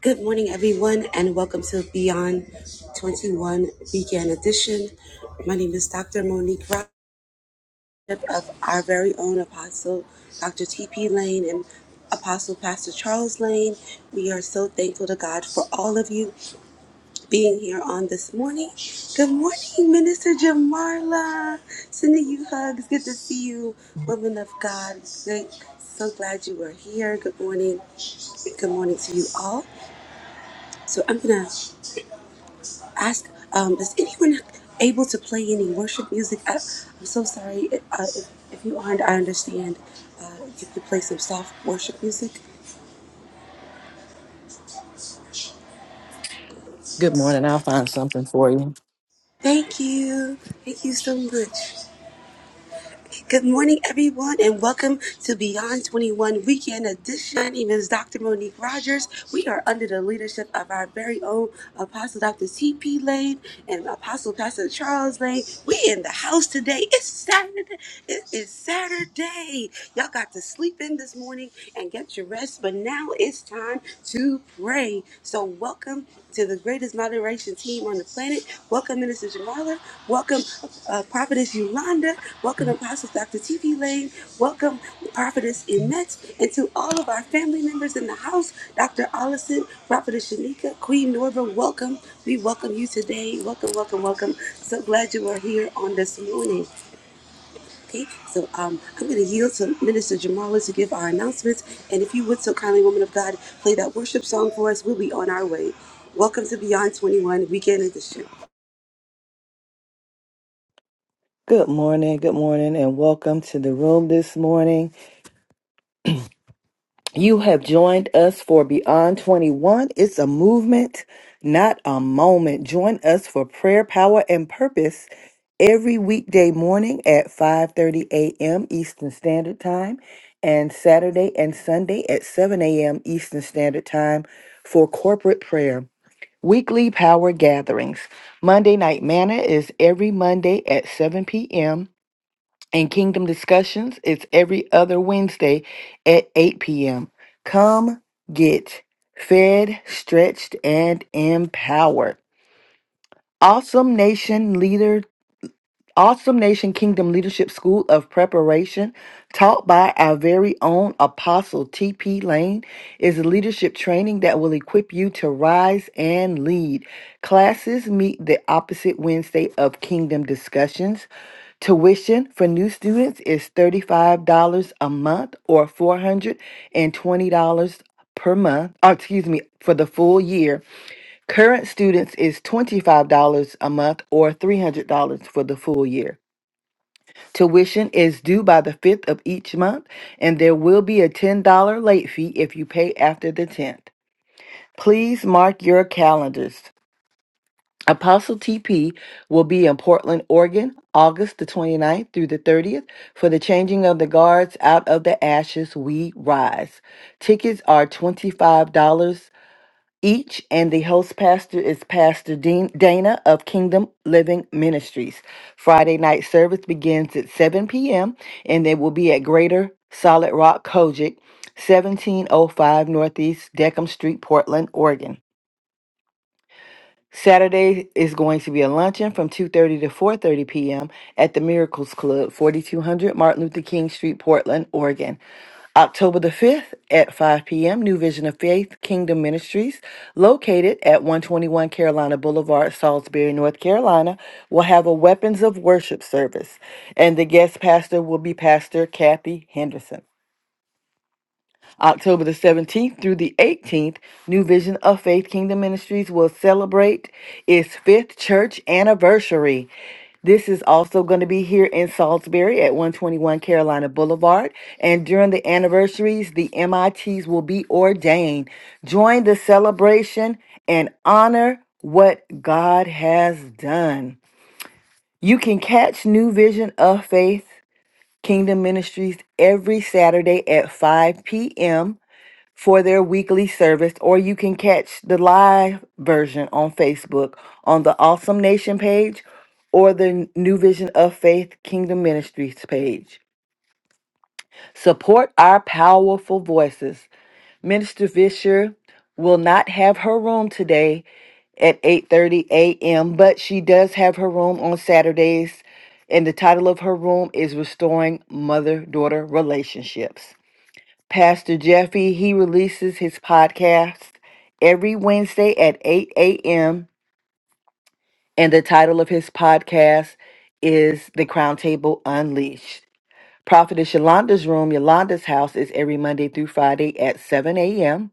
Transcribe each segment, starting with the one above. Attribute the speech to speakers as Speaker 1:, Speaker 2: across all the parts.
Speaker 1: Good morning, everyone, and welcome to Beyond 21 Weekend Edition. My name is Dr. Monique Rockett of our very own Apostle Dr. T.P. Lane and Apostle Pastor Charles Lane. We are so thankful to God for all of you being here on this morning. Good morning, Minister Jamarla. Sending you hugs. Good to see you, woman of God. Great. So glad you are here. Good morning. Good morning to you all. So I'm gonna ask um, is anyone able to play any worship music I, i'm so sorry uh, if, if you aren't i understand uh, if you could play some soft worship music
Speaker 2: Good morning. I'll find something for you.
Speaker 1: thank you thank you so much Good morning, everyone, and welcome to Beyond 21 Weekend Edition. My name is Dr. Monique Rogers. We are under the leadership of our very own Apostle Dr. C.P. Lane and Apostle Pastor Charles Lane. We in the house today. It's Saturday. It is Saturday. Y'all got to sleep in this morning and get your rest, but now it's time to pray pray. So, welcome to the greatest moderation team on the planet. Welcome, Minister Jamala. Welcome, uh, Prophetess Yolanda. Welcome, Apostle Dr. T.V. Lane. Welcome, Prophetess Emet. And to all of our family members in the house, Dr. Allison, Prophetess Shanika, Queen Norva, welcome. We welcome you today. Welcome, welcome, welcome. So glad you are here on this morning. Okay, so um, I'm going to yield to Minister Jamala to give our announcements. And if you would so kindly, woman of God, play that worship song for us, we'll be on our way. Welcome to Beyond 21 Weekend Edition.
Speaker 2: Good morning, good morning, and welcome to the room this morning. You have joined us for Beyond 21. It's a movement, not a moment. Join us for prayer, power, and purpose every weekday morning at 5:30 a.m. Eastern Standard Time and Saturday and Sunday at 7 a.m. Eastern Standard Time for corporate prayer. Weekly power gatherings. Monday Night Manna is every Monday at 7 p.m., and Kingdom Discussions is every other Wednesday at 8 p.m. Come get fed, stretched, and empowered. Awesome Nation Leaders Awesome Nation Kingdom Leadership School of Preparation, taught by our very own Apostle T.P. Lane, is a leadership training that will equip you to rise and lead. Classes meet the opposite Wednesday of Kingdom Discussions. Tuition for new students is $35 a month or $420 per month, or excuse me, for the full year. Current students is $25 a month or $300 for the full year. Tuition is due by the 5th of each month, and there will be a $10 late fee if you pay after the 10th. Please mark your calendars. Apostle TP will be in Portland, Oregon, August the 29th through the 30th for the Changing of the Guards Out of the Ashes We Rise. Tickets are $25 each, and the host pastor is Pastor Dean Dana of Kingdom Living Ministries. Friday night service begins at 7 p.m., and they will be at Greater Solid Rock Kojic, 1705 Northeast Deckham Street, Portland, Oregon. Saturday is going to be a luncheon from 2:30 to 4:30 p.m. at the Miracles Club, 4200 Martin Luther King Street, Portland, Oregon. October the 5th at 5 p.m., New Vision of Faith Kingdom Ministries, located at 121 Carolina Boulevard, Salisbury, North Carolina, will have a Weapons of Worship service. And the guest pastor will be Pastor Kathy Henderson. October the 17th through the 18th, New Vision of Faith Kingdom Ministries will celebrate its fifth church anniversary. This is also going to be here in Salisbury at 121 Carolina Boulevard. And during the anniversaries, the MITs will be ordained. Join the celebration and honor what God has done. You can catch New Vision of Faith Kingdom Ministries every Saturday at 5 p.m for their weekly service, or you can catch the live version on Facebook on the Awesome Nation page or the New Vision of Faith Kingdom Ministries page. Support our powerful voices. Minister Fisher will not have her room today at 8:30 a.m., but she does have her room on Saturdays, and the title of her room is Restoring Mother-Daughter Relationships. Pastor Jeffy, he releases his podcast every Wednesday at 8 a.m. And the title of his podcast is The Crown Table Unleashed. Prophetess Yolanda's room, Yolanda's house, is every Monday through Friday at 7 a.m.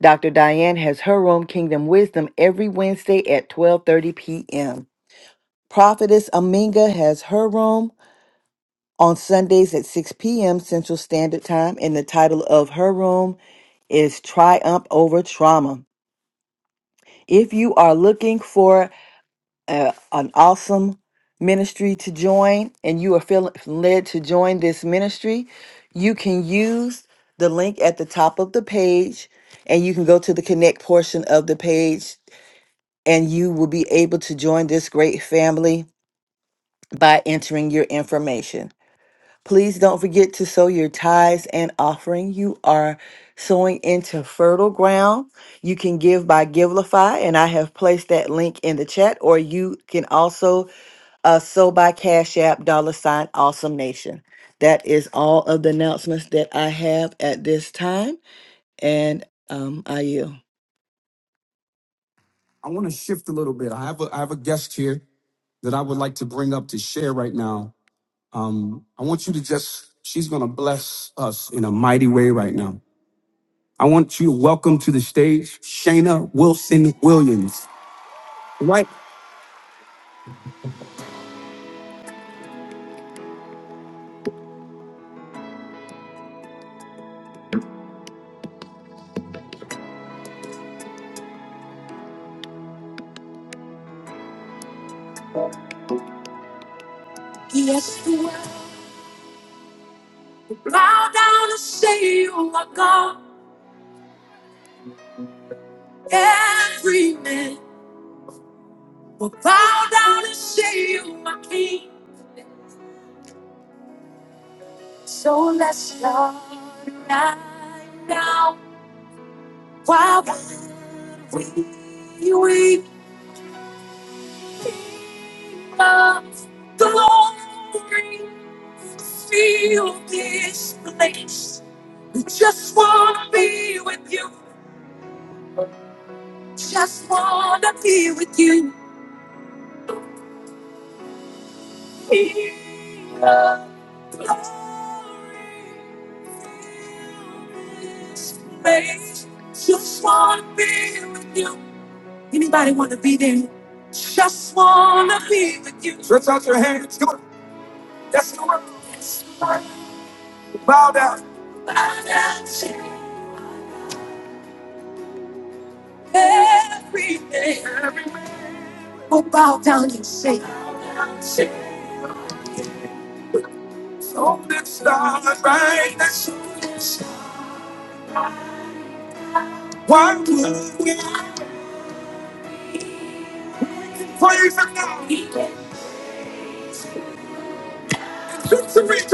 Speaker 2: Dr. Diane has her room, Kingdom Wisdom, every Wednesday at 12:30 p.m. Prophetess Aminga has her room. on Sundays at 6 p.m. Central Standard Time, and the title of her room is Triumph Over Trauma. If you are looking for uh, an awesome ministry to join and you are feeling led to join this ministry, you can use the link at the top of the page and you can go to the connect portion of the page and you will be able to join this great family by entering your information. Please don't forget to sow your tithes and offering. You are sowing into fertile ground. You can give by Givelify, and I have placed that link in the chat, or you can also uh, sow by Cash App, dollar sign, awesome nation. That is all of the announcements that I have at this time, and um, I yield. I want to shift a little bit. I have a I have a guest here that I would like to bring up to share right now. Um, I want you to just, she's going to bless us in a mighty way right now. I want you to welcome to the stage Shayna Wilson Williams. Right? Let's out your hands. Come on. Bow down. So this time, right? Why would we praise the God?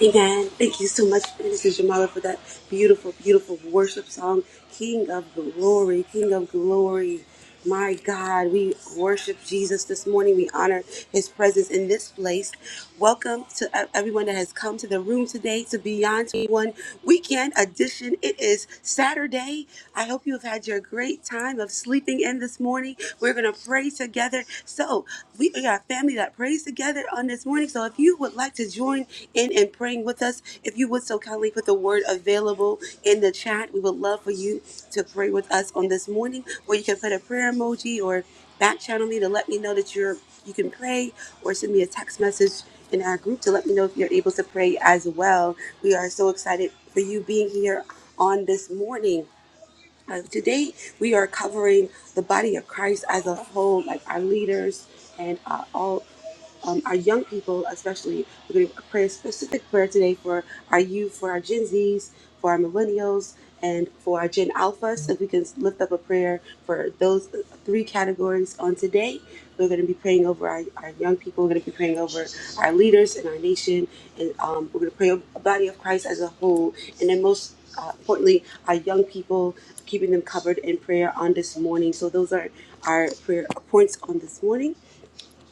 Speaker 1: Amen. Thank you so much, Minister Jamala, for that beautiful, beautiful worship song. King of glory, King of glory. My God, we worship Jesus this morning. We honor his presence in this place. Welcome to e- everyone that has come to the room today to Beyond 21 Weekend. weekend edition. It is Saturday. I hope you have had your great time of sleeping in this morning. We're going to pray together. So, we are a family that prays together on this morning. So, if you would like to join in and praying with us, if you would so kindly put the word available in the chat, we would love for you to pray with us on this morning. Or you can put a prayer emoji or back channel me to let me know that you're you can pray or send me a text message in our group to let me know if you're able to pray as well. We are so excited for you being here on this morning. Uh, today, we are covering the body of Christ as a whole, like our leaders and uh, all um, our young people, especially. We're going to pray a specific prayer today for our youth, for our Gen Zs, for our millennials, and for our Gen Alphas. If we can lift up a prayer for those three categories on today, we're going to be praying over our, our young people. We're going to be praying over our leaders in our nation, and um, we're going to pray over the body of Christ as a whole, and then most. Uh, importantly, our young people, keeping them covered in prayer on this morning. So those are our prayer points on this morning.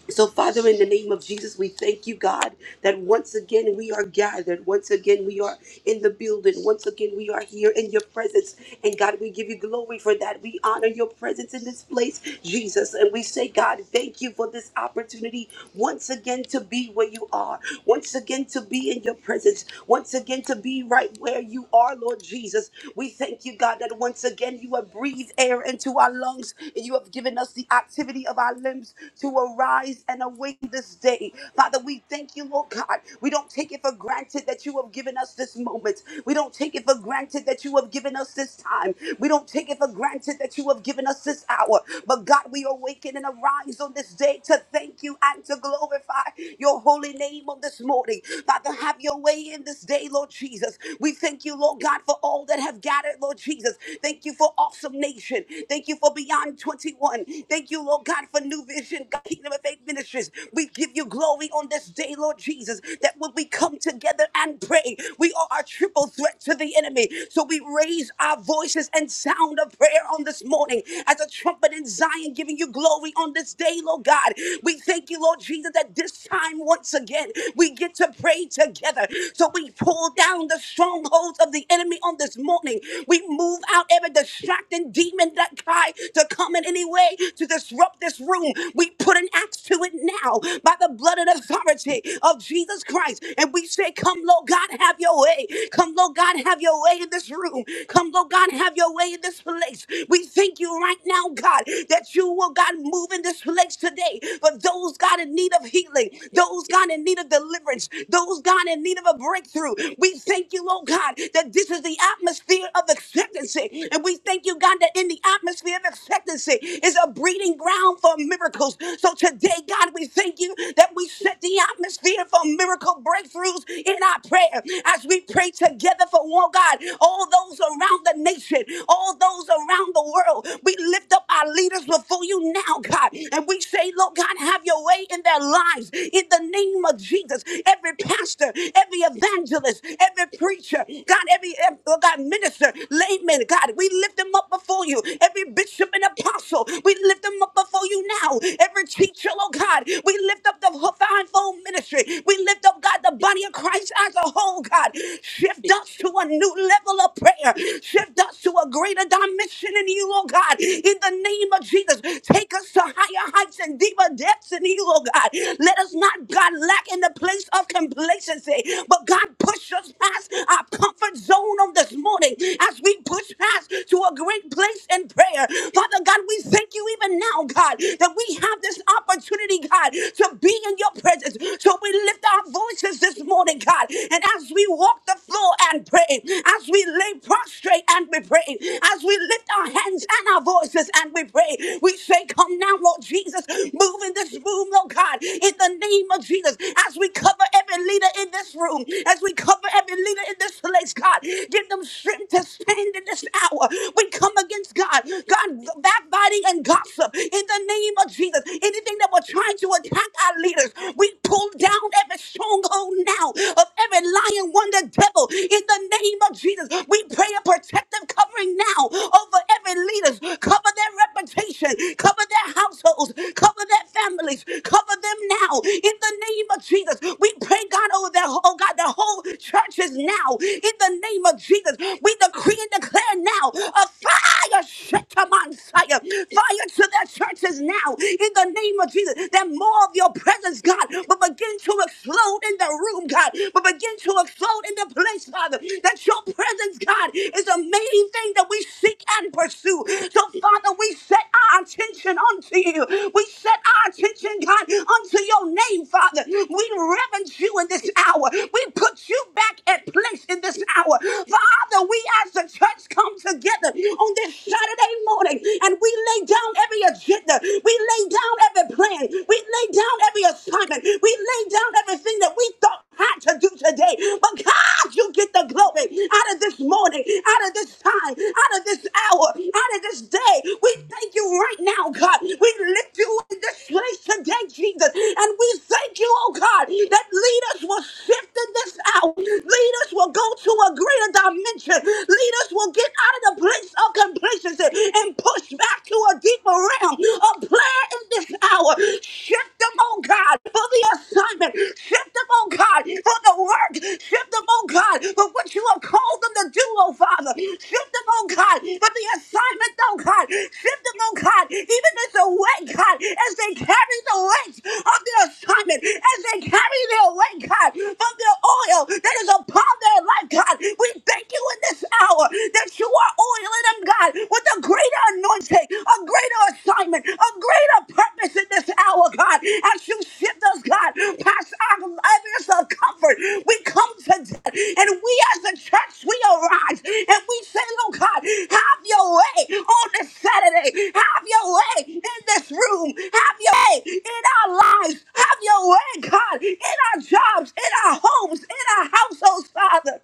Speaker 1: So, Father, in the name of Jesus, we thank you, God, that once again we are gathered. Once again we are in the building. Once again we are here in your presence. And God, we give you glory for that. We honor your presence in this place, Jesus. And we say, God, thank you for this opportunity once again to be where you are. Once again to be in your presence. Once again to be right where you are, Lord Jesus. We thank you, God, that once again you have breathed air into our lungs and you have given us the activity of our limbs to arise and awake this day. Father, we thank you, Lord God. We don't take it for granted that you have given us this moment. We don't take it for granted that you have given us this time. We don't take it for granted that you have given us this hour. But God, we awaken and arise on this day to thank you and to glorify your holy name on this morning. Father, have your way in this day, Lord Jesus. We thank you, Lord God, for all that have gathered, Lord Jesus. Thank you for awesome nation. Thank you for beyond 21. Thank you, Lord God, for for New Vision, God, Kingdom of Faith Ministries. We give you glory on this day, Lord Jesus, that when we come together and pray, we are a triple threat to the enemy. So we raise our voices and sound of prayer on this morning as a trumpet in Zion, giving you glory on this day, Lord God. We thank you, Lord Jesus, that this time once again we get to pray together. So we pull down the strongholds of the enemy on this morning. We move out every distracting demon that tried to come in any way to disrupt this room. We put an axe to it now by the blood and authority of Jesus Christ. And we say, Come, Lord God, have your way. Come, Lord God, have your way in this room. Come, Lord God, have your way in this place. We thank you right now, God, that you will, God, move in this place today for those, God, in need of healing, those, God, in need of deliverance, those, God, in need of a breakthrough. We thank you, Lord God, that this is the atmosphere of expectancy. And we thank you, God, that in the atmosphere of expectancy is a breeding ground for miracles. So today, God, we thank you that we set the atmosphere for miracle breakthroughs in our prayer as we pray together for one God, all those around the nation, all those around the world. We lift up our leaders before you now, God, and we say, Lord God, have your way in their lives in the name of Jesus. Every pastor, every evangelist, every preacher, God, every every oh God minister, layman, God, we lift them up before you. Every bishop and an apostle. We lift them up before you now. Every teacher, oh God, we lift up the fivefold ministry. We lift up, God, the body of Christ as a whole, God. Shift us to a new level of prayer. Shift us to a greater dimension in you, oh God. In the name of Jesus, take us to higher heights and deeper depths in you, oh God. Let us not, God, lack in the place of complacency, but God, push us past our comfort zone on this morning as we push past to a great place in prayer prayer. Father God, we thank you even now, God, that we have this opportunity, God, to be in your presence. So we lift our voices this morning, God, and as we walk the floor and pray, as we lay prostrate and we pray, as we lift our hands and our voices and we pray, we say, Come now, Lord Jesus, move in this room, oh God, in the name of Jesus, as we cover every leader in this room, as we cover every leader in this place, God, give them strength to stand in this hour. We come against God, God, backbiting and gossip in the name of Jesus. Anything that we're trying to attack our leaders, we pull down every stronghold now of every lion, wonder, devil in the name of Jesus. We pray a protective covering now over every leaders. Cover their reputation, cover their households, cover their families, cover them now in the name of Jesus. We pray, God, over their oh God, the whole churches now in the name of Jesus. We decree and declare now a fire, Shetaman fire, fire to their churches now in the name of Jesus. That more of your presence, God, will begin to explode in the room, God, will begin to explode in the place, Father. That your presence, God, is the main thing that we seek and pursue. So, Father, we set our attention unto you. We set our attention, God, unto your name, Father. We reverence you in this hour. We put you back at place in this hour. Father, we as the church us come together on this Saturday morning and we lay down every agenda. We lay down every plan. We lay down every assignment. We lay down everything that we thought had to do today. But God, you get the glory out of this morning, out of this time, out of this hour, out of this day. We thank you right now, God. We lift you in this place today, Jesus. And we thank you, oh God, that leaders will shift in this hour. Leaders will go to a greater dimension. Leaders will get out of the place of complacency and push back to a deeper realm of prayer in this hour. Shift them, oh God, for the assignment. Shift them, oh God, for the work. Shift them, oh God, for what you have called them to do, oh Father. Shift them, oh God, for the assignment, oh God. Shift them, oh God, even as the weight, God, as they carry the weight of their assignment, as they carry their weight, God, from their oil that is upon their life, God. We thank Thank you in this hour that you are oiling them, God, with a greater anointing, a greater assignment, a greater purpose in this hour, God. As you shift us, God, past our levels of comfort, we come to death, and we as a church, we arise and we say, Oh, God, have your way on this Saturday. Have your way in this room. Have your way in our lives. Have your way, God, in our jobs, in our homes, in our households, Father.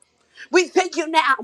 Speaker 1: We thank you now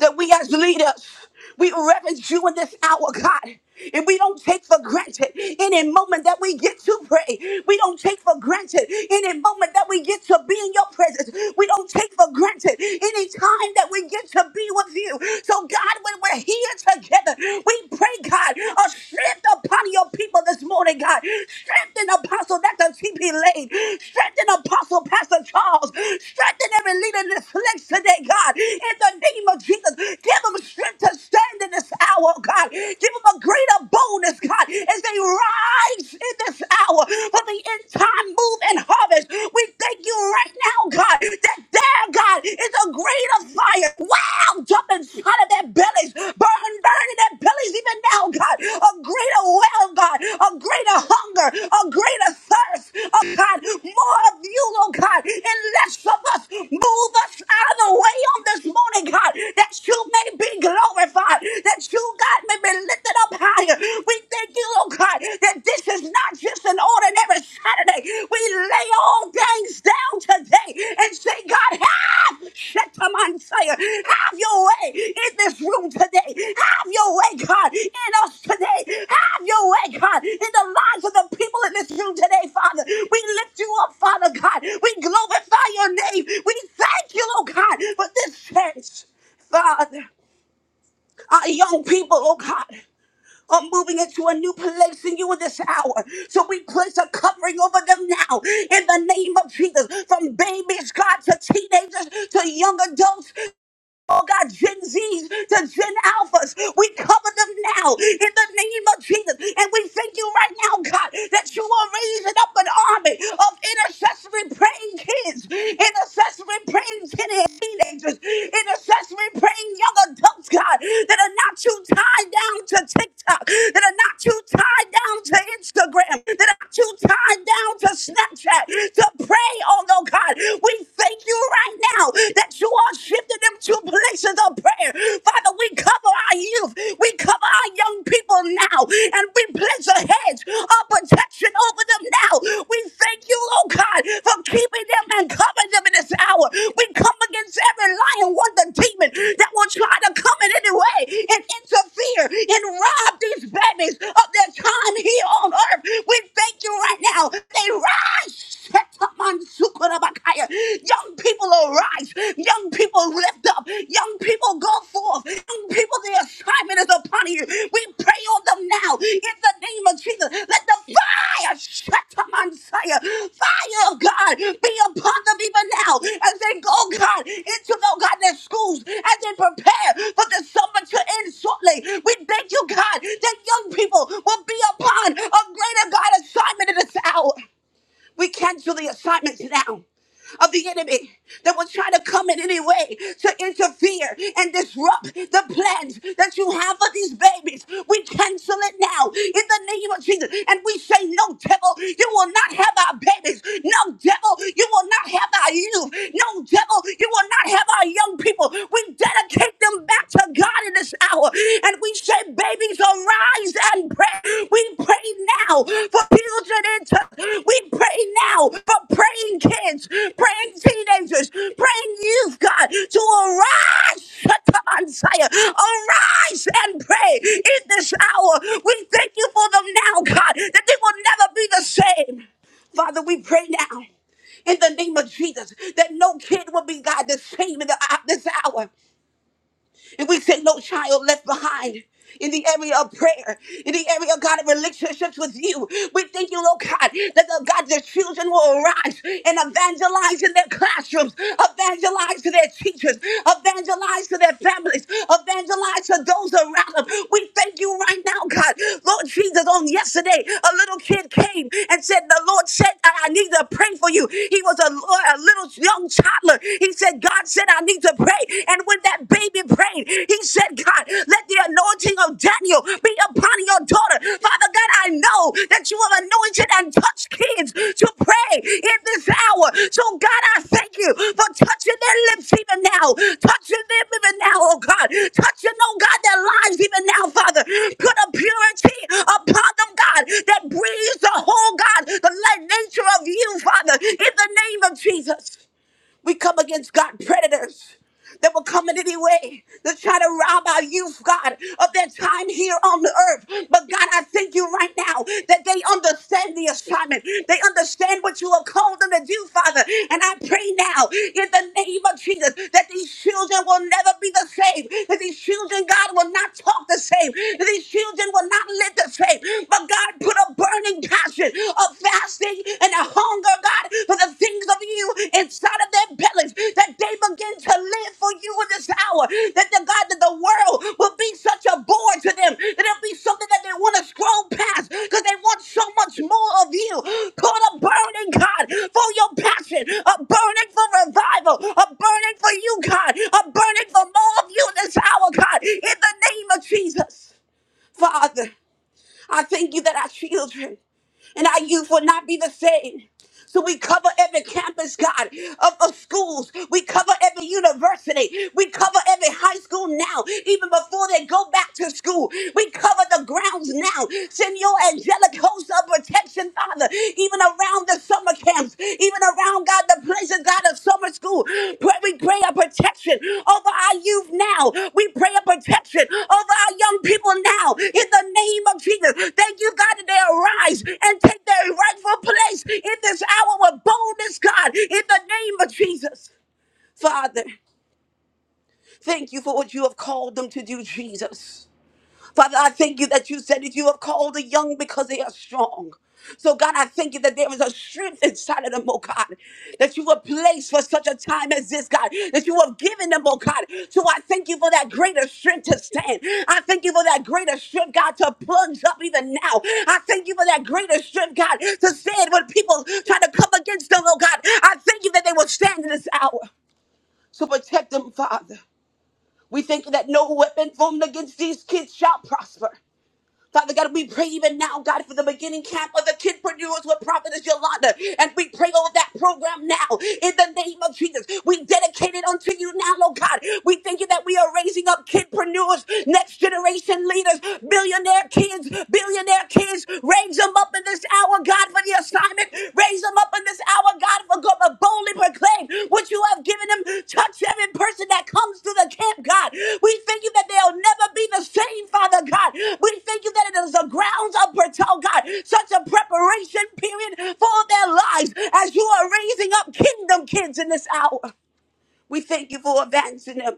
Speaker 1: that we as leaders, we reverence you in this hour, God. And we don't take for granted any moment that we get to pray. We don't take for granted any moment that we get to be in your presence. We don't take for granted any time that we get to be with you. So, God, when we're here together, we pray, God, a strength upon your people this morning, God. Strengthen us. Apostle Dr. T.P. Lane. Strengthen Apostle Pastor Charles. Strengthen every leader in this place today, God. In the name of Jesus, give them strength to stand in this hour, God. Give them a greater boldness, God, as they rise in this hour for the end time move and harvest. We thank you right now, God, that there, God, is a greater fire. Wow! Jumping out of their bellies, burn, burn in their bellies even now, God. A greater well, God, a greater hunger, a greater thirst, oh God, more of you, oh God, and less of us. Move us out of the way on this morning, God, that you may be glorified, that you, God, may be lifted up higher. We thank you, oh God, that this is not just an ordinary Saturday. We lay all things down today and say, God, have Shetamansia, have your way in this room today. Have your way, God, in us today. Have your way, God, in the lives of the people in this room today, Father. We lift you up, Father God. We glorify your name. We thank you, oh God, for this chance, Father. Our young people, oh God are moving into a new place in you in this hour. So we place a covering over them now in the name of Jesus. From babies, God, to teenagers, to young adults, Oh God, Gen Z's to Gen Alphas, we cover them now in the name of Jesus. And we thank you right now, God, that you are raising up an army of intercessory praying kids, intercessory praying teen- teenagers, intercessory praying young adults, God, that are not too tied down to TikTok, that are not too tied down to Instagram, that are not too tied down to Snapchat, to pray, oh no, God. We thank you right now now that you are shifting them to places of prayer. Father, we cover our youth, we cover our young people now, and we place a hedge of protection over them now. We thank you, oh God, for keeping them and covering them in this hour. We come against every lion, wonder, demon that will try to come in any way and interfere and rob these babies of their time here on earth. We thank you right now. They rise. Young people arise. Young people lift up. Young people go forth. Young people, the assignment is upon you. We pray on them now in the name of Jesus. Let the fire shut up fire. of God be upon them even now as they go, God, into the God their schools as they prepare for the summer to end shortly. We thank you, God, that young people will be upon a greater God assignment in this hour. We cancel the assignments now of the enemy that will try to come in any way to interfere and disrupt the plans that you have for these babies. We cancel it now in the name of Jesus. And we say, No, devil, you will not have our babies. No, devil, you will not have our youth. No, devil, you will not have our young people. We dedicate them back to God in this hour. And we say, babies, arise and pray. We pray now for children. Into, we pray now for praying kids, praying teenagers, praying youth, God, to arise. Shatan Zion. Arise and pray in this hour. We thank you for them now, God, that they will never be the same. Father, we pray now in the name of Jesus that no kid will be, God, the same in the, uh, this hour. And we say no child left behind in the area of prayer, in the area of God of relationships with you. We thank you, Lord God, that the God, the children will arise and evangelize in their classrooms, evangelize to their teachers, evangelize to their families, evangelize to those around them. We thank you right now, God. Lord Jesus, on yesterday, a little kid came and said, The Lord said, I I need to pray for you. He was a, a little young toddler. He said, God said, I need need to pray. And when that baby prayed, he said, God, let the anointing of Daniel be upon your daughter. Father God, I know that you have anointed and touched kids to pray in this hour. So, God, I thank you for touching their lips even now, touching them even now, oh God, touching, oh God, their lives even now, Father. Put a purity upon them, God, that breathes the whole, God, the light nature of you, Father, in the name of Jesus. We come against God predators that will come in any way to try to rob our youth, God, of their time here on the earth. But God, I thank you right now that they understand the assignment. They understand what you have called them to do, Father. And I pray now in the name of Jesus that these children will never be the same. That these children, God, will not talk the same. That these children will not live the same. But God, put a burning passion, of fasting and a hunger, God, for the things of you inside of their bellies, that they begin to live for you in this hour, that the God, that the world will be such a bore to them, that it'll be something that they want to scroll past because they want so much more of you. Call a burning, God, for your passion, a burning for revival, a burning for you, God, a burning for more of you in this hour, God, in the name of Jesus. Father, I thank you that our children and our youth will not be the same. So we cover every campus, God, of, of schools. We cover every university. We cover every high school now, even before they go back to school. We cover the grounds now. Send your angelic host of protection, Father, even around the summer camps, even around, God, the places, God, of summer school. Pray, we pray a protection over our youth now. We pray a protection over our young people now. In the name of Jesus, thank you, God, that they arise rise and take their rightful place in this hour with boldness, God, in the name of Jesus. Father, thank you for what you have called them to do, Jesus. Father, I thank you that you said that you have called the young because they are strong. So, God, I thank you that there is a strength inside of them, oh God, that you were placed for such a time as this, God, that you have given them, oh God. So, I thank you for that greater strength to stand. I thank you for that greater strength, God, to plunge up even now. I thank you for that greater strength, God, to stand when people try to come against them, oh God. I thank you that they will stand in this hour. So, protect them, Father. We thank you that no weapon formed against these kids shall prosper. Father God, we pray even now, God, for the beginning camp of the kidpreneurs with Prophetess Yolanda. And we pray over that program now in the name of Jesus. We dedicate it unto you now, Lord God. We thank you that we are raising up kidpreneurs, next generation leaders, billionaire kids, billionaire kids. Raise them up in this hour, God, for the assignment Raise them up in this hour, God, for God, but boldly proclaim what you have given them. Touch every person that comes to the camp, God. We thank you that they'll never be the same, Father God. We thank you that it is the grounds of Bertel, God, such a preparation period for their lives as you are raising up kingdom kids in this hour. We thank you for advancing them.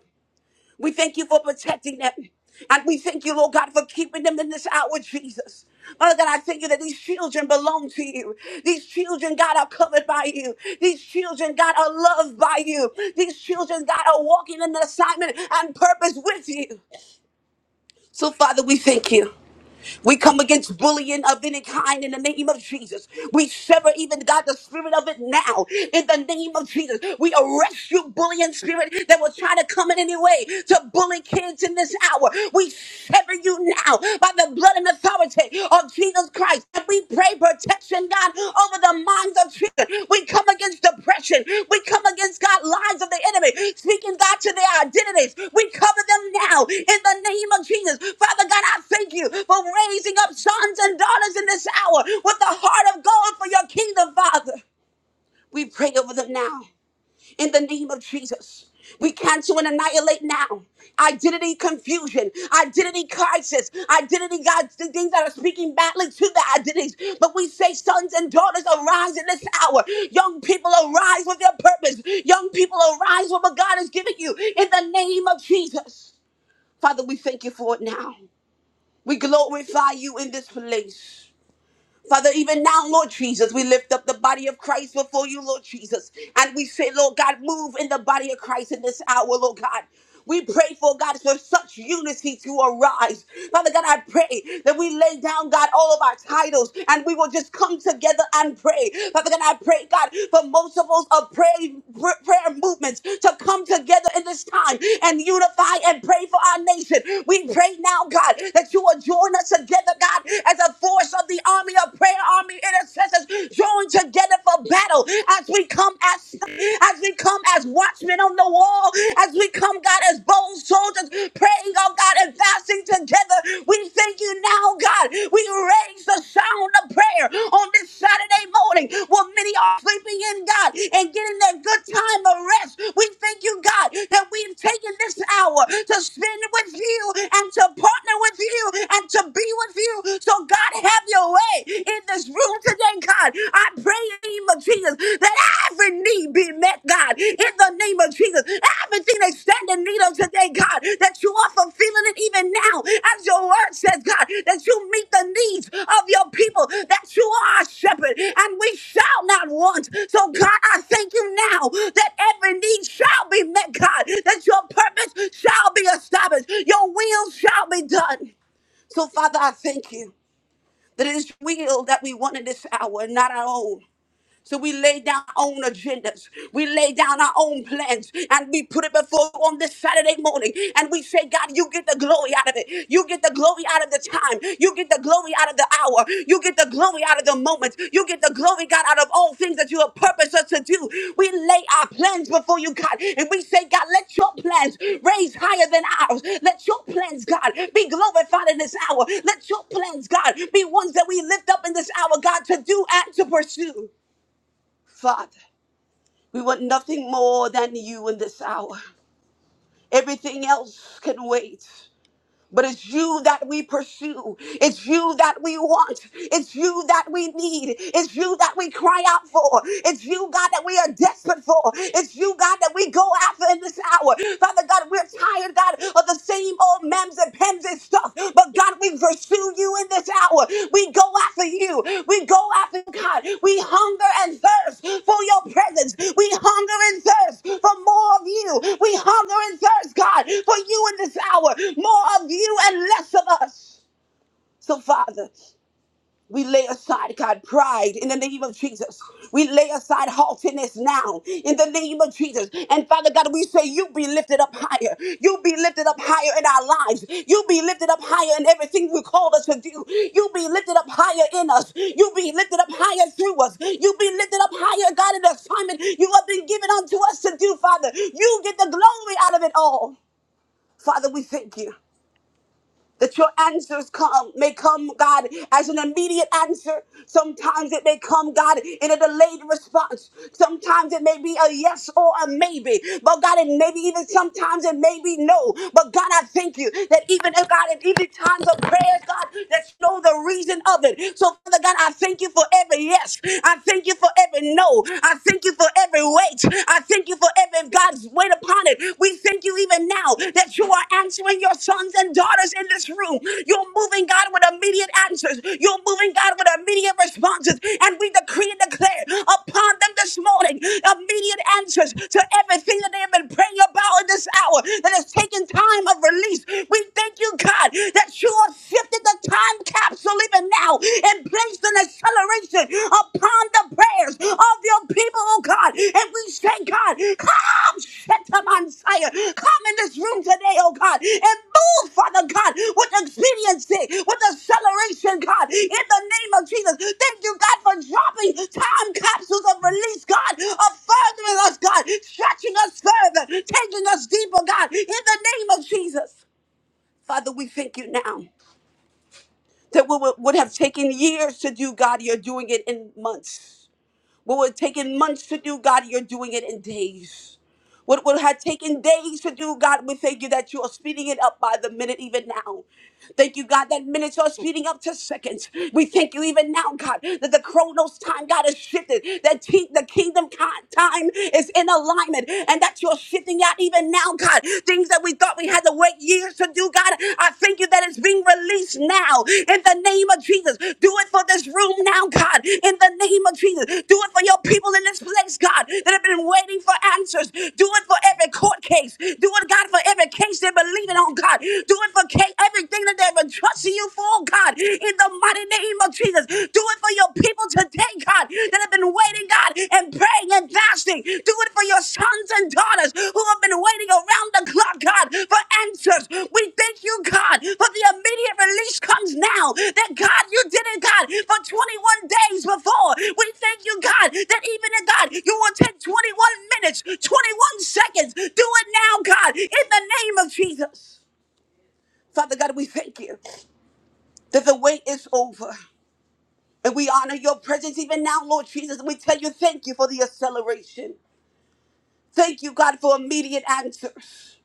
Speaker 1: We thank you for protecting them. And we thank you, Lord God, for keeping them in this hour, Jesus. Father God, I thank you that these children belong to you. These children, God, are covered by you. These children, God, are loved by you. These children, God, are walking in the assignment and purpose with you. So, Father, we thank you. We come against bullying of any kind in the name of Jesus. We sever even God the spirit of it now in the name of Jesus. We arrest you bullying spirit that will try to come in any way to bully kids in this hour. We sever you now by the blood and authority of Jesus Christ. And we pray protection, God, over the minds of children. We come against depression. We come against, God, lies of the enemy, speaking, God, to their identities. We cover them now in the name of Jesus. Father God, I thank you for raising up sons and daughters in this hour with the heart of gold for your kingdom, Father. We pray over them now in the name of Jesus. We cancel and annihilate now. Identity confusion, identity crisis, identity God, the things that are speaking badly to the identities. But we say, sons and daughters, arise in this hour. Young people, arise with your purpose. Young people, arise with what God has given you in the name of Jesus. Father, we thank you for it now. We glorify you in this place. Father, even now, Lord Jesus, we lift up the body of Christ before you, Lord Jesus. And we say, Lord God, move in the body of Christ in this hour, Lord God. We pray for God for such unity to arise. Father God, I pray that we lay down, God, all of our titles and we will just come together and pray. Father God, I pray, God, for multiples of prayer, pr- prayer movements to come together in this time and unify and pray for our nation. We pray now, God, that you will join us together, God, as a force of the army of prayer, army intercessors, joined together for battle as we come as as we come as watchmen on the wall, as we come, God, as bold soldiers, praying, oh God, and fasting together. We thank you now, God. We raise the sound of prayer on this Saturday morning while many are sleeping in, God, and getting their good time of rest. We thank you, God, that we've taken this hour to spend with you and to partner with you and to be with you. So, God, have your way in this room today, God. I pray in the name of Jesus that every need be met, God, in the name of Jesus. Everything they stand in need of today, God, that you are fulfilling it even now, as your word says, God, that you meet the needs of your people, that you are our shepherd, and we shall not want. So, God, I thank you now that every need shall be met, God, that your purpose shall be established, your will shall be done. So, Father, I thank you that it is your will that we want in this hour, not our own. So we lay down our own agendas. We lay down our own plans and we put it before you on this Saturday morning. And we say, God, you get the glory out of it. You get the glory out of the time. You get the glory out of the hour. You get the glory out of the moment. You get the glory, God, out of all things that you have purposed us to do. We lay our plans before you, God. And we say, God, let your plans raise higher than ours. Let your plans, God, be glorified in this hour. Let your plans, God, be ones that we lift up in this hour, God, to do and to pursue. Father, we want nothing more than you in this hour. Everything else can wait. But it's you that we pursue. It's you that we want. It's you that we need. It's you that we cry out for. It's you, God, that we are desperate for. It's you, God, that we go after in this hour. Father God, we're tired, God, of the same old mems and pens and stuff. But God, we pursue you in this hour. We go after you. We go after God. We hunger and thirst for your presence. We hunger and thirst for more of you. We hunger and thirst, God, for you in this hour. More of you and less of us. So, Father. We lay aside, God, pride in the name of Jesus. We lay aside haughtiness now in the name of Jesus. And Father God, we say, You be lifted up higher. You be lifted up higher in our lives. You be lifted up higher in everything you called us to do. You be lifted up higher in us. You be lifted up higher through us. You be lifted up higher, God, in the assignment you have been given unto us to do, Father. You get the glory out of it all. Father, we thank you that your answers come may come, God, as an immediate answer. Sometimes it may come, God, in a delayed response. Sometimes it may be a yes or a maybe. But God, and maybe even sometimes it may be no. But God, I thank you that even if God, in even times of prayers, God, that you know the reason of it. So Father God, I thank you for every yes. I thank you for every no. I thank you for every wait. I thank you for even God's wait upon it. We thank you even now that you are answering your sons and daughters in this room. You're moving, God, with immediate answers. You're moving, God, with immediate responses. And we decree and declare upon them this morning immediate answers to everything that they have been praying about in this hour that has taken time of release. We thank you, God, that you have shifted the time capsule even now and placed an acceleration upon the prayers of your people, oh God. And we say, God, come, set them on fire. Come in this room today, oh God, and move, Father God, with expediency, with acceleration, God, in the name of Jesus. Thank you, God, for dropping time capsules of release, God, of furthering us, God, stretching us further, taking us deeper, God, in the name of Jesus. Father, we thank you now that what would would have taken years to do, God, you're doing it in months. What would have taken months to do, God, you're doing it in days. What would have taken days to do, God, we thank you that you are speeding it up by the minute even now. Thank you, God, that minutes are speeding up to seconds. We thank you even now, God, that the chronos time, God, is shifted, that ti- the kingdom ki- time is in alignment, and that you're shifting out even now, God. Things that we thought we had to wait years to do, God, I thank you that it's being released now now in the name of Jesus. Do it for this room now, God, in the name of Jesus. Do it for your people in this place, God, that have been waiting for answers. Do it for every court case. Do it, God, for every case they're believing on, God. Do it for ca- everything that they've been trusting you for, God, in the mighty name of Jesus. Do it for your people today, God, that have been waiting, God, and praying and fasting. Do it for your sons and daughters who have been waiting around the clock, God, for answers. We thank you, God, for the immediate release comes now. That God, you did it, God, for 21 days before. We thank you, God, that even in God, you will take 21 minutes, 21 seconds. Do it now, God, in the name of Jesus. Father God, we thank you that the wait is over. And we honor your presence even now, Lord Jesus. We tell you thank you for the acceleration. Thank you, God, for immediate answers.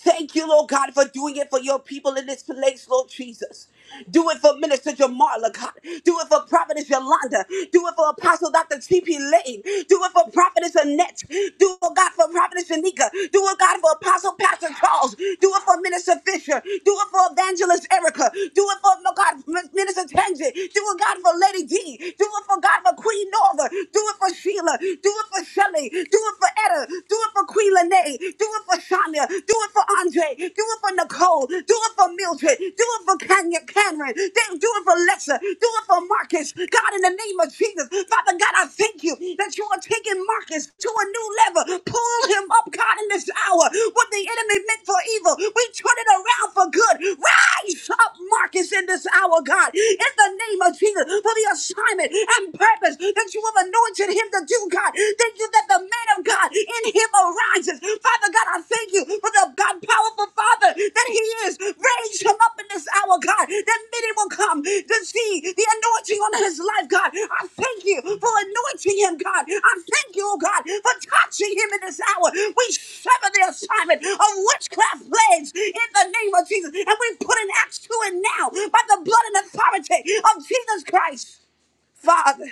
Speaker 1: Thank you, Lord God, for doing it for your people in this place, Lord Jesus. Do it for Minister Jamarla, God. Do it for Prophetess Yolanda. Do it for Apostle Dr. T.P. Lane. Do it for Prophetess Annette. Do it, God, for Prophetess Shanika. Do it, God, for Apostle Pastor Charles. Do it for Minister Fisher. Do it for Evangelist Erica. Do it for, oh God, Minister Tenzin. Do it, God, for Lady D. Do it for, God, for Queen Nova. Do it for Sheila. Do it for Shelley. Do it for Etta. Do do it for Queen Lene. Do it for Shania. Do it for Andre. Do it for Nicole. Do it for Mildred. Do it for Kenya Cameron. Then Do it for Lexa. Do it for Marcus. God, in the name of Jesus. Father God, I thank you that you are taking Marcus to a new level. Pull him up, God, in this hour. What the enemy meant for evil, we turn it around for good. Rise up, Marcus, in this hour, God. In the name of Jesus, for the assignment and purpose that you have anointed him gift to do, God. Thank you that the man of God in him arises. Father God, I thank you for the God powerful Father that he is. Raise him up in this hour, God, that many will come to see the anointing on his life, God. I thank you for anointing him, God. I thank you, oh God, for touching him in this hour. We sever the assignment of witchcraft plagues in the name of Jesus, and we put an axe to it now by the blood and authority of Jesus Christ. Father,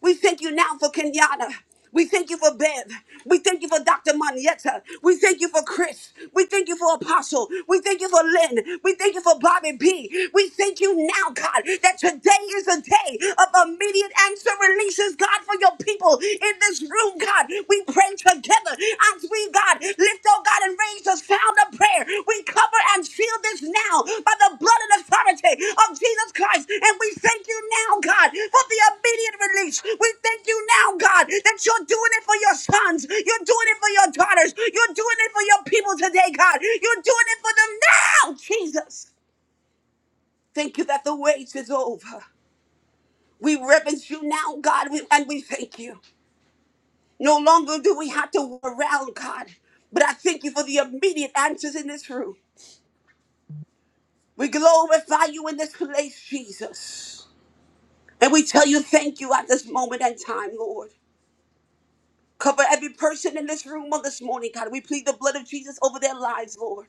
Speaker 1: we thank you now for Kenyatta. We thank you for Bev. We thank you for Dr. Manietta. We thank you for Chris. We thank you for Apostle. We thank you for Lynn. We thank you for Bobby B. We thank you now, God, that today is a day of immediate answer releases, God, for your people in this room, God. We pray together as we God. Lift, oh God, and raise the sound of prayer. We cover and seal this now by the blood and authority of Jesus Christ. And we thank you now, God, for the obedient release. We thank you now, God, that you're doing it for your sons. You're doing it for your daughters. You're doing it for your people today, God. You're doing it for them now, Jesus. Thank you that the wait is over. We reverence you now, God, we- and we thank you. No longer do we have to walk around, God. But I thank you for the immediate answers in this room. We glorify you in this place, Jesus. And we tell you thank you at this moment and time, Lord. Cover every person in this room on this morning, God. We plead the blood of Jesus over their lives, Lord.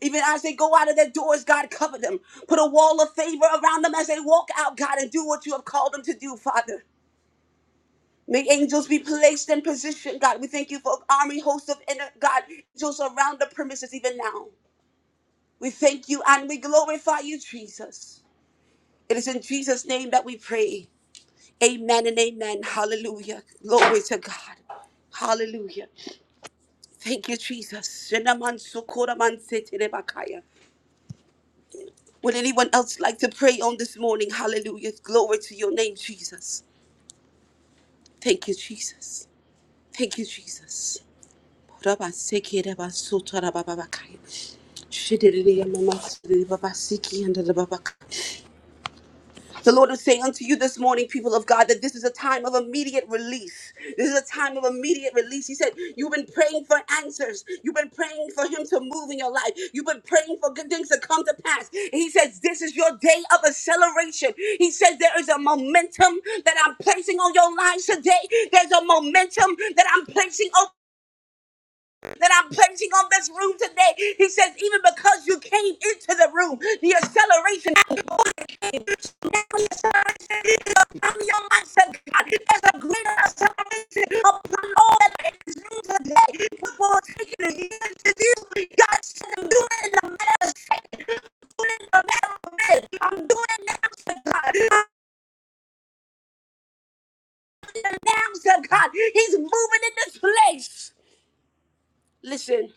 Speaker 1: Even as they go out of their doors, God, cover them. Put a wall of favor around them as they walk out, God, and do what you have called them to do, Father. May angels be placed in position, God. We thank you for army hosts of inner God, angels around the premises even now. We thank you and we glorify you, Jesus. It is in Jesus' name that we pray. Amen and amen. Hallelujah. Glory to God. Hallelujah. Thank you, Jesus. Shenamansukuramanseterebakaya. Would anyone else like to pray on this morning? Hallelujah. Glory to your name, Jesus. Thank you, Jesus. Thank you, Jesus. Raba seki raba suta raba baba kai. Shidiri yama masiri baba siki yanda da baba kai. The Lord is saying unto you this morning, people of God, that this is a time of immediate release. This is a time of immediate release. He said, You've been praying for answers. You've been praying for Him to move in your life. You've been praying for good things to come to pass. And He says, This is your day of acceleration. He says, There is a momentum that I'm placing on your lives today. There's a momentum that I'm placing that I'm placing on this room today. He says, even because you came into the room, the acceleration came. So now the acceleration is upon your mindset, God. There's a greater acceleration upon all that are in this room today. What will it take you to years to do? God said, I'm doing it in a matter of seconds. I'm doing it in a matter of minutes. I'm doing it now, to God. I'm doing it now, to God. He's moving in this place. Listen.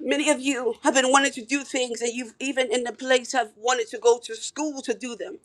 Speaker 1: Many of you have been wanting to do things and you've even in the place have wanted to go to school to do them.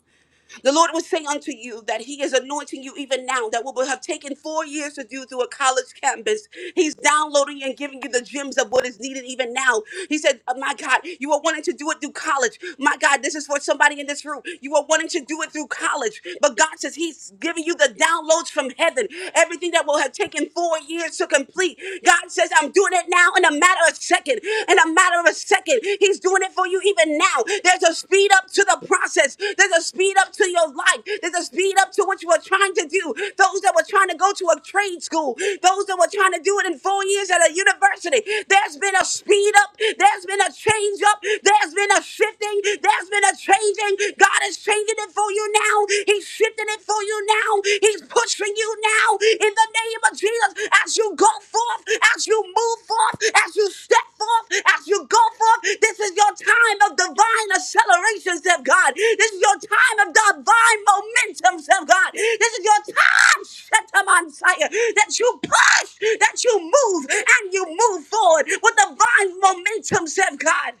Speaker 1: The Lord will say unto you that He is anointing you even now that what would have taken four years to do through a college campus. He's downloading and giving you the gems of what is needed even now. He said, oh My God, you are wanting to do it through college. My God, this is for somebody in this room. You are wanting to do it through college. But God says He's giving you the downloads from heaven. Everything that will have taken four years to complete. God says, I'm doing it now in a matter of a second. In a matter of a second, He's doing it for you even now. There's a speed up to the process. There's a speed up to your life. There's a speed up to what you were trying to do. Those that were trying to go to a trade school, those that were trying to do it in four years at a university. There's been a speed up. There's been a change up. There's been a shifting. There's been a changing. God is changing it for you now. He's shifting it for you now. He's pushing you now in the name of Jesus as you go forth, as you move forth, as you step forth, as you go forth. This is your time of divine acceleration, said God. This is your time of divine momentum, said God. This is your time, set them on fire, that you push, that you move, and you move forward with divine momentum, said God.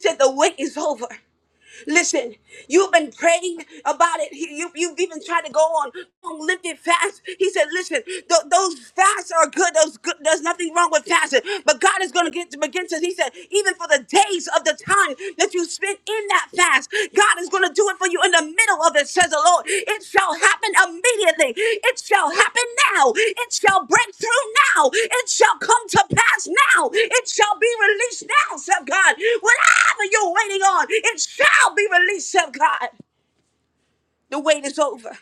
Speaker 1: Said the wait is over. Listen, you've been praying about it. He- You, you've even tried to go on long lifted fast. He said, listen, th- those fasts are good. Those good. There's nothing wrong with fasting. But God is going to get begin to, he said, even for the days of the time that you spent in that fast, God is is going to do it for you in the middle of it, says the Lord. It shall happen immediately. It shall happen now. It shall break through now. It shall come to pass now. It shall be released now, said God. Whatever you're waiting on, it shall be released, said God. The wait is over.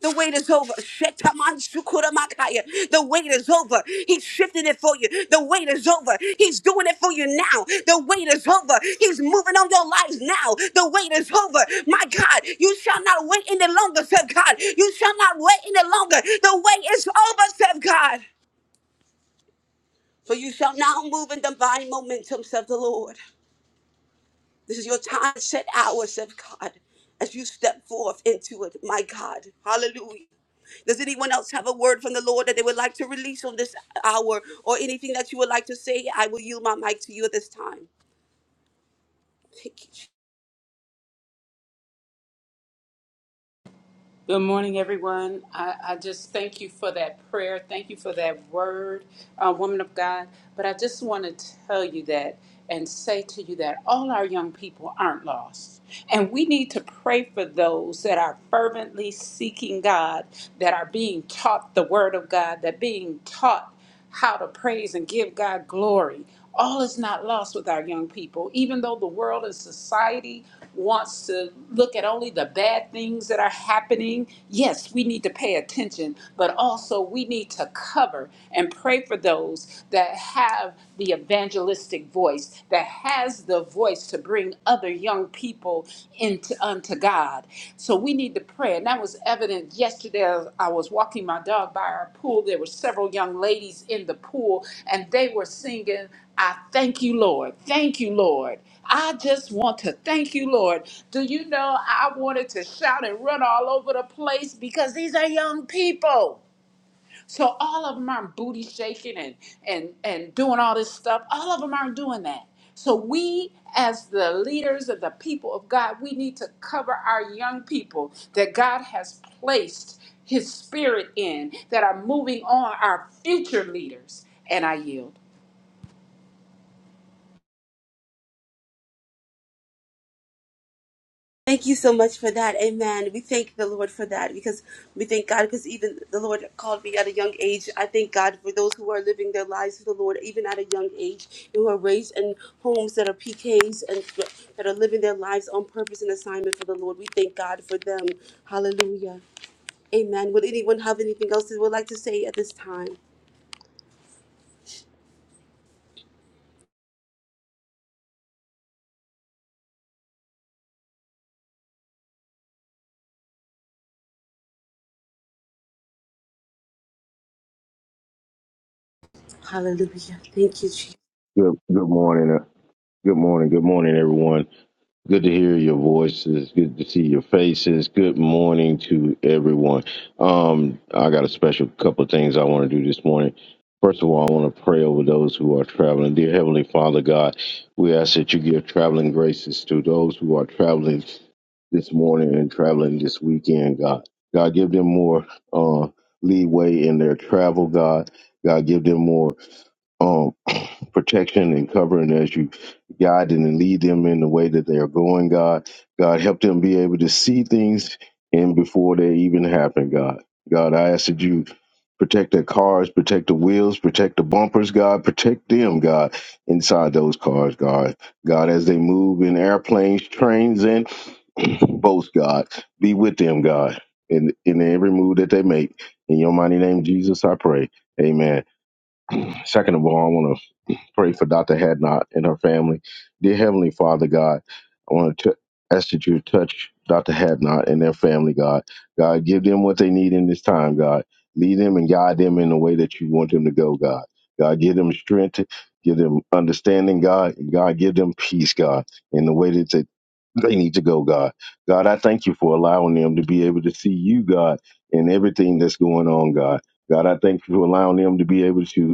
Speaker 1: The wait is over. Shetamansukuramakaya. The wait is over. He's shifting it for you. The wait is over. He's doing it for you now. The wait is over. He's moving on your lives now. The wait is over. My God, you shall not wait any longer, said God. You shall not wait any longer. The wait is over, said God. For you shall now move in divine momentum, said the Lord. This is your time, set hours of God, as you step forth into it, my God. Hallelujah. Does anyone else have a word from the Lord that they would like to release on this hour or anything that you would like to say? I will yield my mic to you at this time.
Speaker 3: Good morning, everyone. I, I just thank you for that prayer. Thank you for that word, uh, woman of God. But I just want to tell you that and say to you that all our young people aren't lost. And we need to pray for those that are fervently seeking God, that are being taught the word of God, that being taught how to praise and give God glory. All is not lost with our young people, even though the world and society wants to look at only the bad things that are happening. Yes, we need to pay attention, but also we need to cover and pray for those that have the evangelistic voice, that has the voice to bring other young young people into unto God. So we need to pray. And that was evident yesterday. as I was walking my dog by our pool. There were several young ladies in the pool, and they were singing, I thank you, Lord. Thank you, Lord. I just want to thank you, Lord. Do you know I wanted to shout and run all over the place because these are young people. So all of them aren't booty shaking and and and doing all this stuff. All of them aren't doing that. So we, as the leaders of the people of God, we need to cover our young people that God has placed His Spirit in that are moving on our future leaders. And I yield.
Speaker 1: Thank you so much for that. Amen. We thank the Lord for that because we thank God because even the Lord called me at a young age. I thank God for those who are living their lives for the Lord even at a young age and who are raised in homes that are PKs and that are living their lives on purpose and assignment for the Lord. We thank God for them. Hallelujah. Amen. Would anyone have anything else they would like to say at this time? Hallelujah. Thank you, Jesus.
Speaker 4: Good good morning. uh, Good morning. Good morning, everyone. Good to hear your voices. Good to see your faces. Good morning to everyone. Um, I got a special couple of things I want to do this morning. First of all, I want to pray over those who are traveling. Dear Heavenly Father God, we ask that you give traveling graces to those who are traveling this morning and traveling this weekend, God. God, give them more uh, leeway in their travel, God. God, give them more. um, protection and covering as you guide and lead them in the way that they are going, God. God, help them be able to see things in before they even happen, God. God, I ask that you protect their cars, protect the wheels, protect the bumpers, God. Protect them, God, inside those cars, God. God, as they move in airplanes, trains, and boats, God, be with them, God, in, in every move that they make. In your mighty name, Jesus, I pray. Amen. Second of all, I want to pray for Dr. Hadnot and her family. Dear Heavenly Father, God, I want to ask that you touch Dr. Hadnot and their family, God. God, give them what they need in this time, God. Lead them and guide them in the way that you want them to go, God. God, give them strength, give them understanding, God. And God, give them peace, God, in the way that they they need to go, God. God, I thank you for allowing them to be able to see you, God, in everything that's going on, God. God, I thank you for allowing them to be able to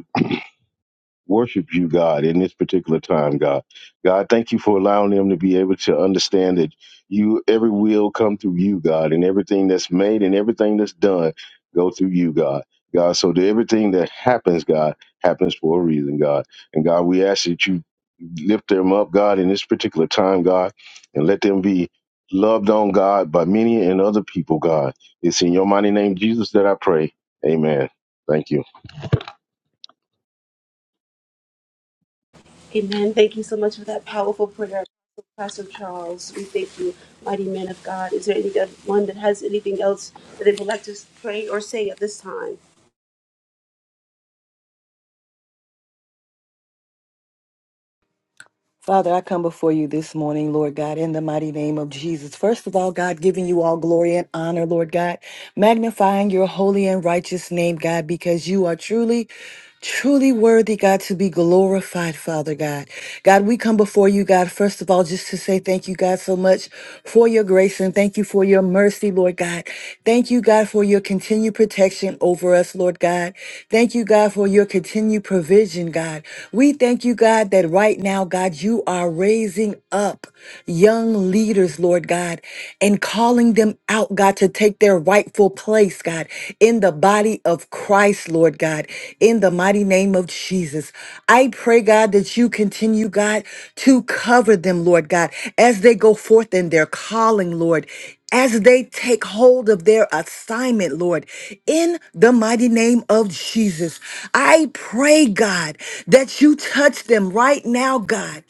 Speaker 4: worship you, God, in this particular time, God. God, thank you for allowing them to be able to understand that you every will come through you, God, and everything that's made and everything that's done go through you, God. God, so that everything that happens, God, happens for a reason, God. And God, we ask that you lift them up, God, in this particular time, God, and let them be loved on, God, by many and other people, God. It's in your mighty name, Jesus, that I pray. Amen. Thank you.
Speaker 1: Amen. Thank you so much for that powerful prayer, Pastor Charles. We thank you, mighty man of God. Is there anyone that has anything else that they would like to pray or say at this time?
Speaker 2: Father, I come before you this morning, Lord God, in the mighty name of Jesus. First of all, God, giving you all glory and honor, Lord God, magnifying your holy and righteous name, God, because you are truly, truly worthy, God, to be glorified, Father God. God, we come before you, God, first of all, just to say thank you, God, so much for your grace and thank you for your mercy, Lord God. Thank you, God, for your continued protection over us, Lord God. Thank you, God, for your continued continued provision, God. We thank you, God, that right now, God, you are raising up young leaders, Lord God, and calling them out, God, to take their rightful place, God, in the body of Christ, Lord God, in the mighty name of Jesus. I pray, God, that you continue, God, to cover them, Lord God, as they go forth in their calling, Lord, as they take hold of their assignment, Lord, in the mighty name of Jesus. I pray, God, that you touch them right now, God,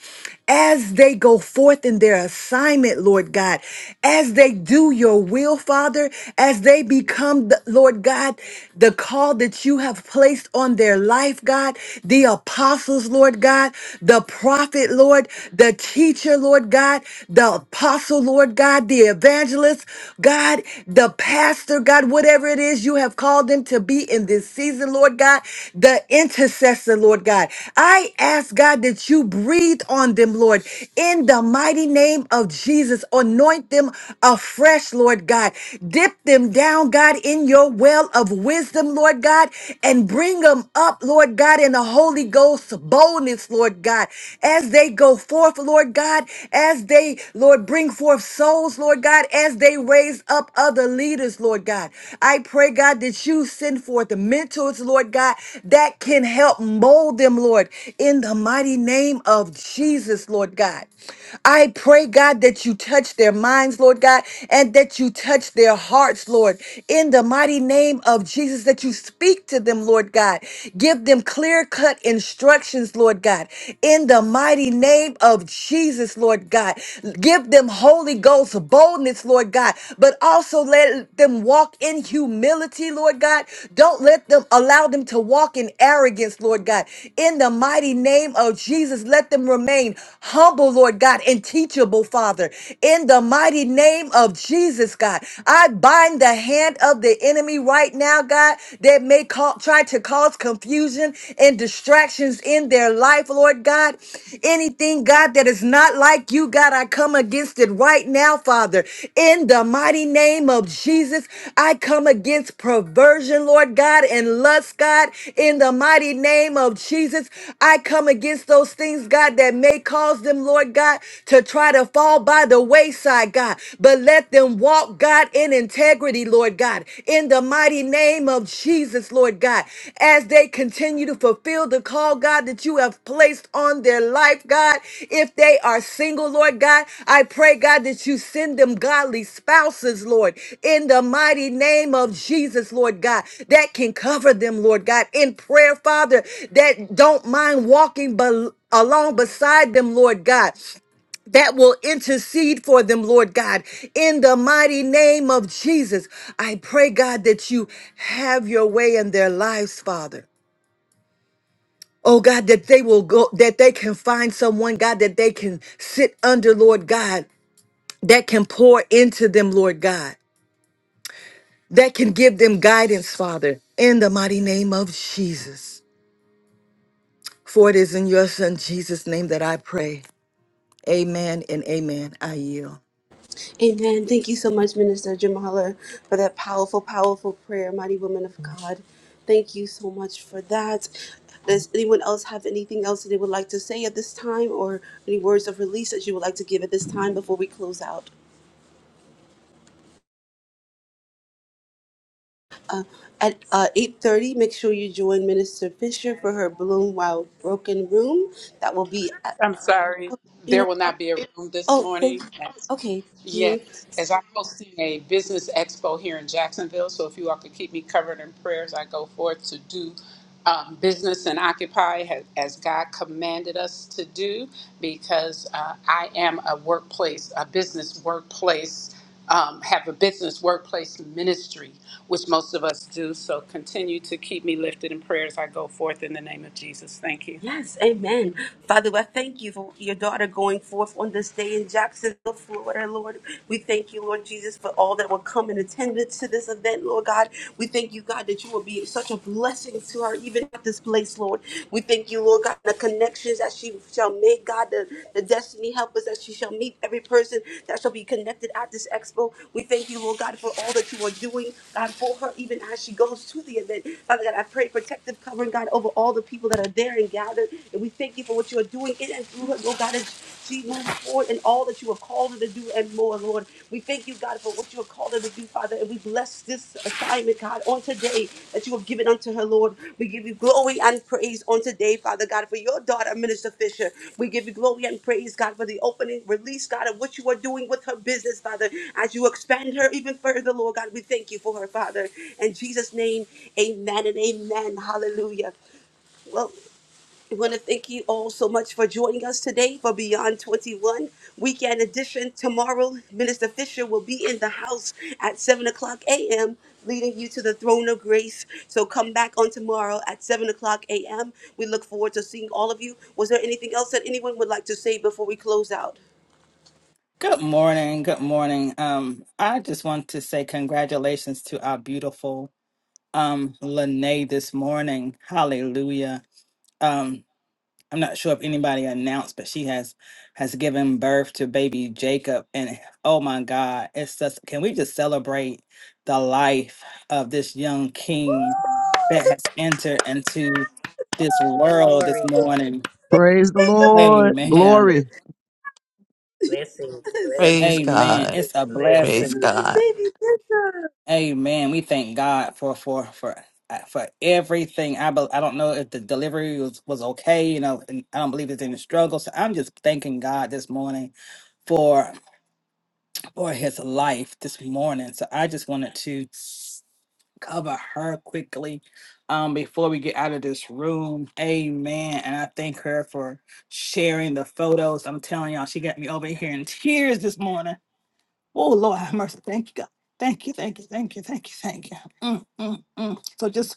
Speaker 2: as they go forth in their assignment, Lord God, as they do your will, Father, as they become, the, Lord God, the call that you have placed on their life, God, the apostles, Lord God, the prophet, Lord, the teacher, Lord. Lord God, the apostle, Lord God, the evangelist, God, the pastor, God, whatever it is you have called them to be in this season, Lord God, the intercessor, Lord God. I ask, God, that you breathe on them, Lord, in the mighty name of Jesus. Anoint them afresh, Lord God. Dip them down, God, in your well of wisdom, Lord God, and bring them up, Lord God, in the Holy Ghost boldness, proponents, Lord God, as they go forth, Lord God, as they, Lord, bring forth souls, Lord God, as they raise up other leaders, Lord God. I pray, God, that you send forth the mentors, Lord God, that can help mold them, Lord, in the mighty name of Jesus, Lord God. I pray, God, that you touch their minds, Lord God, and that you touch their hearts, Lord, in the mighty name of Jesus, that you speak to them, Lord God. God. Give them clear cut instructions, Lord God, in the mighty name of Jesus, Lord God. Give them Holy Ghost boldness, Lord God, but also let them walk in humility, Lord God. Don't let them allow them to walk in arrogance, Lord God. In the mighty name of Jesus, let them remain humble, Lord God, and teachable, Father. In the mighty name of Jesus, God, I bind the hand of the of the enemy right now, God, that may call, try to cause confusion and distractions in their life, Lord God. Anything, God, that is not like you, God, I come against it right now, Father. In the mighty name of Jesus, I come against perversion, Lord God, and lust, God. In the mighty name of Jesus, I come against those things, God, that may cause them, Lord God, to try to fall by the wayside, God. But but let them walk, God, in integrity, Lord God, in the mighty name of Jesus, Lord God, as they continue to fulfill the call, God, that you have placed on their life, God. If they are single, Lord God, I pray, God, that you send them godly spouses, Lord, in the mighty name of Jesus, Lord God, that can cover them, Lord God, in prayer, Father, that don't mind walking bel- along beside them, Lord God that will intercede for them, Lord God. In the mighty name of Jesus, I pray, God, that you have your way in their lives, Father. Oh God, that they will go, that they can find someone, God, that they can sit under, Lord God, that can pour into them, Lord God, that can give them guidance, Father, in the mighty name of Jesus. For it is in your Son, Jesus' name, that I pray. Amen and amen. I yield.
Speaker 1: Amen. Thank you so much, Minister Jamala, for that powerful, powerful prayer, mighty woman of God. Thank you so much for that. Does anyone else have anything else that they would like to say at this time or any words of release that you would like to give at this time before we close out? Uh, at uh, 8.30, make sure you join Minister Fisher for her Bloom While Broken Room. That will be, at,
Speaker 3: I'm sorry.
Speaker 1: you
Speaker 3: There
Speaker 1: know,
Speaker 3: will not be a room this
Speaker 1: oh, thank-
Speaker 3: morning.
Speaker 1: okay.
Speaker 3: Yes, as I'm hosting a business expo here in Jacksonville, so if you all could keep me covered in prayers, I go forth to do um, business and occupy ha- as God commanded us to do, because uh, I am a workplace, a business workplace, um, have a business workplace ministry, which most of us do. So continue to keep me lifted in prayers. I go forth in the name of Jesus. Thank you.
Speaker 1: Yes, amen. Father, I thank you for your daughter going forth on this day in Jacksonville, Florida, Lord. We thank you, Lord Jesus, for all that will come in attendance to this event, Lord God. We thank you, God, that you will be such a blessing to her, even at this place, Lord. We thank you, Lord God, the connections that she shall make, God, the, the destiny helpers that she shall meet, every person that shall be connected at this expo. We thank you, Lord God, for all that you are doing, God, for her, even as she goes to the event. Father God, I pray protective covering, God, over all the people that are there and gathered. And we thank you for what you are doing in and through her, Lord God, as she moves forward in all that you have called her to do and more, Lord. We thank you, God, for what you have called her to do, Father. And we bless this assignment, God, on today that you have given unto her, Lord. We give you glory and praise on today, Father God, for your daughter, Minister Fisher. We give you glory and praise, God, for the opening release, God, of what you are doing with her business, Father. As you expand her even further, Lord God, we thank you for her, Father. In Jesus' name, amen and amen. Hallelujah. Well. I want to thank you all so much for joining us today for Beyond 21 Weekend Edition. Tomorrow, Minister Fisher will be in the house at 7 o'clock a.m., leading you to the throne of grace. So come back on tomorrow at 7 o'clock a.m. We look forward to seeing all of you. Was there anything else that anyone would like to say before we close out?
Speaker 5: Good morning. Good morning. Um, I just want to say congratulations to our beautiful um Lene this morning. Hallelujah. Um, I'm not sure if anybody announced, but she has has given birth to baby Jacob. And oh my God, it's just can we just celebrate the life of this young king that has entered into this world this
Speaker 6: Glory.
Speaker 5: morning.
Speaker 7: Praise the
Speaker 6: Thank
Speaker 7: Lord.
Speaker 6: you, God.
Speaker 5: Amen.
Speaker 7: Glory.
Speaker 6: Blessings,
Speaker 8: Praise
Speaker 6: blessings,
Speaker 5: Amen.
Speaker 8: God.
Speaker 5: It's a
Speaker 6: blessings.
Speaker 8: Praise
Speaker 5: blessing.
Speaker 8: God.
Speaker 5: Amen. We thank God for for for uh, for everything. I bel I don't know if the delivery was was okay. You know, and I don't believe it's any struggle. So I'm just thanking God this morning for for His life this morning. So I just wanted to cover her quickly um before we get out of this room amen and i thank her for sharing the photos i'm telling y'all she got me over here in tears this morning Oh Lord, have mercy. Thank you, God. Thank you, thank you, thank you, thank you, thank you. Mm, mm, mm. So just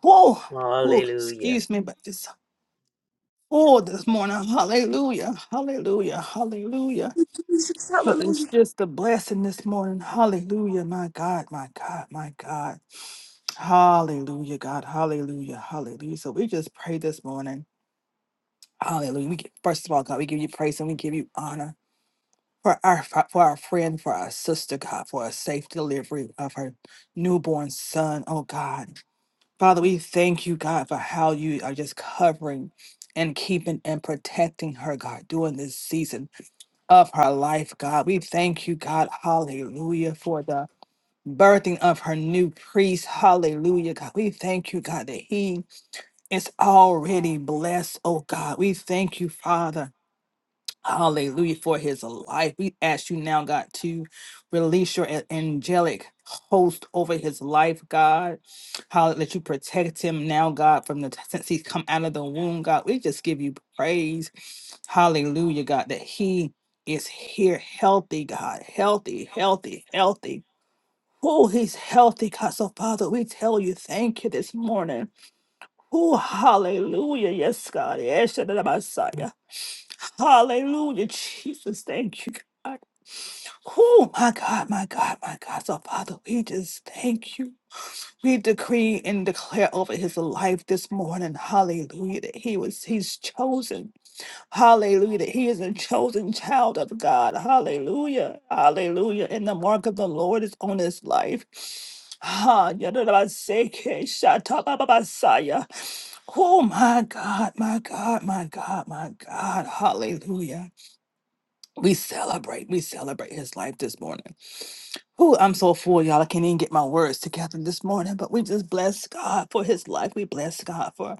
Speaker 5: whoa, whoa,
Speaker 6: Hallelujah.
Speaker 5: excuse me, but just oh this morning. Hallelujah. Hallelujah. Hallelujah. So it's just a blessing this morning. Hallelujah. My God, my God, my God. Hallelujah, God. Hallelujah. Hallelujah. So we just pray this morning. Hallelujah. We give, first of all, God, we give you praise and we give you honor. for our fa- for our friend, for our sister, God, for a safe delivery of her newborn son. Oh God, Father, we thank you, God, for how you are just covering and keeping and protecting her, God, during this season of her life, God. We thank you, God, Hallelujah, for the birthing of her new priest. Hallelujah, God. We thank you, God, that he is already blessed. Oh God, we thank you, Father Hallelujah for his life. We ask you now, God, to release your a- angelic host over his life, God. Hallelujah. let you protect him now, God, from the t- since he's come out of the womb, God. We just give you praise. Hallelujah, God, that he is here healthy, God. Healthy, healthy, healthy. Oh, he's healthy, God. So, Father, we tell you, thank you this morning. Oh, hallelujah. Yes, God. Yes, Shaddai, the Messiah. Hallelujah, Jesus. Thank you, God. Oh, my God, my God, my God. So, Father, we just thank you. We decree and declare over his life this morning, hallelujah, that he was, he's chosen Hallelujah. That he is a chosen child of God. Hallelujah. Hallelujah. And the mark of the Lord is on his life. Ha, yadadabaseke, shatabababasaya. Oh my God, my God, my God, my God. Hallelujah. We celebrate. We celebrate his life this morning. Oh, I'm so full, y'all. I can't even get my words together this morning, but we just bless God for his life. We bless God for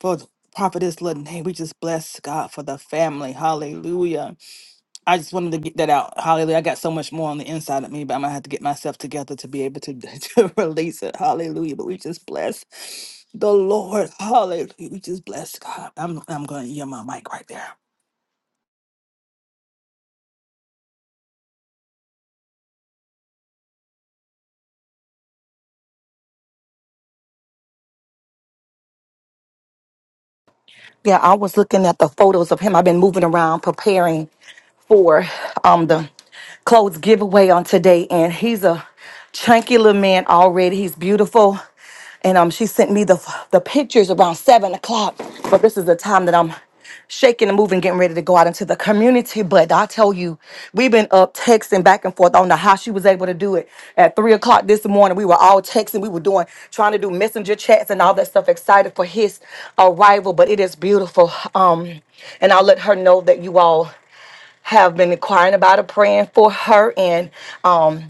Speaker 5: for th- Prophetess Lene. We just bless God for the family. Hallelujah. I just wanted to get that out. Hallelujah. I got so much more on the inside of me, but I'm going to have to get myself together to be able to, to release it. Hallelujah. But we just bless the Lord. Hallelujah. We just bless God. I'm, I'm going to yield my mic right there.
Speaker 9: Yeah, I was looking at the photos of him. I've been moving around preparing for um the clothes giveaway on today, and he's a chunky little man already. He's beautiful, and um, she sent me the the pictures around seven o'clock. But this is the time that I'm shaking and moving, getting ready to go out into the community. But I tell you, we've been up texting back and forth. I don't know how she was able to do it. At three o'clock this morning, we were all texting. We were doing, trying to do messenger chats and all that stuff. Excited for his arrival, but it is beautiful. Um, and I'll let her know that you all have been inquiring about her, praying for her, and um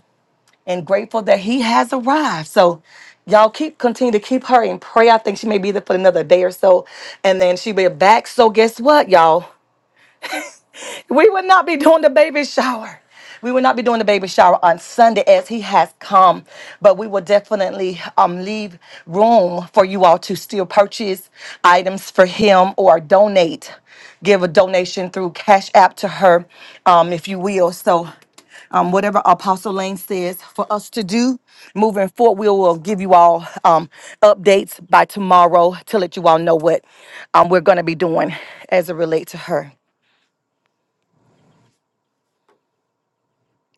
Speaker 9: and grateful that he has arrived. So y'all keep continue to keep her in prayer. I think she may be there for another day or so, and then she'll be back. So guess what, y'all? We would not be doing the baby shower. We will not be doing the baby shower on Sunday as he has come, but we will definitely um, leave room for you all to still purchase items for him or donate. Give a donation through Cash App to her, um, if you will. So, um, whatever Apostle Lane says for us to do moving forward, we will give you all um, updates by tomorrow to let you all know what um, we're going to be doing as it relates to her.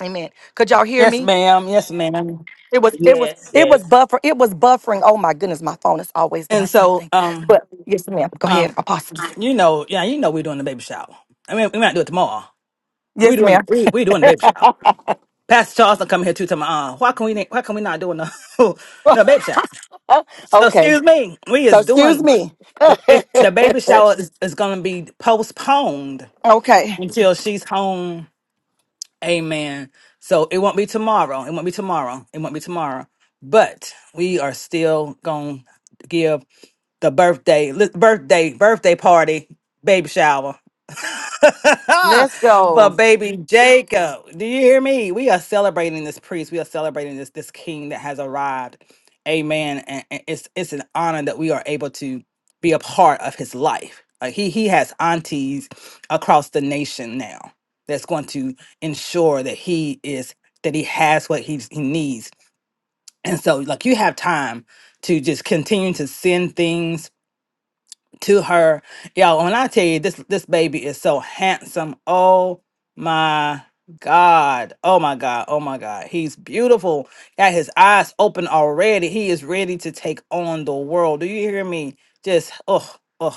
Speaker 9: Amen. Could y'all hear
Speaker 5: Yes,
Speaker 9: me?
Speaker 5: ma'am. Yes, ma'am.
Speaker 9: It was it was
Speaker 6: Yes,
Speaker 9: it was
Speaker 6: yes,
Speaker 9: buffer it was buffering. Oh my goodness, my phone is always
Speaker 5: And
Speaker 9: doing
Speaker 5: so,
Speaker 9: something.
Speaker 5: um,
Speaker 9: But yes, ma'am. Go ahead,
Speaker 5: um,
Speaker 9: Apostle.
Speaker 5: you know, yeah, you know, we're doing the baby shower. I mean, we might do it tomorrow. We're
Speaker 9: Yes,
Speaker 5: doing,
Speaker 9: ma'am.
Speaker 5: we, we're doing the baby shower. Pastor Charles done come here too. To my uh, why can we na- why can we not do no no baby shower? So,
Speaker 9: Okay.
Speaker 5: excuse me, we
Speaker 9: So
Speaker 5: is
Speaker 9: excuse
Speaker 5: doing
Speaker 9: me.
Speaker 5: the it, the baby shower is, is going to be postponed
Speaker 9: okay.
Speaker 5: until she's home. Amen. So it won't be tomorrow. It won't be tomorrow. It won't be tomorrow. But we are still gonna give the birthday li- birthday birthday party baby shower
Speaker 9: Let's go.
Speaker 5: for baby Jacob. Do you hear me? We are celebrating this priest. We are celebrating this this king that has arrived. Amen. And, and it's it's an honor that we are able to be a part of his life. Like he he has aunties across the nation now that's going to ensure that he is that he has what he's, he needs. And so like you have time to just continue to send things to her. Y'all, when I tell you this this baby is so handsome. Oh my God. Oh my God. Oh my God. He's beautiful. Got his eyes open already. He is ready to take on the world. Do you hear me? Just oh. oh.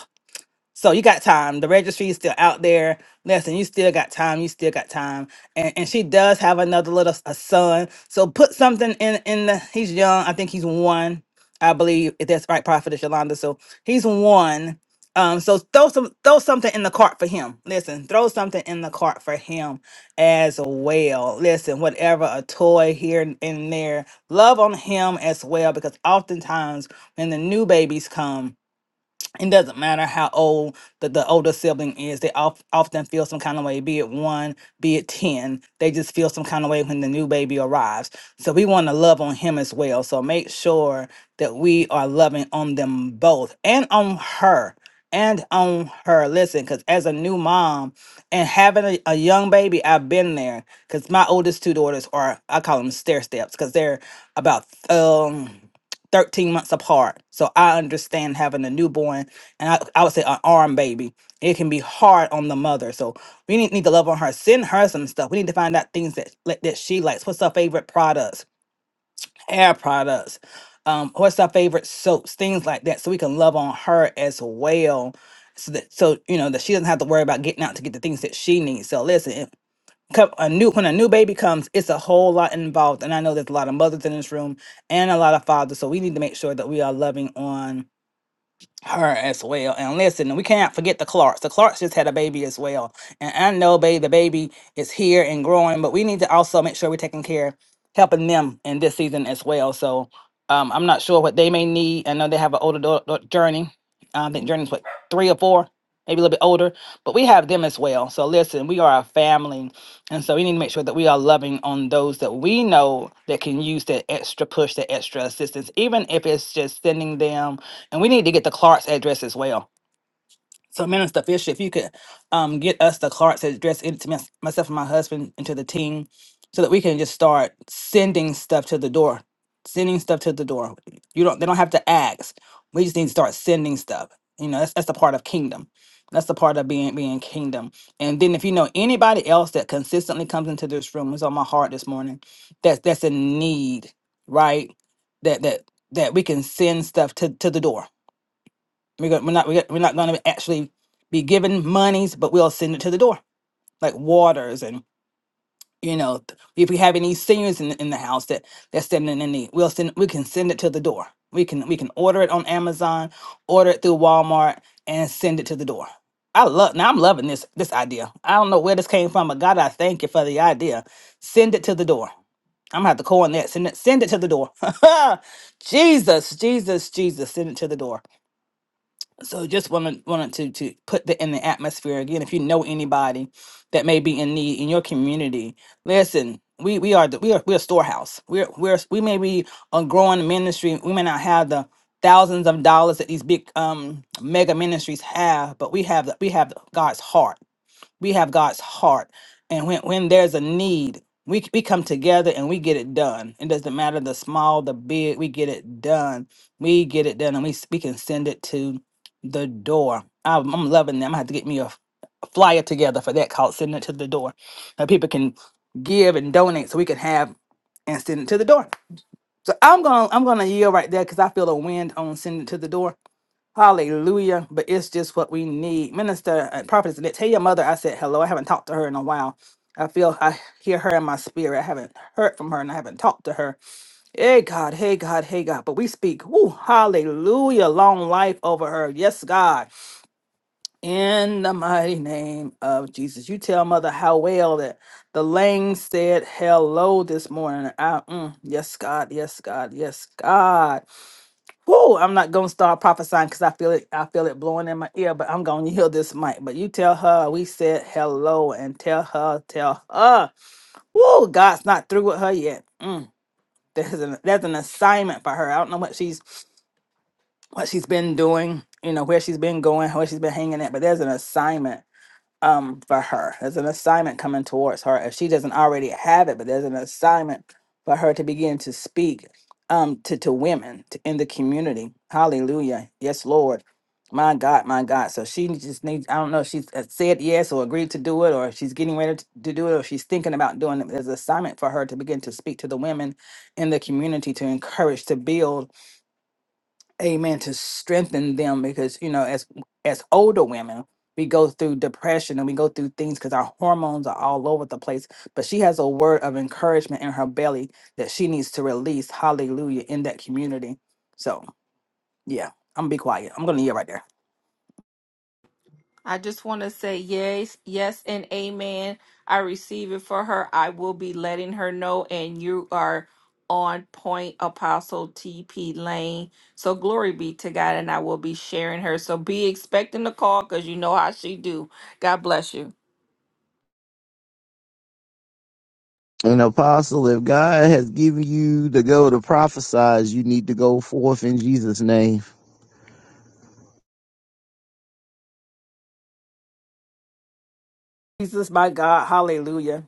Speaker 5: So you got time. The registry is still out there. Listen, you still got time. You still got time. And and she does have another little s- a son. So put something in in the. He's young. I think he's one. I believe if that's right, Prophet Yolanda. So he's one. Um, so throw some throw something in the cart for him. Listen, throw something in the cart for him as well. Listen, whatever a toy here and and there, love on him as well because oftentimes when the new babies come it doesn't matter how old the, the older sibling is they of, often feel some kind of way be it one be it ten they just feel some kind of way when the new baby arrives so we want to love on him as well so make sure that we are loving on them both and on her and on her listen because as a new mom and having a, a young baby i've been there because my oldest two daughters are i call them stair steps because they're about um. 13 months apart. So I understand having a newborn and I, I would say an arm baby. It can be hard on the mother. So we need, need to love on her. Send her some stuff. We need to find out things that like, that she likes. What's her favorite products? Hair products. Um, what's her favorite soaps? Things like that. So we can love on her as well. So that so you know that she doesn't have to worry about getting out to get the things that she needs. So listen, come a new when a new baby comes it's a whole lot involved and i know there's a lot of mothers in this room and a lot of fathers so we need to make sure that we are loving on her as well. And listen, we can't forget the Clarks. The Clarks just had a baby as well. And I know, babe, the baby is here and growing, but we need to also make sure we're taking care, helping them in this season as well. So um, I'm not sure what they may need. I know they have an older dau- dau- journey. I think Journey's what three or four, maybe a little bit older, but we have them as well. So listen, we are a family, and so we need to make sure that we are loving on those that we know that can use that extra push, that extra assistance, even if it's just sending them and we need to get the Clark's address as well. So, Minister Fisher, if you could um, get us the Clark's address into mys- myself and my husband and to the team so that we can just start sending stuff to the door. Sending stuff to the door. You don't they don't have to ask. We just need to start sending stuff. You know, that's that's the part of kingdom. That's the part of being being kingdom. And then if you know anybody else that consistently comes into this room, it's on my heart this morning, that's that's a need, right? That that that we can send stuff to, to the door we're, go- we're not we're, we're not going to actually be given monies, but we'll send it to the door, like waters and you know th- if we have any seniors in, the- in the house that that's standing in need, we'll send we can send it to the door. We can we can order it on Amazon, order it through Walmart, and send it to the door. I love now. I'm loving this this idea. I don't know where this came from, but God, I thank you for the idea. Send it to the door. I'm gonna have to call on that. Send it, send it to the door. Jesus, Jesus, Jesus, send it to the door. So just wanted wanted to to put that in the atmosphere again. If you know anybody that may be in need in your community, listen. We we are the, we are we're a storehouse. We're we're we may be a growing ministry. We may not have the thousands of dollars that these big um mega ministries have, but we have the, we have God's heart we have God's heart. And when, when there's a need, we, we come together and we get it done. It doesn't matter the small, the big, we get it done. We get it done and we, s- we can send it to the door. I'm, I'm loving them. I have to get me a, f- a flyer together for that called Send It to the Door. That people can give and donate so we can have and send it to the door. So I'm gonna I'm gonna yield right there because I feel a wind on sending it to the door. Hallelujah. But it's just what we need. Minister and prophetess, Annette, tell your mother I said hello. I haven't talked to her in a while. I feel I hear her in my spirit. I haven't heard from her and I haven't talked to her. Hey God, hey God, hey God. But we speak. Woo, hallelujah. Long life over her. Yes, God. In the mighty name of Jesus. You tell Mother how well that the Lang said hello this morning. I, mm, yes, God. Yes, God. Yes, God. Whoo, I'm not going to start prophesying because I feel it. I feel it blowing in my ear, but I'm going to heal this mic. But you tell her we said hello and tell her, tell her. Whoo, God's not through with her yet. Mm. There's an, there's an assignment for her. I don't know what she's what she's been doing, you know, where she's been going, where she's been hanging at, but there's an assignment um for her. There's an assignment coming towards her. If she doesn't already have it, but there's an assignment for her to begin to speak um to, to women to, in the community. Hallelujah. Yes, Lord. My God, my God. So she just needs, I don't know if she's uh, said yes or agreed to do it or if she's getting ready to to do it or if she's thinking about doing it. There's an assignment for her to begin to speak to the women in the community to encourage, to build amen to strengthen them because you know as as older women we go through depression and we go through things because our hormones are all over the place but she has a word of encouragement in her belly that she needs to release hallelujah in that community so yeah i'm gonna be quiet i'm gonna yell right there
Speaker 10: I just want to say yes, yes, and amen. I receive it for her. I will be letting her know, and you are on point, Apostle TP Lane. So glory be to God, and I will be sharing her. So be expecting the call because you know how she do. God bless you.
Speaker 7: And apostle, if God has given you to go to prophesize, you need to go forth in Jesus' name.
Speaker 5: jesus my god hallelujah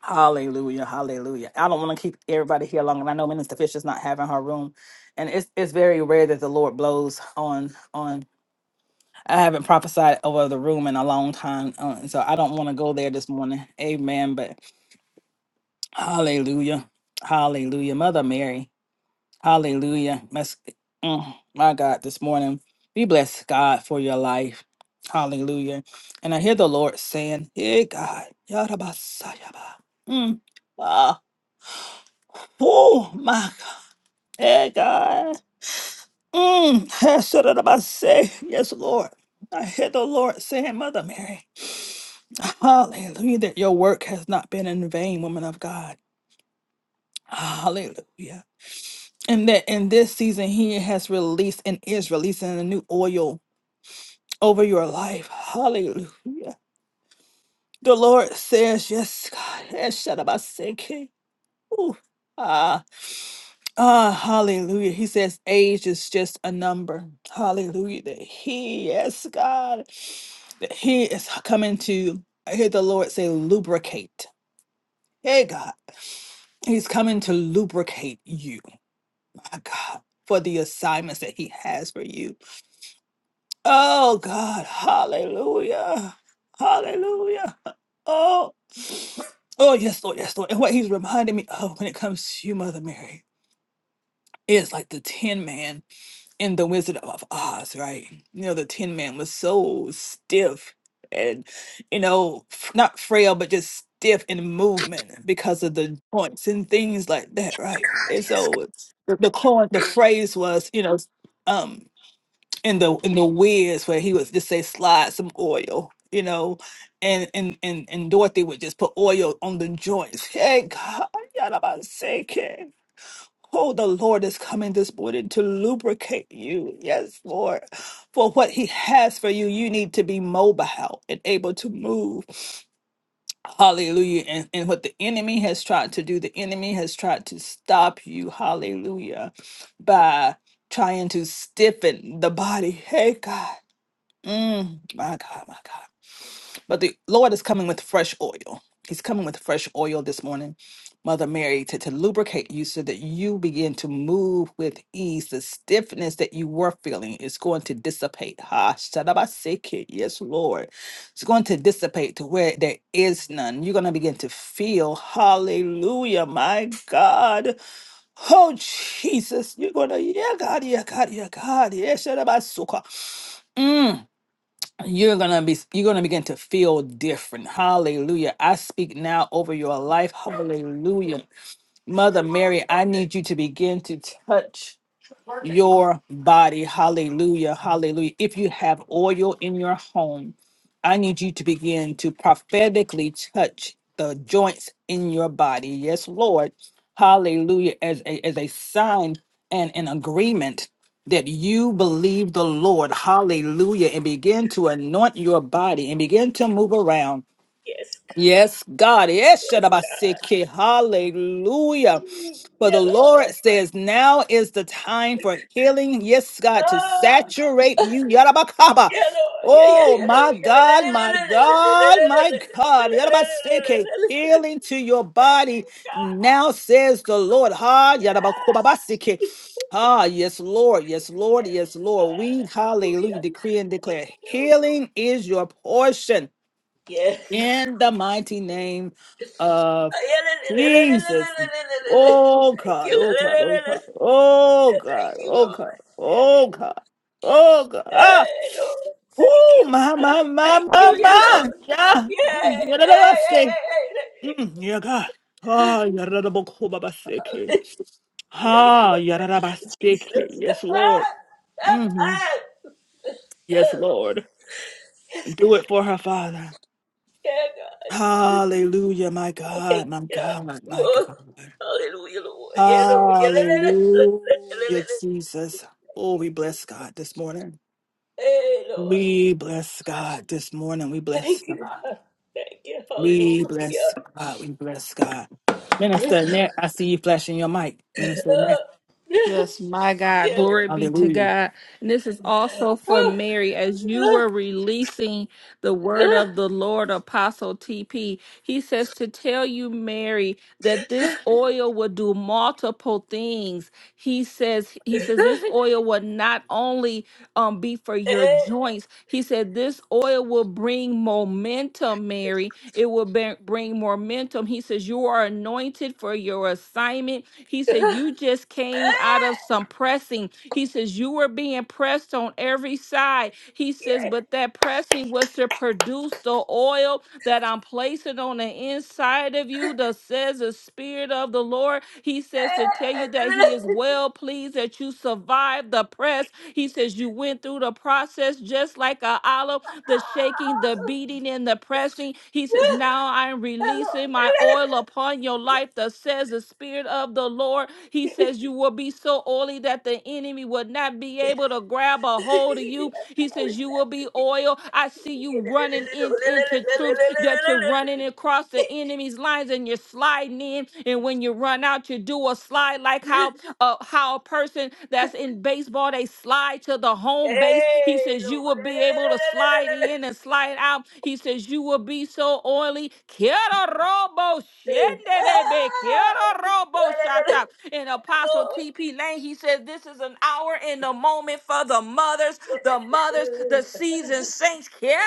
Speaker 5: hallelujah hallelujah i don't want to keep everybody here long and i know minister fisher's not having her room and it's it's very rare that the lord blows on on I haven't prophesied over the room in a long time, uh, and so I don't want to go there this morning. Amen. But hallelujah, hallelujah, Mother Mary, hallelujah. Mes- mm, my God, this morning we bless God for your life. Hallelujah. And I hear the Lord saying, "Hey God, Yarabasayaba." Mm. Ah, oh my God, hey God. Mm, that's what I say. Yes, Lord. I hear the Lord saying, Mother Mary, hallelujah, that your work has not been in vain, woman of God. Hallelujah. And that in this season, He has released and is releasing a new oil over your life. Hallelujah. The Lord says, Yes, God. Ooh, ah, ah, hallelujah. He says age is just a number. Hallelujah. That he, yes, God, that he is coming to, I hear the Lord say, lubricate. Hey, God, he's coming to lubricate you, my God, for the assignments that he has for you. Oh, God, hallelujah. Hallelujah. Oh, oh, yes, Lord, yes, Lord. And what he's reminding me of when it comes to you, Mother Mary. It's like the Tin Man in The Wizard of Oz, right? You know, the Tin Man was so stiff and, you know, f- not frail, but just stiff in movement because of the joints and things like that, right? And so it's- the the coin, the phrase was, you know, um, in the in the Wiz where he would just say slide some oil, you know, and and and and Dorothy would just put oil on the joints. Hey God, Oh, the Lord is coming this morning to lubricate you. Yes, Lord. For what He has for you, you need to be mobile and able to move. Hallelujah. And, and what the enemy has tried to do, the enemy has tried to stop you. Hallelujah. By trying to stiffen the body. Hey, God. Mm, my God, my God. But the Lord is coming with fresh oil. He's coming with fresh oil this morning, Mother Mary, to, to lubricate you so that you begin to move with ease. The stiffness that you were feeling is going to dissipate. Ha, shadabaseke. Yes, Lord. It's going to dissipate to where there is none. You're going to begin to feel, hallelujah, my God. Oh, Jesus. You're going to, yeah, God, yeah, God, yeah, God. Yeah, shadabasuka. Mm you're gonna be you're gonna begin to feel different hallelujah i speak now over your life hallelujah mother mary i need you to begin to touch your body. Hallelujah. Hallelujah. If you have oil in your home, I need you to begin to prophetically touch the joints in your body. Yes, Lord. Hallelujah. As a, as a sign and an agreement that you believe the Lord. Hallelujah. And begin to anoint your body and begin to move around.
Speaker 6: yes, God.
Speaker 5: Yes, God. Yes,
Speaker 6: yes, God.
Speaker 5: shadabaseke. Hallelujah. For
Speaker 6: Yeah,
Speaker 5: the
Speaker 6: Lord.
Speaker 5: Lord says, now is the time for healing. Yes, God, to
Speaker 6: Ah,
Speaker 5: saturate you. Yarabakaba.
Speaker 6: yeah, Lord. Yeah, yeah,
Speaker 5: Oh,
Speaker 6: yeah,
Speaker 5: my
Speaker 6: Lord. Yeah, la, la,
Speaker 5: God,
Speaker 6: la,
Speaker 5: my
Speaker 6: la, la, la, la, la,
Speaker 5: God,
Speaker 6: la, la, la,
Speaker 5: my
Speaker 6: la,
Speaker 5: God.
Speaker 6: la, la, la,
Speaker 5: Yarabaseke.
Speaker 6: la, la.
Speaker 5: Healing to your body.
Speaker 6: God,
Speaker 5: Now says the Lord. Ha, yarabakobabaseke. Ah, yes, Lord. Yes, Lord.
Speaker 6: yes,
Speaker 5: Yes,
Speaker 6: God.
Speaker 5: Lord. We, hallelujah,
Speaker 6: Hallelujah.
Speaker 5: decree and
Speaker 6: Thank
Speaker 5: declare
Speaker 6: you.
Speaker 5: healing is your portion
Speaker 6: Yes, God.
Speaker 5: in the mighty name of
Speaker 6: Ah, Yeah, la, la, la, la, la, la, la,
Speaker 5: Jesus.
Speaker 6: la, la, la, la.
Speaker 5: Oh
Speaker 6: Thank you.
Speaker 5: God,
Speaker 6: La,
Speaker 5: oh
Speaker 6: la,
Speaker 5: God,
Speaker 6: la,
Speaker 5: oh
Speaker 6: la, la.
Speaker 5: God, oh
Speaker 6: Thank
Speaker 5: God,
Speaker 6: you,
Speaker 5: oh God,
Speaker 6: Lord. Yes.
Speaker 5: oh God, oh God. Ah,
Speaker 6: Hey, Lord. Thank
Speaker 5: oh
Speaker 6: you.
Speaker 5: my,
Speaker 6: God.
Speaker 5: my, my,
Speaker 6: Thank you,
Speaker 5: my,
Speaker 6: dear Lord.
Speaker 5: my. Yeah.
Speaker 6: Yeah,
Speaker 5: Mm. Yeah, da, da, da, say. Mm. Yeah, God. Ah, yeah, da, da, bo, ko, ba, ba, say, okay.
Speaker 6: Dear Lord.
Speaker 5: Ah, yeah, da,
Speaker 6: Thank
Speaker 5: da, ba,
Speaker 6: you,
Speaker 5: say,
Speaker 6: Jesus.
Speaker 5: okay. Yes, Lord.
Speaker 6: Ah, ah,
Speaker 5: hmm
Speaker 6: ah.
Speaker 5: Yes,
Speaker 6: Oh,
Speaker 5: Lord. Do it for her, Father.
Speaker 6: yeah, God.
Speaker 5: Hallelujah, my
Speaker 6: Thank
Speaker 5: God, my
Speaker 6: you, God.
Speaker 5: God, my
Speaker 6: Oh,
Speaker 5: God.
Speaker 6: hallelujah, Lord. Yeah, Lord. Yeah, la, la, la, la, la, la,
Speaker 5: Hallelujah,
Speaker 6: la.
Speaker 5: Jesus. Oh, we bless God this morning.
Speaker 6: Hey, Lord.
Speaker 5: We bless God this morning. We bless
Speaker 6: Thank you,
Speaker 5: God.
Speaker 6: God. Thank you.
Speaker 5: We bless
Speaker 6: Hallelujah.
Speaker 5: God. We bless God.
Speaker 6: Ah, ah,
Speaker 5: Minister Annette, I see you flashing your mic. Minister Annette,
Speaker 10: Yes, my God.
Speaker 6: yeah,
Speaker 10: Glory be to
Speaker 5: hallelujah.
Speaker 10: God. And this is also for
Speaker 6: Lord.
Speaker 10: Mary. As you
Speaker 6: Ah,
Speaker 10: were releasing the word
Speaker 6: ah,
Speaker 10: of the Lord, Apostle TP, he says to tell you, Mary, that this oil will do multiple things. He says, he says, this
Speaker 6: ah,
Speaker 10: oil will not only um, be for
Speaker 6: ah.
Speaker 10: your joints. He said, this oil will bring momentum, Mary. It will be- bring momentum. He says, you are anointed for your assignment he
Speaker 6: Hey.
Speaker 10: said, You just
Speaker 6: Hey,
Speaker 10: came out of some pressing. He says, You were being pressed on every side. He says, But that pressing was to produce the oil that I'm placing on the inside of you, that says the Spirit of the Lord. He says to tell you that He is well pleased that you survived the press he says, You went through the process just like a olive, the shaking, the beating, and the pressing. He says, Now I'm releasing my oil upon your life, thus says the Spirit of the Lord. He says, You will be so oily that the enemy will not be able to grab a hold of you. He says, You will be oil. I see you running in, into troops that you're running across the enemy's lines and you're sliding in. And when you run out, you do a slide like how uh, how a person that's in baseball they slide to the home base. He says you will be able to slide in and slide out. He says you will be so oily. Quiero robo shenderebe, quiero robo shata. In Apostle TP Lane, he says this is an hour in the moment for the mothers, the mothers, the seasoned saints. Quiero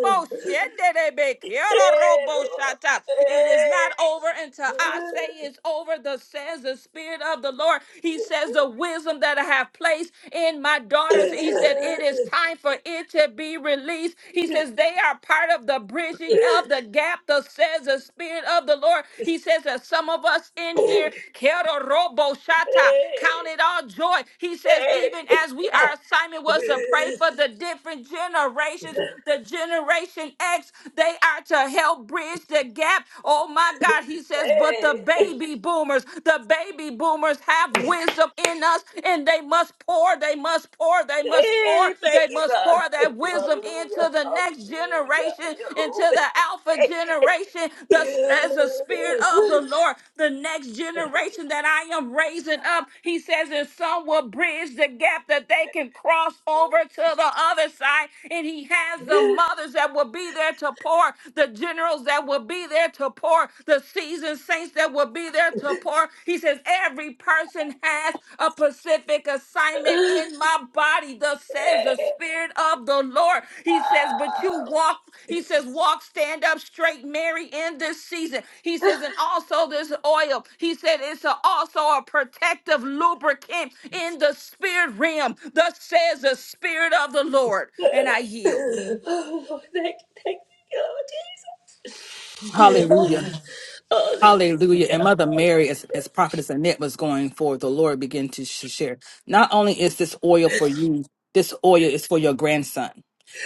Speaker 10: robo shenderebe, quiero robo
Speaker 6: Lord.
Speaker 10: shata. It is not over until I say it's is over. Thus says the Spirit of the Lord. He says, The wisdom that I have placed in my daughters, he said, It is time for it to be released. He says, They are part of the bridging of the gap. Thus says the Spirit of the Lord. He says that some of us in here, Kero Robo Shata,
Speaker 6: Hey.
Speaker 10: count it all joy. He says, Even
Speaker 6: Hey.
Speaker 10: as we, our assignment was to pray
Speaker 6: Hey.
Speaker 10: for the different generations, the generation X, they are to help bridge the gap. Oh my God, he says, but the
Speaker 6: Hey.
Speaker 10: baby boomers, the baby boomers have wisdom in us and they must pour, they must pour, they must pour,
Speaker 6: Hey, thank
Speaker 10: they
Speaker 6: you,
Speaker 10: must
Speaker 6: God.
Speaker 10: pour
Speaker 6: Thank
Speaker 10: that
Speaker 6: you.
Speaker 10: wisdom into
Speaker 6: Hallelujah.
Speaker 10: the next
Speaker 6: Hallelujah.
Speaker 10: generation,
Speaker 6: Yeah,
Speaker 10: into the
Speaker 6: Lord.
Speaker 10: alpha
Speaker 6: Thank
Speaker 10: generation, thus says
Speaker 6: you.
Speaker 10: the spirit of the Lord, the next generation that I am raising up. He says, and some will bridge the gap that they can cross over to the other side. And he has the mothers that will be there to pour pour, the generals that will be there to pour, the seasoned saints that will be there to pour. He says, Every person has a specific assignment in my body, thus says the Spirit of the Lord. He says, But you walk, he says, Walk, stand up straight, Mary, in this season. He says, And also this oil, he said, It's a- also a protective lubricant in the spirit realm, thus says the Spirit of the Lord. And I yield.
Speaker 6: Oh, thank you, thank you,
Speaker 5: Hallelujah.
Speaker 6: God.
Speaker 5: Hallelujah. And
Speaker 6: Hallelujah.
Speaker 5: Mother Mary, as,
Speaker 6: Hallelujah.
Speaker 5: as Prophetess Annette was going forward, the Lord began to sh- share. Not only is this oil for you, this oil is for your grandson.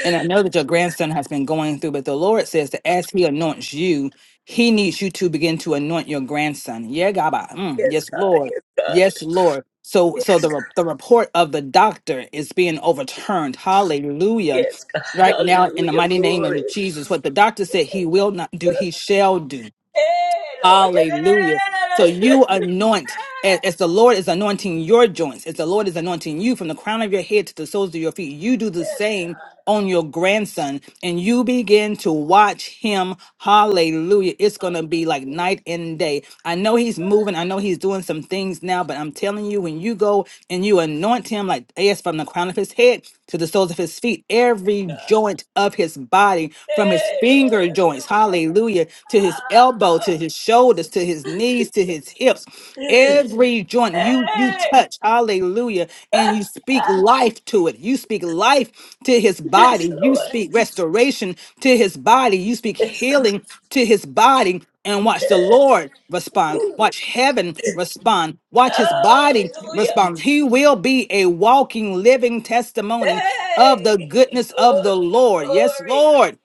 Speaker 5: And I know that your grandson has been going through, but the Lord says that as he anoints you, he needs you to begin to anoint your grandson. Yeah, Gaba. Mm,
Speaker 6: Yes,
Speaker 5: yes,
Speaker 6: God.
Speaker 5: Lord.
Speaker 6: Yes, God.
Speaker 5: Yes, Lord. So so the, re- the report of the doctor is being overturned. Hallelujah.
Speaker 6: Yes, God.
Speaker 5: Right now, in the
Speaker 6: Hallelujah.
Speaker 5: mighty name
Speaker 6: Glory.
Speaker 5: of Jesus, what the doctor said he will not do, he shall do.
Speaker 6: Hey, Lord. Yeah, yeah, yeah,
Speaker 5: Hallelujah. So
Speaker 6: yeah,
Speaker 5: you
Speaker 6: yeah, yeah.
Speaker 5: anoint as, as the Lord is anointing your joints, as the Lord is anointing you from the crown of your head to the soles of your feet, you do the same on your grandson and you begin to watch him. Hallelujah. It's going to be
Speaker 6: Yes.
Speaker 5: like night and day I know he's moving. I know he's doing some things now, but I'm telling you, when you go and you anoint him like as from the crown of his head to the soles of his feet, every joint of his body, from his
Speaker 6: Hey, Lord,
Speaker 5: finger joints,
Speaker 6: hallelujah.
Speaker 5: hallelujah, to his elbow,
Speaker 6: Ah,
Speaker 5: to his shoulders, to his
Speaker 6: ah.
Speaker 5: knees, to his hips, every joint you you
Speaker 6: Hey.
Speaker 5: touch, hallelujah, and you speak life to it. You speak life to his body.
Speaker 6: Yes,
Speaker 5: You
Speaker 6: Lord.
Speaker 5: speak restoration to his body. You speak
Speaker 6: Yes, God.
Speaker 5: healing to his body and watch the Lord respond. Watch heaven respond. Watch his
Speaker 6: Oh,
Speaker 5: body
Speaker 6: hallelujah.
Speaker 5: respond. He will be a walking, living testimony of the
Speaker 6: Hey,
Speaker 5: goodness of
Speaker 6: Lord,
Speaker 5: the Lord. Yes,
Speaker 6: glory.
Speaker 5: Lord.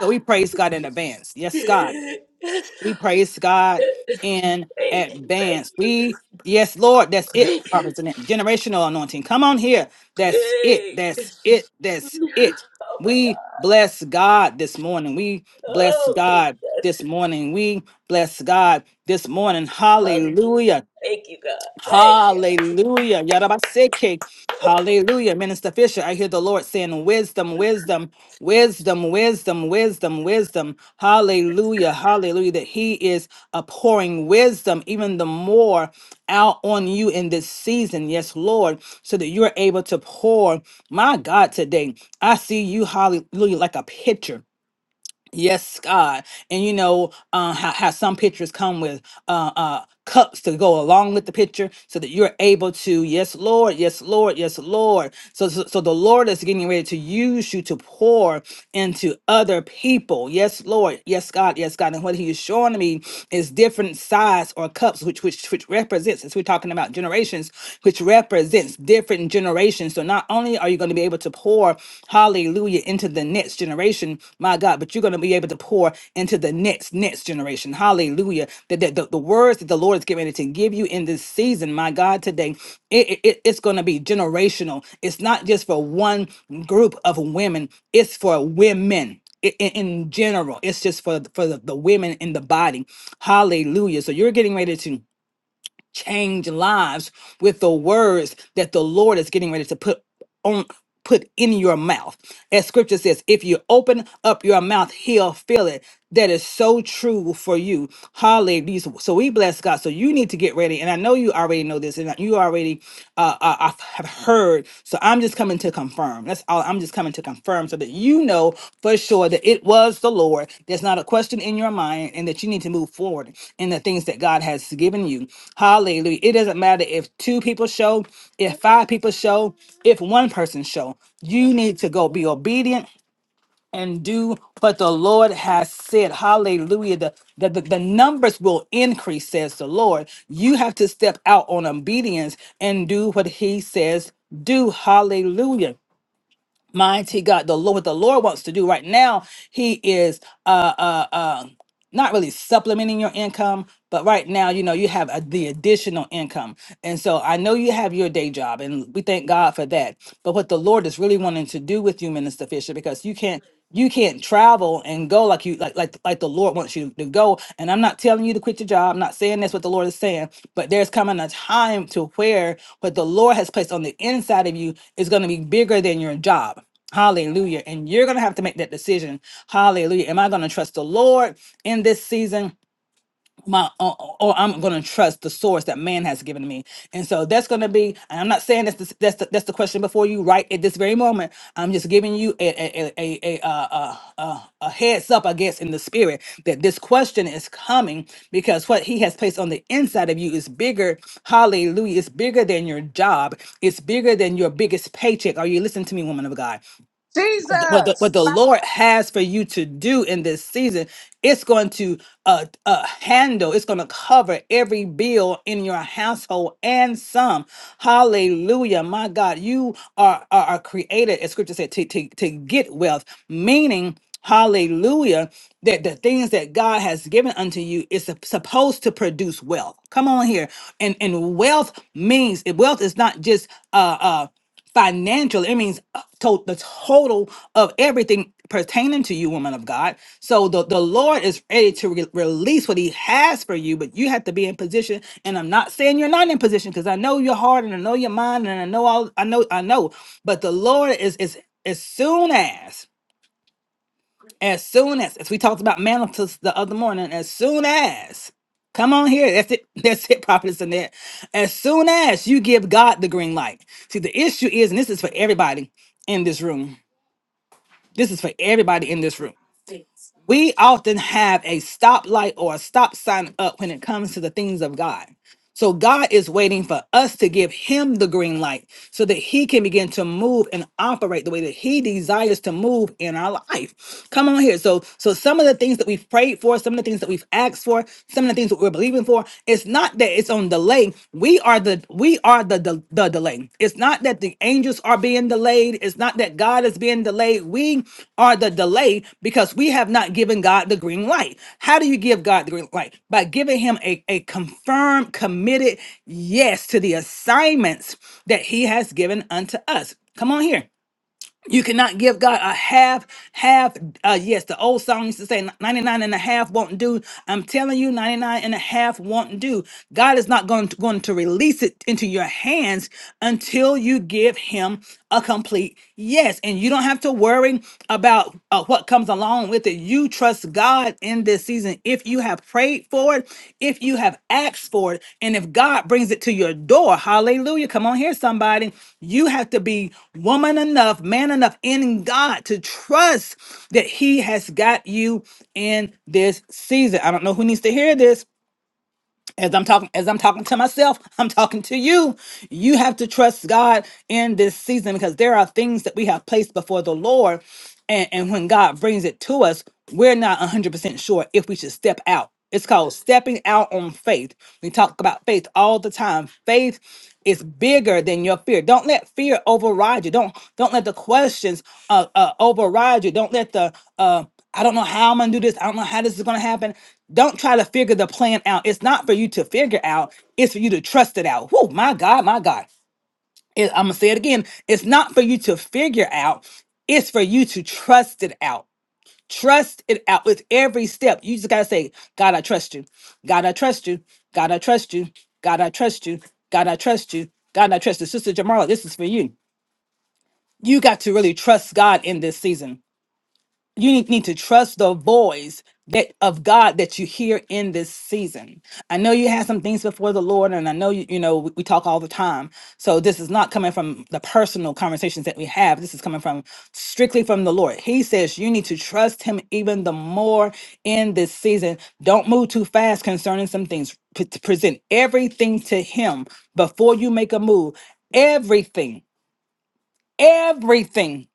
Speaker 5: So we praise God in advance. Yes, God.
Speaker 6: Yes,
Speaker 5: We praise God in
Speaker 6: Thank you, thank
Speaker 5: advance.
Speaker 6: you,
Speaker 5: We, yes, Lord, that's it.
Speaker 6: thank you.
Speaker 5: Prophets and generational anointing. Come on here. That's it.
Speaker 6: Yay.
Speaker 5: That's it. That's it.
Speaker 6: Oh, my
Speaker 5: We
Speaker 6: God.
Speaker 5: bless God this morning. We bless
Speaker 6: Oh,
Speaker 5: God
Speaker 6: Jesus.
Speaker 5: this morning. We bless God this morning. Hallelujah.
Speaker 6: Hallelujah. Thank you, God. Thank you.
Speaker 5: Hallelujah. Yarabaseke. Hallelujah. Minister Fisher, I hear the Lord saying, Wisdom, wisdom, wisdom, wisdom, wisdom, wisdom. Hallelujah. Hallelujah. That He is pouring wisdom even the more out on you in this season. Yes, Lord. So that you're able to pour. My God, today, I see you, hallelujah, like a pitcher. Yes, God. And you know uh, how, how some pictures come with uh, uh, cups to go along with the picture so that you're able to, yes, Lord, yes, Lord, yes, Lord. So, so, so the Lord is getting ready to use you to pour into other people. Yes, Lord, yes, God, yes, God. And what He is showing me is different size or cups, which which which represents, as we're talking about generations, which represents different generations. So not only are you going to be able to pour, hallelujah, into the next generation, my God, but you're going to be able to pour into the next, next generation. Hallelujah. That that- the, the words that the Lord is getting ready to give you in this season, my God, today, it, it, it- it's going to be generational. It's not just for one group of women, it's for women i- i- in, general. It's just for for the, the women in the body. Hallelujah. So you're getting ready to change lives with the words that the Lord is getting ready to put on put in your mouth. As scripture says, if you open up your mouth, he'll fill it. That is so true for you. Hallelujah. So we bless God. So you need to get ready. And I know you already know this and you already uh, uh, have heard word. So I'm just coming to confirm. That's all. I'm just coming to confirm so that you know for sure that it was the Lord. There's not a question in your mind and that you need to move forward in the things that God has given you. Hallelujah. It doesn't matter if two people show, if five people show, if one person show. You need to go be obedient and do what the Lord has said. Hallelujah. The, the, the, the numbers will increase, says the Lord. You have to step out on obedience and do what He says do. Hallelujah. Mighty God, the Lord, what the Lord wants to do right now, He is uh uh uh not really supplementing your income, but right now, you know, you have a, the additional income. And so I know you have your day job and we thank God for that. But what the Lord is really wanting to do with you, Minister Fisher, because you can't you can't travel and go like you like like like the Lord wants you to go. And I'm not telling you to quit your job. I'm not saying that's what the Lord is saying, but there's coming a time to where what the Lord has placed on the inside of you is going to be bigger than your job. Hallelujah. And you're going to have to make that decision. Hallelujah. Am I going to trust the Lord in this season? My or or I'm going to trust the source that man has given me, and so that's going to be. And I'm not saying that's the, that's the, that's the question before you right at this very moment. I'm just giving you a a a a, a, uh uh a heads up, I guess, in the spirit that this question is coming because what he has placed on the inside of you is bigger. Hallelujah! It's bigger than your job. It's bigger than your biggest paycheck. Are you listening to me, woman of God? th- what the, what
Speaker 3: Jesus,
Speaker 5: the Lord has for you to do in this season, it's going to uh, uh, handle, it's going to cover every bill in your household and some. Hallelujah. My God, you are, are, are created, as scripture said, to, to, to get wealth, meaning, hallelujah, that the things that God has given unto you is sup- supposed to produce wealth. Come on here. And, and wealth means, wealth is not just, uh, uh, financially. It means uh, to the total of everything pertaining to you, woman of God. So the, the Lord is ready to re- release what He has for you, but you have to be in position. And I'm not saying you're not in position because I know your heart and I know your mind and I know all I know I know. But the Lord is is as soon as. As soon as, as we talked about manifest the other morning, as soon as, come on here, that's it, that's it, prophetess in there. As soon as you give God the green light. See, the issue is, and this is for everybody in this room, this is for everybody in this room we often have a stoplight or a stop sign up when it comes to the things of God. So God is waiting for us to give him the green light so that he can begin to move and operate the way that he desires to move in our life. Come on here. So so some of the things that we've prayed for, some of the things that we've asked for, some of the things that we're believing for, it's not that it's on delay. We are the we are the the, delay. It's not that the angels are being delayed, it's not that God is being delayed. We are the delay because we have not given God the green light. How do you give God the green light? By giving him a, a confirmed, committed yes to the assignments that he has given unto us. Come on here. You cannot give God a half, half, uh, yes, the old song used to say 99 and a half won't do. I'm telling you, 99 won't do. God is not going to, going to release it into your hands until you give him a complete yes. And you don't have to worry about uh, what comes along with it you trust God in this season, if you have prayed for it, if you have asked for it, and if God brings it to your door, hallelujah. Come on here, somebody. You have to be woman enough, man enough in God to trust that He has got you in this season. I don't know who needs to hear this as I'm talking as I'm talking to myself, I'm talking to you. You have to trust God in this season because there are things that we have placed before the Lord and and when God brings it to us, we're not 100% sure if we should step out. It's called stepping out on faith. We talk about faith all the time. Faith is bigger than your fear. Don't let fear override you. Don't don't let the questions uh, uh override you. Don't let the uh I don't know how I'm gonna do this. I don't know how this is gonna happen. Don't try to figure the plan out. It's not for you to figure out, it's for you to trust it out. Whoa, my God, my God. It- I'm gonna say it again. It's not for you to figure out, it's for you to trust it out. Trust it out with every step. You just gotta say, God, I trust you. God, I trust you. God, I trust you. God, I trust you. God, I trust you. God, I trust you. Sister Jamala, this is for you. You got to really trust God in this season you need need to trust the voice that of God that you hear in this season. I know you had some things before the Lord, and I know you, you know we, we talk all the time. So this is not coming from the personal conversations that we have. This is coming from strictly from the Lord. He says you need to trust Him even the more in this season. Don't move too fast concerning some things. P- present everything to Him before you make a move. Everything, everything.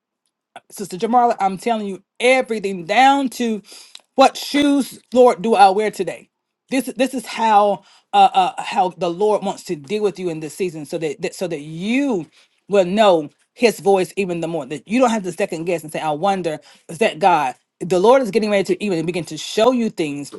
Speaker 5: Sister Jamala, I'm telling you everything down to what shoes, Lord, do I wear today? This this is how uh, uh how the Lord wants to deal with you in this season, so that, that so that you will know His voice even the more. That you don't have to second guess and say, "I wonder is that God." The Lord is getting ready to even begin to show you things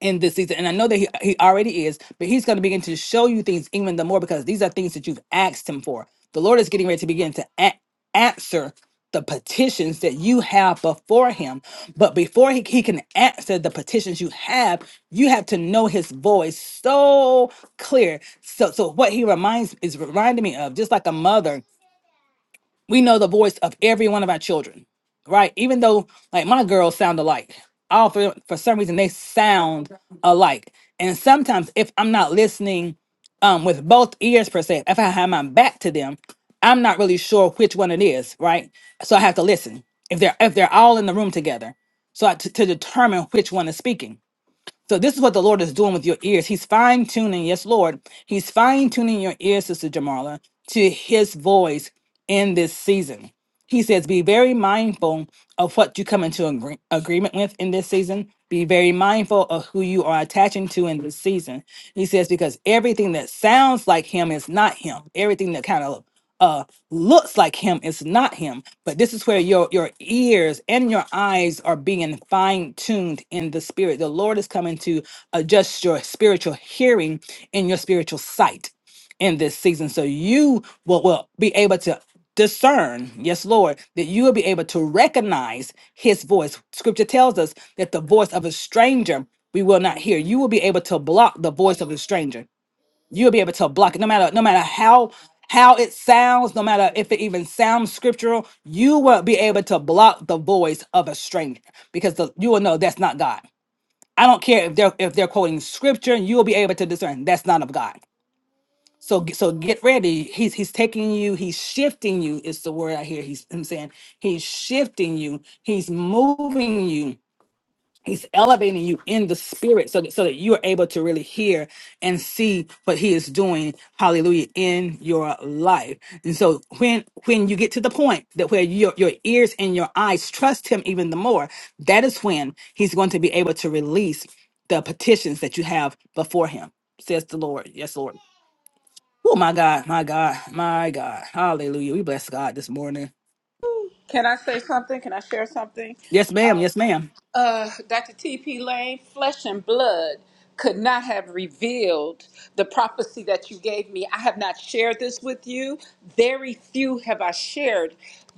Speaker 5: in this season. And I know that he, he already is, but he's going to begin to show you things even the more because these are things that you've asked him for. The Lord is getting ready to begin to a- answer the petitions that you have before him. But before he, he can answer the petitions you have, you have to know his voice so clear. So so what he reminds is reminding me of, just like a mother we know the voice of every one of our children, right? Even though like my girls sound alike, all for for some reason they sound alike. And sometimes if I'm not listening um with both ears per se, if I have my back to them, I'm not really sure which one it is, right? So I have to listen if they're if they're all in the room together, so I, to to determine which one is speaking so this is what the Lord is doing with your ears. He's fine tuning, yes, Lord. He's fine tuning your ears, Sister Jamala, to His voice in this season. He says, Be very mindful of what you come into agree- agreement with in this season. Be very mindful of who you are attaching to in this season. He says, Because everything that sounds like him is not him. Everything that kind of uh, looks like him is not him. But this is where your, your ears and your eyes are being fine tuned in the spirit. The Lord is coming to adjust your spiritual hearing and your spiritual sight in this season so you will, will be able to discern yes lord that you will be able to recognize his voice scripture tells us that the voice of a stranger we will not hear you will be able to block the voice of a stranger you'll be able to block it no matter no matter how how it sounds no matter if it even sounds scriptural you will be able to block the voice of a stranger because the, you will know that's not god i don't care if they're if they're quoting scripture you will be able to discern that's not of god so g- so get ready. He's he's taking you, he's shifting you, is the word I hear. He's I'm saying he's shifting you, he's moving you, he's elevating you in the spirit so that so that you are able to really hear and see what he is doing, hallelujah, in your life. And so when when you get to the point that where your, your ears and your eyes trust him even the more, that is when he's going to be able to release the petitions that you have before him, says the Lord. Yes, Lord. Oh my God, my God, my God. Hallelujah. We bless God this morning.
Speaker 3: Can I say something? Can I share something?
Speaker 5: Yes, ma'am. Yes, ma'am.
Speaker 3: Uh, Dr. T.P. Lane, flesh and blood could not have revealed the prophecy that you gave me. I have not shared this with you. Very few have I shared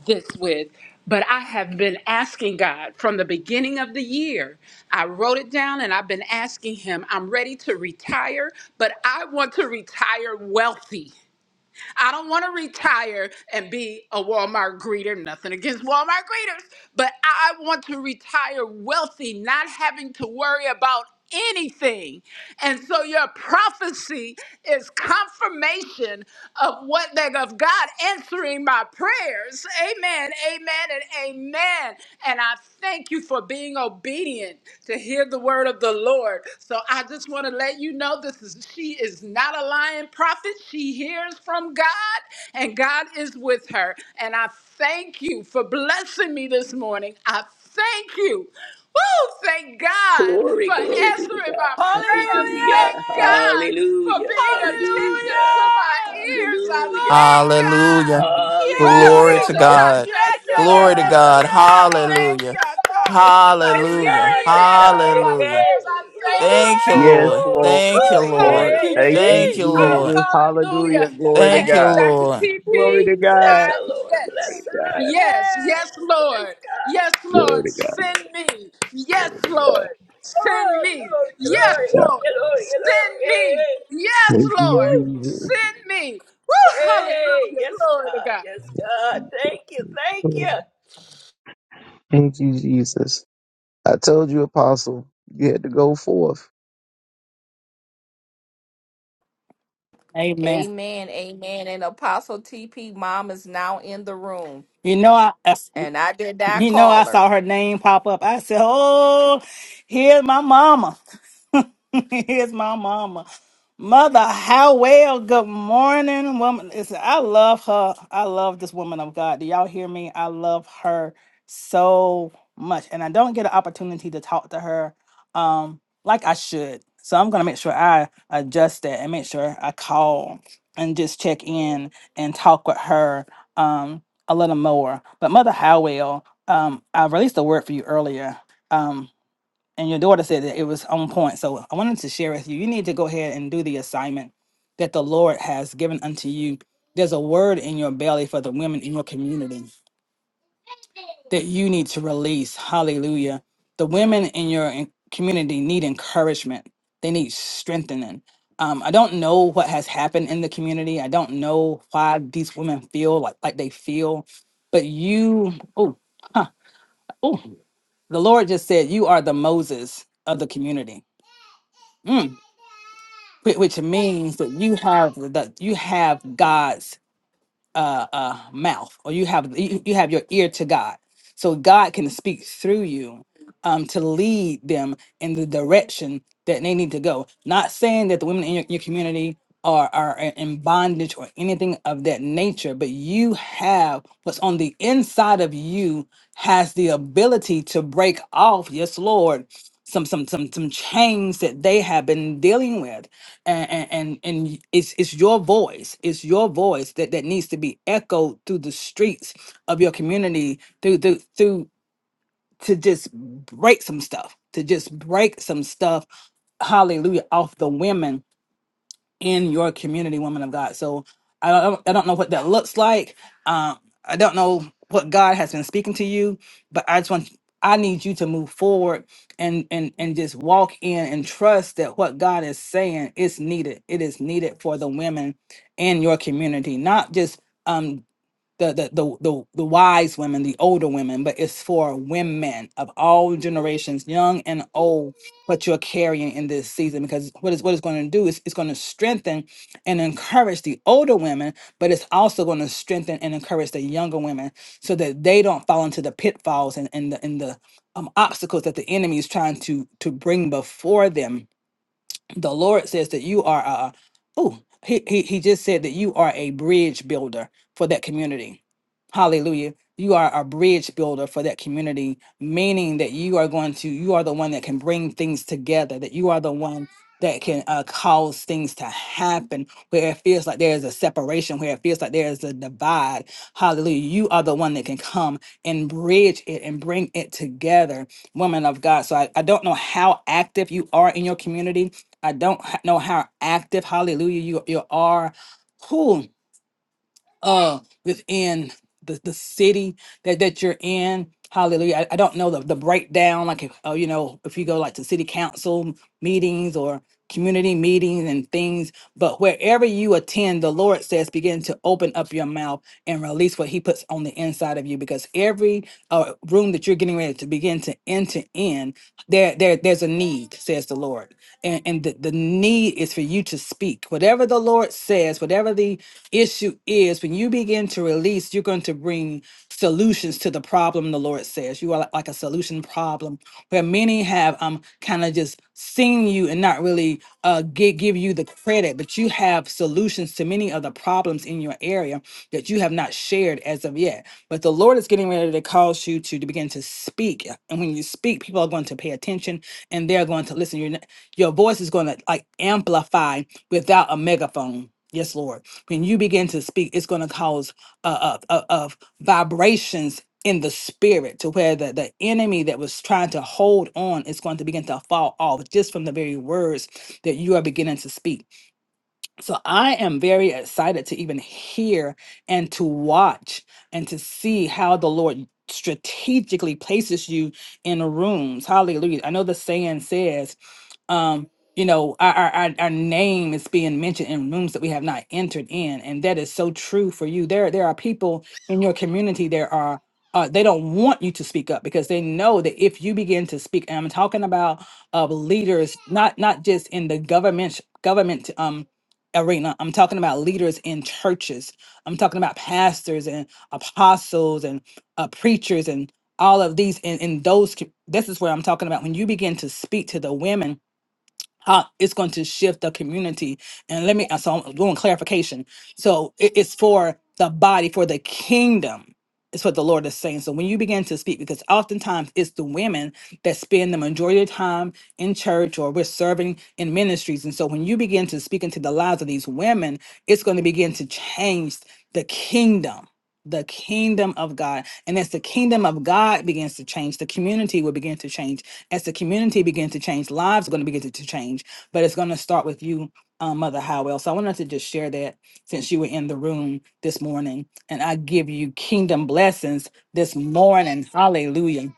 Speaker 3: this with. But I have been asking God from the beginning of the year. I wrote it down and I've been asking Him, I'm ready to retire, but I want to retire wealthy. I don't want to retire and be a Walmart greeter. Nothing against Walmart greeters, but I want to retire wealthy, not having to worry about anything. And so your prophecy is confirmation of what they of God answering my prayers. Amen. Amen and amen. And I thank you for being obedient to his hear the word of the Lord. So I just want to let you know this is she is not a lying prophet. She hears from God and God is with her. And I thank you for blessing me this morning. I thank you. Woo! Thank God
Speaker 6: Glory,
Speaker 3: for
Speaker 6: glory be to
Speaker 3: answering my
Speaker 6: God.
Speaker 3: prayers.
Speaker 10: Hallelujah!
Speaker 3: Thank
Speaker 6: Hallelujah.
Speaker 3: God for
Speaker 6: Hallelujah.
Speaker 3: being attentive to
Speaker 6: Hallelujah.
Speaker 3: my
Speaker 10: Hallelujah!
Speaker 3: ears. I
Speaker 6: Hallelujah.
Speaker 3: thank God.
Speaker 8: Hallelujah.
Speaker 10: Glory! Quiero
Speaker 3: Woo,
Speaker 8: Glory
Speaker 6: Hallelujah.
Speaker 8: to
Speaker 3: Jesus,
Speaker 10: robo
Speaker 6: Yes,
Speaker 3: I
Speaker 8: God.
Speaker 6: God.
Speaker 3: thank you,
Speaker 10: shende
Speaker 6: Yes,
Speaker 10: de
Speaker 8: Glory
Speaker 3: Lord.
Speaker 8: to
Speaker 10: me
Speaker 8: God.
Speaker 6: God.
Speaker 10: quiero
Speaker 3: I thank
Speaker 10: robo
Speaker 8: Hallelujah.
Speaker 3: you,
Speaker 10: shata.
Speaker 3: Lord, for
Speaker 6: Yes,
Speaker 8: Hallelujah.
Speaker 3: hearing
Speaker 6: God.
Speaker 3: and
Speaker 6: Yes, God.
Speaker 3: answering
Speaker 6: Hey,
Speaker 10: Hallelujah!
Speaker 3: my
Speaker 8: Hallelujah.
Speaker 3: prayers. I
Speaker 6: hey. Hello.
Speaker 3: thank you,
Speaker 8: Thank you,
Speaker 3: God.
Speaker 7: Yes,
Speaker 8: Lord.
Speaker 6: Glory,
Speaker 7: Lord.
Speaker 8: Thank
Speaker 3: Woo,
Speaker 8: you,
Speaker 6: glory.
Speaker 10: Glory!
Speaker 8: Lord.
Speaker 6: Hey,
Speaker 10: Thank
Speaker 6: hey,
Speaker 7: Thank
Speaker 3: hallelujah.
Speaker 10: you,
Speaker 7: you,
Speaker 6: hey.
Speaker 8: Thank you,
Speaker 6: hey.
Speaker 3: Oh,
Speaker 8: Lord.
Speaker 6: Yes,
Speaker 10: Jesus.
Speaker 7: Jesus.
Speaker 6: God.
Speaker 7: Hallelujah.
Speaker 3: hallelujah.
Speaker 6: Yes,
Speaker 7: Glory to
Speaker 6: God.
Speaker 8: Thank you,
Speaker 3: And
Speaker 7: God.
Speaker 3: Dr.
Speaker 8: Lord.
Speaker 7: Glory
Speaker 3: TP,
Speaker 7: to
Speaker 6: Ooh, bless
Speaker 7: God.
Speaker 3: I,
Speaker 6: her, Lord.
Speaker 3: yes,
Speaker 7: Glory
Speaker 6: Bless
Speaker 7: to
Speaker 6: her.
Speaker 3: yes,
Speaker 6: Yes.
Speaker 3: yes, Lord.
Speaker 6: Yes, God.
Speaker 3: Yes,
Speaker 7: God. Glory
Speaker 3: Lord,
Speaker 7: to God.
Speaker 3: send me. Yes,
Speaker 7: Glory to
Speaker 3: Lord,
Speaker 7: God.
Speaker 3: send
Speaker 6: Oh,
Speaker 3: me.
Speaker 6: glory,
Speaker 3: Yes,
Speaker 6: glory.
Speaker 7: God.
Speaker 3: Lord,
Speaker 6: Hello, hello.
Speaker 3: send
Speaker 6: Hey,
Speaker 3: me.
Speaker 6: hey.
Speaker 3: Yes,
Speaker 7: Thank you,
Speaker 3: Lord,
Speaker 6: Woo.
Speaker 7: Jesus.
Speaker 3: send me. Woo,
Speaker 6: Hey,
Speaker 3: hallelujah.
Speaker 6: yes,
Speaker 3: Glory to
Speaker 6: God.
Speaker 3: God.
Speaker 6: Yes, God. Thank you. Thank you.
Speaker 7: Thank you, Jesus. I told you, Apostle, you had to go forth.
Speaker 5: Amen.
Speaker 10: Amen, amen. And Apostle TP Mom is now in the room.
Speaker 5: You know, I, I-
Speaker 10: And I did not
Speaker 5: You know, I
Speaker 10: call her.
Speaker 5: saw her name pop up. I said, Oh, here's my mama. here's my mama. Mother, how well? Good morning, woman. Listen, I love her. I love this woman of God. Do y'all hear me? I love her so much. And I don't get an opportunity to talk to her um, like I should. So I'm going to make sure I adjust that and make sure I call and just check in and talk with her um, a little more. But Mother Howell um, I released a word for you earlier, um, and your daughter said that it was on point. So I wanted to share with you. You need to go ahead and do the assignment that the Lord has given unto you. There's a word in your belly for the women in your community that you need to release. Hallelujah. The women in your en- community need encouragement, they need strengthening. Um, I don't know what has happened in the community. I don't know why these women feel like, like they feel, but you, oh, huh. oh, the Lord just said, You are the Moses of the community. Mm. Whi- Which means that you have that you have God's uh, uh, mouth or you have you, you have your ear to god so god can speak through you um, to lead them in the direction that they need to go not saying that the women in your, your community are, are i- in bondage or anything of that nature but you have what's on the inside of you has the ability to break off yes lord some some some some chains that they have been dealing with and and and it's it's your voice it's your voice that that needs to be echoed through the streets of your community through through, through to just break some stuff to just break some stuff hallelujah off the women in your community, woman of God. So I don't, I don't know what that looks like. Um, I don't know what God has been speaking to you, but I just want I need you to move forward and and and just walk in and trust that what God is saying is needed. It is needed for the women in your community, not just. Um, the the the the, the wise women, the older women, but it's for women of all generations, young and old, what you're carrying in this season. Because what is what it's going to do is it's going to strengthen and encourage the older women, but it's also going to strengthen and encourage the younger women so that they don't fall into the pitfalls and, and the and the um, obstacles that the enemy is trying to to bring before them the Lord says that you are a oh he, he he just said that you are a bridge builder for that community. Hallelujah. You are a bridge builder for that community, meaning that you are going to you are the one that can bring things together, that you are the one that can uh, cause things to happen where it feels like there is a separation, where it feels like there is a divide. Hallelujah. You are the one that can come and bridge it and bring it together, woman of God. So I, I don't know how active you are in your community I don't h- know how active, hallelujah, you, you are. Who? uh within the, the city that that you're in hallelujah i, I don't know the, the breakdown like if, uh, you know if you go like to city council meetings or community meetings and things but wherever you attend the lord says begin to open up your mouth and release what he puts on the inside of you because every uh, room that you're getting ready to begin to enter in there, there there's a need says the lord and and the, the need is for you to speak whatever the lord says whatever the issue is when you begin to release, you're going to bring solutions to the problem, the Lord says. You are li- like a solution problem where many have um kind of just seen you and not really uh give, give you the credit, but you have solutions to many of the problems in your area that you have not shared as of yet. But the Lord is getting ready to cause you to, to begin to speak. And when you speak, people are going to pay attention and they're going to listen. Your, your voice is going to like amplify without a megaphone. Yes, Lord when you begin to speak, it's going to cause uh, uh, uh, of vibrations in the spirit to where the, the enemy that was trying to hold on is going to begin to fall off just from the very words that you are beginning to speak. So I am very excited to even hear and to watch and to see how the Lord strategically places you in rooms. Hallelujah. I know the saying says um you know our, our our our name is being mentioned in rooms that we have not entered in and that is so true for you there there are people in your community there are uh, they don't want you to speak up because they know that if you begin to speak and i'm talking about uh, leaders not not just in the government government um arena i'm talking about leaders in churches i'm talking about pastors and apostles and uh, preachers and all of these in, in those co- this is where i'm talking about when you begin to speak to the women how it's going to shift the community. And let me, so I'm doing clarification. So it- it's for the body, for the kingdom. It's what the Lord is saying. So when you begin to speak, because oftentimes it's the women that spend the majority of time in church or we're serving in ministries. And so when you begin to speak into the lives of these women, it's going to begin to change the kingdom. The kingdom of God. And as the kingdom of God begins to change, the community will begin to change as the community begins to change, lives are going to begin to, to change, but it's going to start with you, um, Mother Howell. So I wanted to just share that since you were in the room this morning, and I give you kingdom blessings this morning. Hallelujah.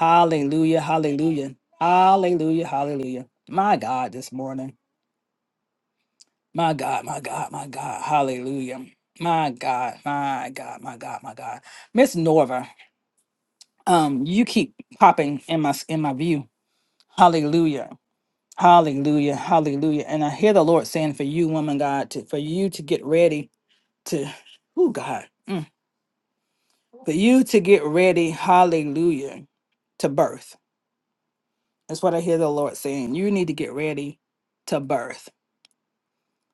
Speaker 5: Hallelujah. Hallelujah. Hallelujah. Hallelujah. My God, this morning. My God, my God, my God. Hallelujah. My God, my God, my God, my God. Miss Norva, um, you keep popping in my in my view. Hallelujah. Hallelujah. Hallelujah. And I hear the Lord saying for you, woman God, to, for you to get ready to, oh God, mm, for you to get ready, hallelujah, to birth. That's what I hear the Lord saying. You need to get ready to birth.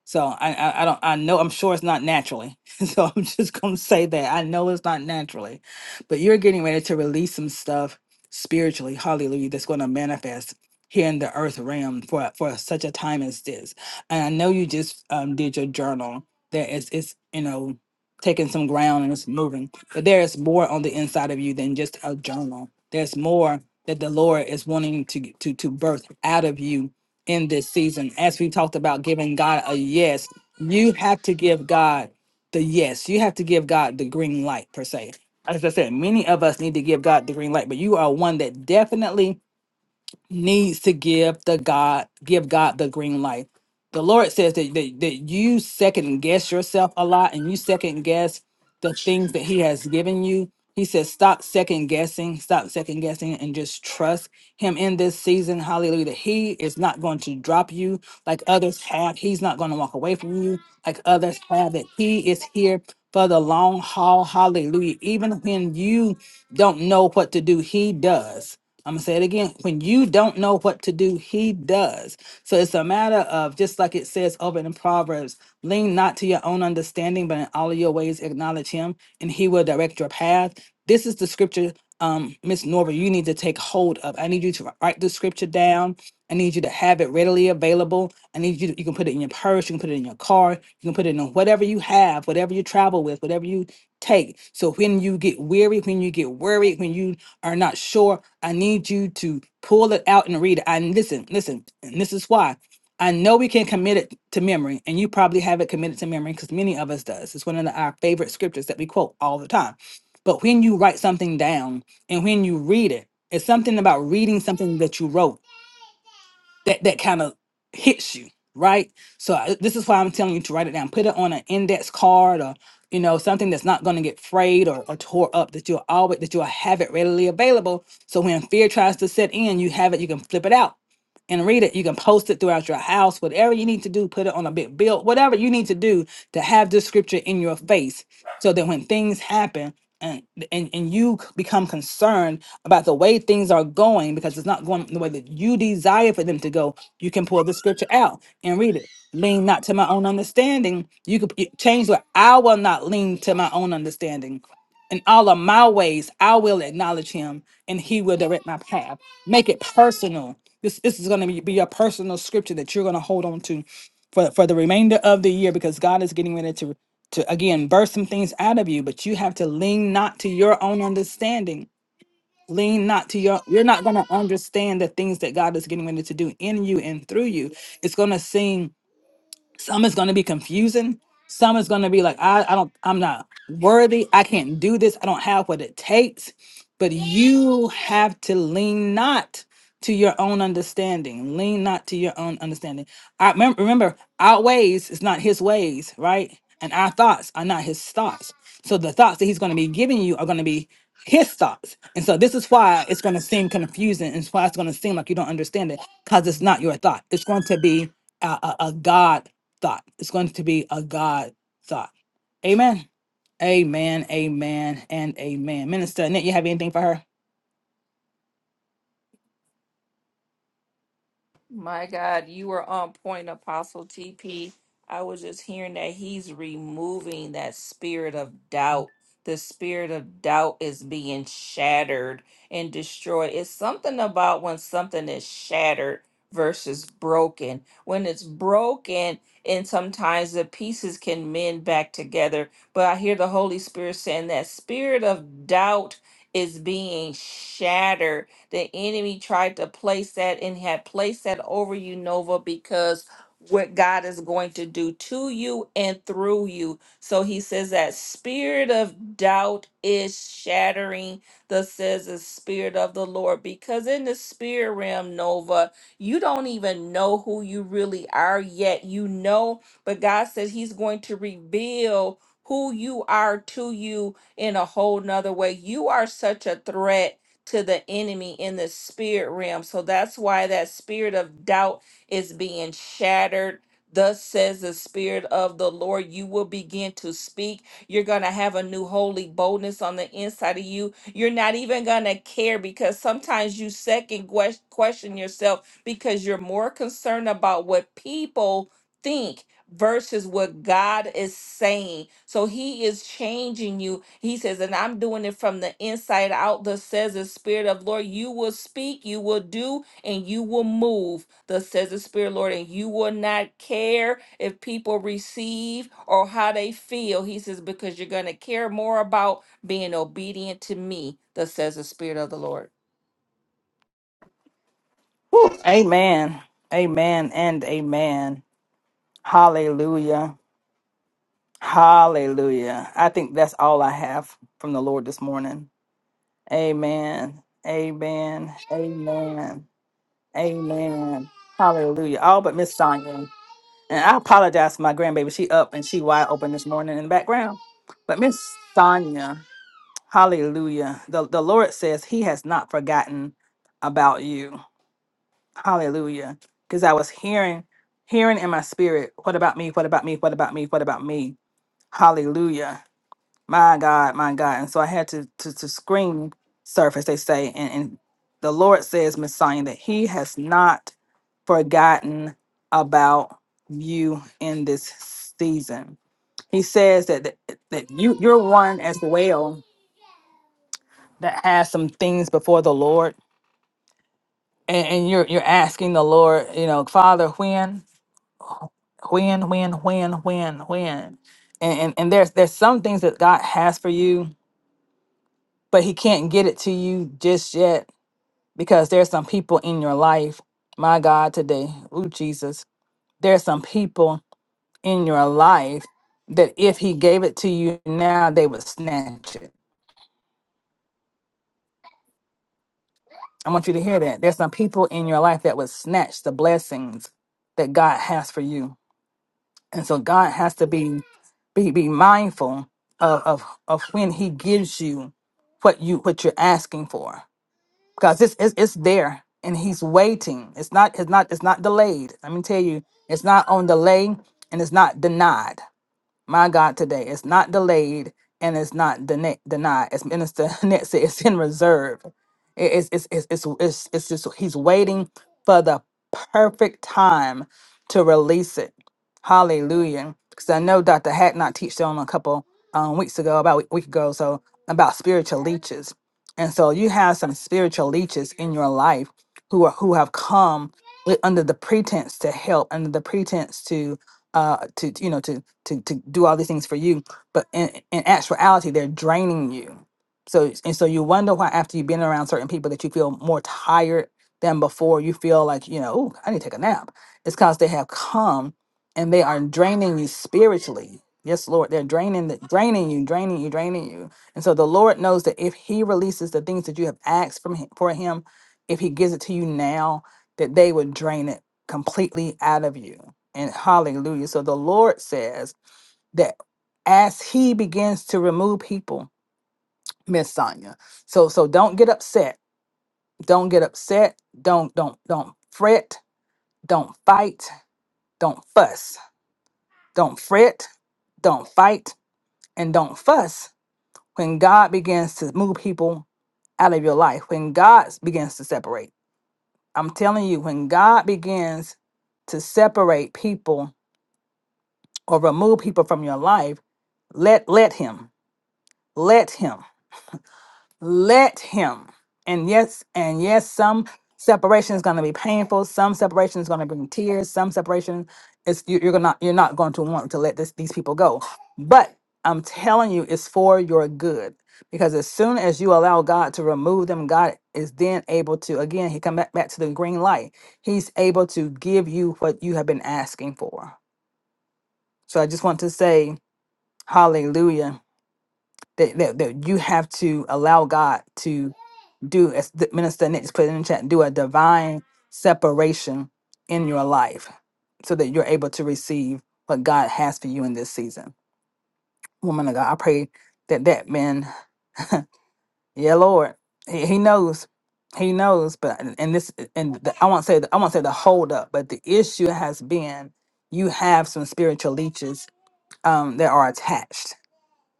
Speaker 5: So I, I I don't I know I'm sure it's not naturally. So I'm just gonna say that I know it's not naturally, but you're getting ready to release some stuff spiritually, hallelujah, that's gonna manifest here in the earth realm for for such a time as this. And I know you just um, did your journal. That it's it's you know taking some ground and it's moving, but there is more on the inside of you than just a journal. There's more that the Lord is wanting to to to birth out of you in this season. As we talked about giving God a yes, you have to give God the yes. You have to give God the green light, per se. As I said, many of us need to give God the green light, but you are one that definitely needs to give the God give God the green light. The Lord says that, that, that you second guess yourself a lot and you second guess the things that He has given you. He says, stop second guessing, stop second guessing, and just trust Him in this season. Hallelujah. that He is not going to drop you like others have. He's not going to walk away from you like others have. That He is here for the long haul. Hallelujah. Even when you don't know what to do, He does. I'm gonna say it again. When you don't know what to do, he does. So it's a matter of just like it says over in Proverbs, lean not to your own understanding, but in all of your ways acknowledge him, and he will direct your path. This is the scripture, um, Miss Norva, you need to take hold of. I need you to write the scripture down. I need you to have it readily available. I need you to, you can put it in your purse, you can put it in your car, you can put it in whatever you have, whatever you travel with, whatever you take. So when you get weary, when you get worried, when you are not sure I need you to pull it out and read it. And listen, listen, and this is why. I know we can commit it to memory, and you probably have it committed to memory because many of us does. It's one of the- our favorite scriptures that we quote all the time. But when you write something down and when you read it, it's something about reading something that you wrote that that kind of hits you right so I, this is why i'm telling you to write it down put it on an index card or you know something that's not going to get frayed or, or tore up that you'll always that you'll have it readily available so when fear tries to set in you have it you can flip it out and read it you can post it throughout your house whatever you need to do put it on a big bill whatever you need to do to have this scripture in your face so that when things happen and, and and you c- become concerned about the way things are going because it's not going the way that you desire for them to go you can pull the scripture out and read it lean not to my own understanding you could you- change what i will not lean to my own understanding in all of my ways i will acknowledge him and he will direct my path make it personal this this is going to be, be a personal scripture that you're going to hold on to for for the remainder of the year because God is getting ready to to again burst some things out of you, but you have to lean not to your own understanding. Lean not to your you're not going to understand the things that God is getting ready to do in you and through you. It's going to seem some is going to be confusing some is going to be like I, I don't i'm not worthy i can't do this i don't have what it takes but you have to lean not to your own understanding lean not to your own understanding i remem- remember our ways is not his ways right and our thoughts are not his thoughts so the thoughts that he's going to be giving you are going to be his thoughts and so this is why it's going to seem confusing and it's why it's going to seem like you don't understand it because it's not your thought it's going to be a, a, God thought. It's going to be a God thought. Amen. Amen. Amen. And amen. Minister Annette, you have anything for her?
Speaker 10: My God, you were on point, Apostle TP. I was just hearing that he's removing that spirit of doubt. The spirit of doubt is being shattered and destroyed. It's something about when something is shattered versus broken. When it's broken, and sometimes the pieces can mend back together. But I hear the Holy Spirit saying that spirit of doubt is being shattered the enemy tried to place that and had placed that over you, Nova, because what God is going to do to you and through you. So he says that spirit of doubt is shattering the says the spirit of the Lord because in the spirit realm Nova you don't even know who you really are yet you know but God said he's going to reveal who you are to you in a whole nother way you are such a threat to the enemy in the spirit realm. So that's why that spirit of doubt is being shattered. Thus says the Spirit of the Lord, you will begin to speak. You're going to have a new holy boldness on the inside of you. You're not even going to care because sometimes you second ques- question yourself because you're more concerned about what people think versus what God is saying. So he is changing you. He says, and I'm doing it from the inside out. Thus says the Spirit of Lord, you will speak, you will do, and you will move. Thus says the Spirit, of Lord, and you will not care if people receive or how they feel. He says, because you're going to care more about being obedient to me. Thus says the Spirit of the Lord.
Speaker 5: Whew. Amen. Amen. And amen. Hallelujah. Hallelujah. I think that's all I have from the Lord this morning. Amen. Amen. Amen. Amen. Hallelujah. All but Miss Sonia. And I apologize to my grandbaby. She up and she wide open this morning in the background. But Miss Sonia. Hallelujah. The, the Lord says he has not forgotten about you. Hallelujah. Because I was hearing, hearing in my spirit, what about me? What about me? What about me? What about me? Hallelujah. My God, my God. And so I had to to, to screen surface, they say, and, and the Lord says, Messiah, that he has not forgotten about you in this season. He says that that, that you you're one as well that has some things before the Lord, and, and you're you're asking the Lord, you know, Father, when, when, when, when, when, when, and, and and there's there's some things that God has for you, but He can't get it to you just yet because there's some people in your life, my God, today, ooh Jesus, there's some people in your life that if He gave it to you now, they would snatch it. I want you to hear that. There's some people in your life that would snatch the blessings that God has for you And so God has to be be be mindful of of, of when He gives you what you what you're asking for because it's it's, it's there and He's waiting. It's not it's not it's not delayed. Let me tell you, it's not on delay and it's not denied my God, today. It's not delayed and it's not dene- denied. As Minister Net said, it's in reserve. It- It's, it's, it's, it's, it's, it's just, he's waiting for the perfect time to release it. Hallelujah. Because I know Dr. Hack not teached on a couple um, weeks ago, about a week week ago, or so about spiritual leeches. And so you have some spiritual leeches in your life who are who have come with, under the pretense to help, under the pretense to uh to you know to to to do all these things for you but in, in actuality they're draining you so and so you wonder why after you've been around certain people that you feel more tired than before you feel like you know Ooh, i need to take a nap it's because they have come and they are draining you spiritually yes lord they're draining the, draining you draining you draining you and so the lord knows that if he releases the things that you have asked from him, for him if he gives it to you now that they would drain it completely out of you and hallelujah so the lord says that as he begins to remove people miss sonia so so don't get upset don't get upset don't don't don't fret don't fight don't fuss don't fret don't fight and don't fuss when god begins to move people out of your life when god begins to separate i'm telling you when god begins to separate people or remove people from your life let let him let him let him and yes and yes some separation is going to be painful some separation is going to bring tears some separation is you, you're not you're not going to want to let this, these people go but i'm telling you it's for your good because as soon as you allow god to remove them god is then able to again he come back, back to the green light he's able to give you what you have been asking for so i just want to say hallelujah that, that, that you have to allow god to do as the minister Nick just put in the chat, do a divine separation in your life so that you're able to receive what God has for you in this season. Woman of God, I pray that that man, yeah, Lord, he, he knows, he knows, but and this and the, I won't say the, I won't say the hold up, but the issue has been you have some spiritual leeches um, that are attached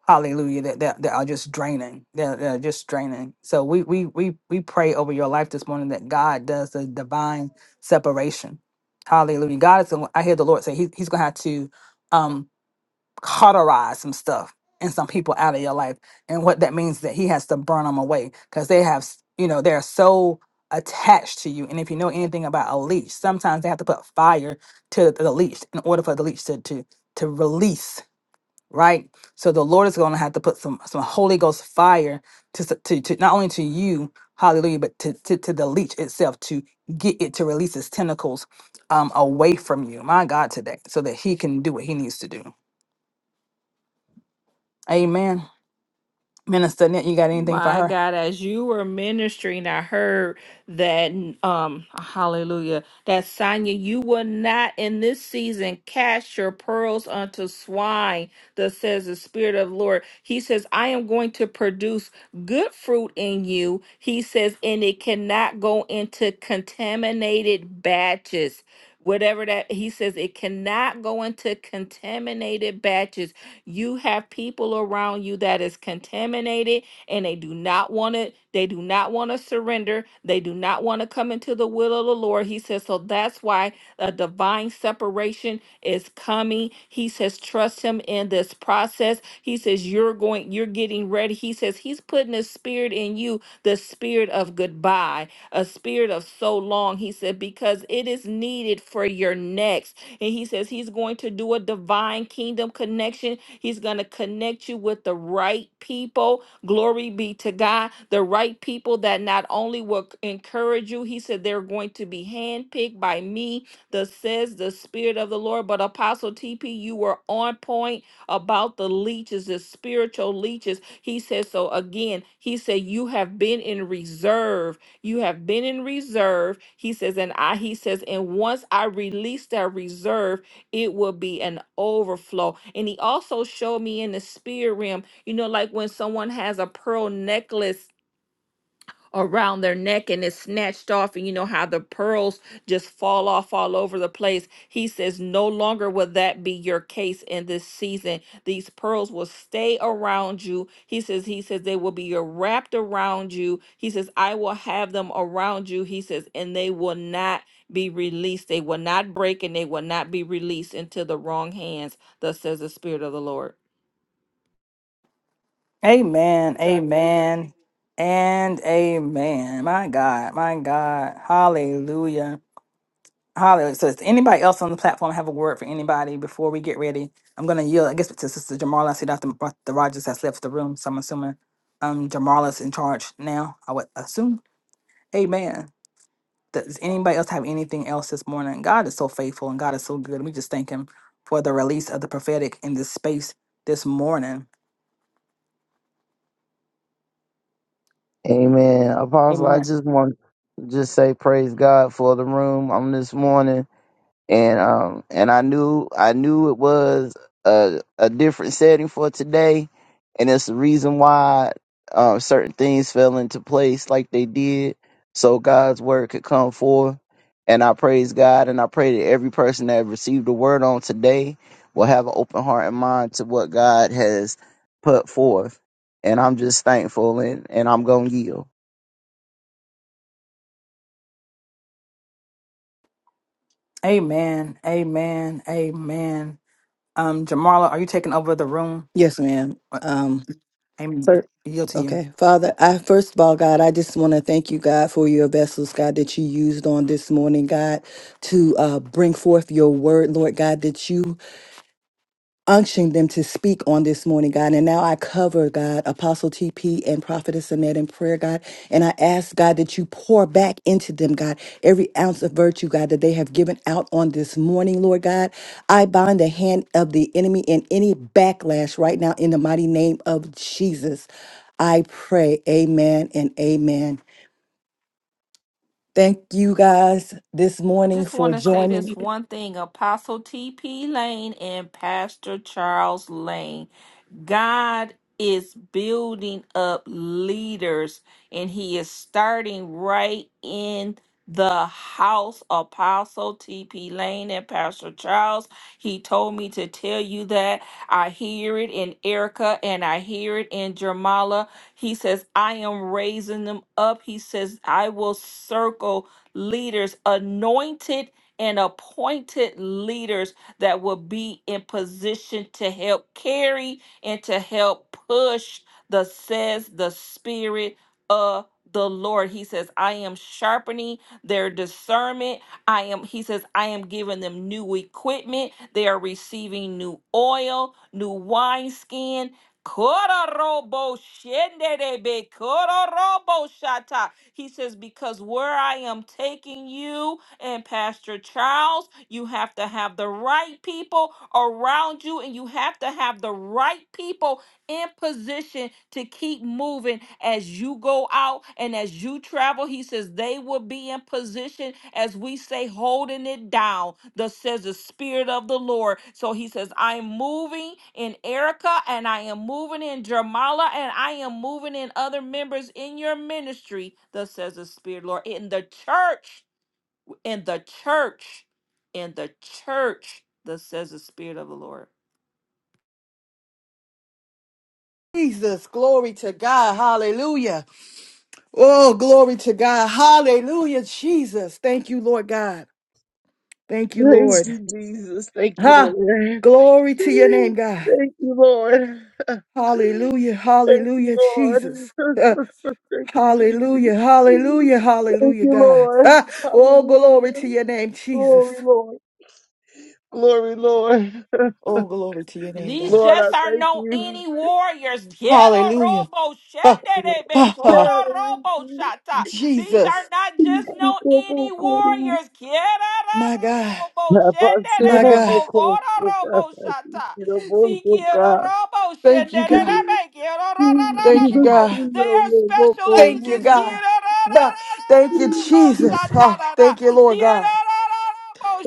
Speaker 5: hallelujah that, that that are just draining that, that are just draining so we we we we pray over your life this morning that god does the divine separation hallelujah god is i hear the lord say he, he's gonna have to um cauterize some stuff and some people out of your life and what that means is that he has to burn them away because they have s- you know they're so attached to you and if you know anything about a leash sometimes they have to put fire to the leash in order for the leash to to to release right? So the Lord is going to have to put some some Holy Ghost fire to s- to, to not only to you, Hallelujah, but to, to to the leech itself to get it to release its tentacles um away from you, my God, today, so that He can do what He needs to do. Amen. Minister Annette, you got anything for
Speaker 10: My
Speaker 5: her?
Speaker 10: God, as you were ministering, I heard that um hallelujah. That Sonya, you will not in this season cast your pearls unto swine, that says the Spirit of the Lord. He says, I am going to produce good fruit in you. He says, and it cannot go into contaminated batches. Whatever that he says, it cannot go into contaminated batches. You have people around you that is contaminated and they do not want it. they do not want to surrender they do not want to come into the will of the lord he says so that's why a divine separation is coming he says trust him in this process he says you're going you're getting ready he says he's putting a spirit in you the spirit of goodbye a spirit of so long he said because it is needed for your next and he says he's going to do a divine kingdom connection he's going to connect you with the right people Glory be to God. The right people that not only will encourage you, he said they're going to be handpicked by me, the says the Spirit of the Lord. But Apostle TP, you were on point about the leeches, the spiritual leeches. He said, so again, he said, you have been in reserve. You have been in reserve. He says, and I, he says, and once I release that reserve, it will be an overflow. And he also showed me in the spirit realm you know, like when someone has a pearl necklace around their neck and it's snatched off, and you know how the pearls just fall off all over the place. He says, No longer will that be your case in this season. These pearls will stay around you. He says, He says, they will be wrapped around you. He says, I will have them around you. He says, and they will not be released. They will not break and they will not be released into the wrong hands. Thus says the Spirit of the Lord.
Speaker 5: Amen. Amen. And amen. My God. My God. Hallelujah. Hallelujah. So, does anybody else on the platform have a word for anybody before we get ready? I'm going to yield, I guess, to Sister Jamarla. I see Dr. Ro- the Rogers has left the room, so I'm assuming um, Jamarla's in charge now. I would assume. Amen. Does anybody else have anything else this morning? God is so faithful and God is so good. We just thank Him for the release of the prophetic in this space this morning.
Speaker 7: Amen. Apostle, I
Speaker 5: Amen.
Speaker 7: just want to just say praise God for the room on this morning. and um and I knew I knew it was a a different setting for today, and it's the reason why um certain things fell into place like they did, so God's word could come forth. And I praise God, and I pray that every person that received the word on today will have an open heart and mind to what God has put forth. And I'm just thankful, and, and I'm gonna yield.
Speaker 5: Amen. Amen. Amen. Um, Jamarla, are you taking over the room?
Speaker 2: Yes,
Speaker 5: Uh,
Speaker 2: ma'am.
Speaker 5: I'm yield to you.
Speaker 2: Okay, Father, I first of all, God, I just want to thank you, God, for your vessels, God, that you used on this morning, God, to uh, bring forth your word, Lord God, that you unctioned them to speak on this morning, God. And now I cover, God, Apostle TP and Prophetess Annette in prayer, God. And I ask, God, that you pour back into them, God, every ounce of virtue, God, that they have given out on this morning, Lord God. I bind the hand of the enemy in any backlash right now in the mighty name of Jesus. I pray, amen and amen. Thank you guys this
Speaker 10: I
Speaker 2: morning
Speaker 10: just
Speaker 2: for
Speaker 10: want to say
Speaker 2: joining.
Speaker 10: this one thing Apostle T.P. Lane and Pastor Charles Lane. God is building up leaders and he is starting right in the house apostle tp lane and pastor charles he told me to tell you that i hear it in erica and i hear it in jermala he says i am raising them up he says i will circle leaders, anointed and appointed leaders that will be in position to help carry and to help push the says the spirit of the Lord. He says, I am sharpening their discernment. I am, he says, I am giving them new equipment. They are receiving new oil, new wineskin. Kororobo shendebe, kororobo shata. He says, Because where I am taking you and Pastor Charles, you have to have the right people around you and you have to have the right people in position to keep moving as you go out and as you travel. He says they will be in position as we say, holding it down. Thus says the Spirit of the Lord. So he says, I'm moving in Erica and I am moving in Jermala and I am moving in other members in your ministry. Thus says the Spirit, of the Lord, in the church, in the church, in the church. Thus says the Spirit of the Lord.
Speaker 2: Jesus, glory to God. Hallelujah. Oh, glory to God. Hallelujah, Jesus. Thank you, Lord God. Thank you,
Speaker 7: Praise
Speaker 2: Lord.
Speaker 7: you, Jesus. Thank you,
Speaker 2: Ha!
Speaker 7: Lord.
Speaker 2: Glory to your name, God.
Speaker 7: Thank you, Lord.
Speaker 2: Hallelujah,
Speaker 7: Thank you,
Speaker 2: hallelujah,
Speaker 7: Lord.
Speaker 2: Jesus. Uh,
Speaker 7: Thank you, Jesus.
Speaker 2: hallelujah, hallelujah,
Speaker 7: Thank
Speaker 2: hallelujah,
Speaker 7: you,
Speaker 2: God.
Speaker 7: Lord.
Speaker 2: Ah, oh, glory
Speaker 7: Hallelujah.
Speaker 2: to your name, Jesus.
Speaker 7: Glory, Lord. Glory, Lord.
Speaker 2: Oh, glory to your name, God.
Speaker 10: These
Speaker 7: Lord, I
Speaker 10: just are
Speaker 7: thank
Speaker 10: no
Speaker 7: you.
Speaker 10: any warriors. Quiero
Speaker 2: Hallelujah.
Speaker 10: robo
Speaker 2: Ah,
Speaker 10: shendebe
Speaker 2: ah, ah.
Speaker 7: God,
Speaker 10: coro
Speaker 7: I thank
Speaker 10: robo
Speaker 7: you.
Speaker 10: shata. These are
Speaker 2: Jesus,
Speaker 10: not just no
Speaker 7: Thank
Speaker 10: any warriors. Quiero
Speaker 2: my
Speaker 10: ro-
Speaker 2: God,
Speaker 10: ro- robo
Speaker 2: my
Speaker 10: shendebe
Speaker 2: God.
Speaker 10: coro robo shata. Si quiero robo
Speaker 2: Thank you,
Speaker 10: shendebe
Speaker 2: God.
Speaker 10: quiero ro- ro- ro-
Speaker 2: Thank you,
Speaker 10: ro- robo.
Speaker 2: God.
Speaker 10: They are special
Speaker 2: Thank you,
Speaker 10: agents.
Speaker 2: God.
Speaker 10: Quiero
Speaker 2: Ba-
Speaker 10: robo.
Speaker 2: Thank you, Jesus. Ah, thank you, Lord God.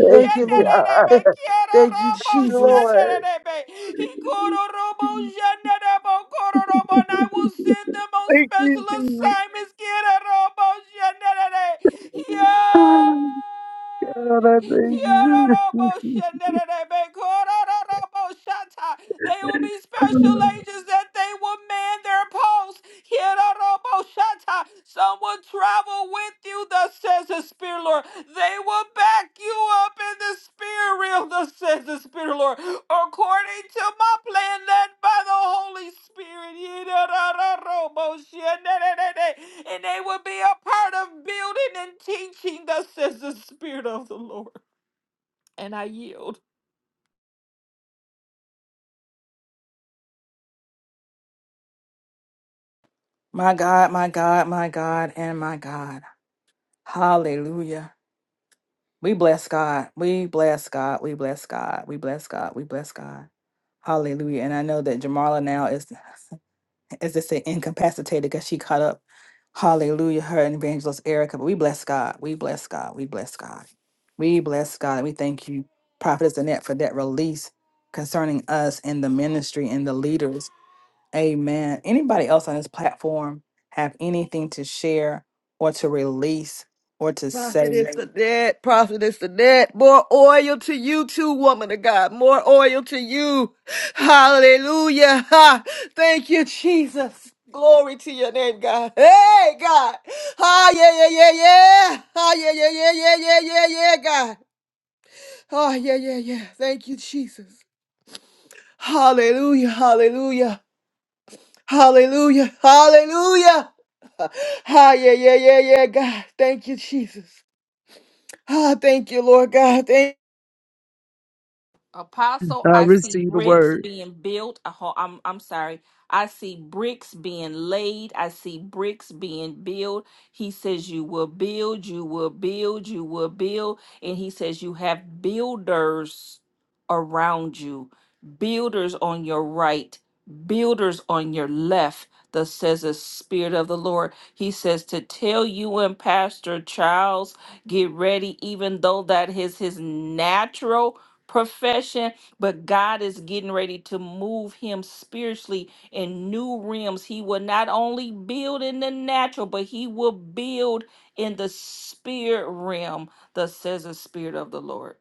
Speaker 2: Thank you,
Speaker 7: you,
Speaker 2: Lord.
Speaker 7: God.
Speaker 2: Thank you, Jesus.
Speaker 10: And I will send them on
Speaker 7: Thank
Speaker 10: special
Speaker 7: you, Jesus.
Speaker 10: assignments.
Speaker 7: Ah, God, I thank you.
Speaker 10: They will be special agents that they will man their posts. Kiraroboshata. Some will travel with you, thus says the Spirit, Lord. They will back you up in the spirit realm, thus says the Spirit, Lord. According to my plan, led by the Holy Spirit. Yirarararoboshenenenene. And they will be a part of building and teaching, thus says the Spirit of the Lord. And I yield.
Speaker 5: My God, my God, my God, and my God. Hallelujah. We bless God. We bless God. We bless God. We bless God. We bless God. Hallelujah. And I know that Jamarla now is. as they say, incapacitated because she caught up. Hallelujah, her and evangelist Erica. But we bless God. We bless God. We bless God. We bless God. And we thank you, Prophetess Annette, for that release concerning us and the ministry and the leaders. Amen. Anybody else on this platform have anything to share or to release or to
Speaker 2: Prophet
Speaker 5: say?
Speaker 2: is the dead. Prophet is the dead. More oil to you too, woman of God. More oil to you. Hallelujah. Ha. Thank you, Jesus. Glory to your name, God. Hey, God. Ah, yeah, yeah, yeah, yeah. Ah, yeah, yeah, yeah, yeah, yeah, yeah, yeah, God. Oh, yeah, yeah, yeah. Thank you, Jesus. Hallelujah, hallelujah. Hallelujah. Hallelujah. Ah, yeah, yeah, yeah, yeah, God. Thank you, Jesus. Ah, thank you, Lord God. Thank
Speaker 7: I
Speaker 10: Apostle, I see
Speaker 7: receive the
Speaker 10: bricks
Speaker 7: word.
Speaker 10: being built. A ho- I'm I'm sorry. I see bricks being laid. I see bricks being built. He says you will build, you will build, you will build, and he says you have builders around you. Builders on your right, builders on your left. Thus says the Spirit of the Lord. He says to tell you and Pastor Charles, get ready, even though that is his natural profession, but God is getting ready to move him spiritually in new realms. He will not only build in the natural, but he will build in the spirit realm, thus says the Spirit of the Lord.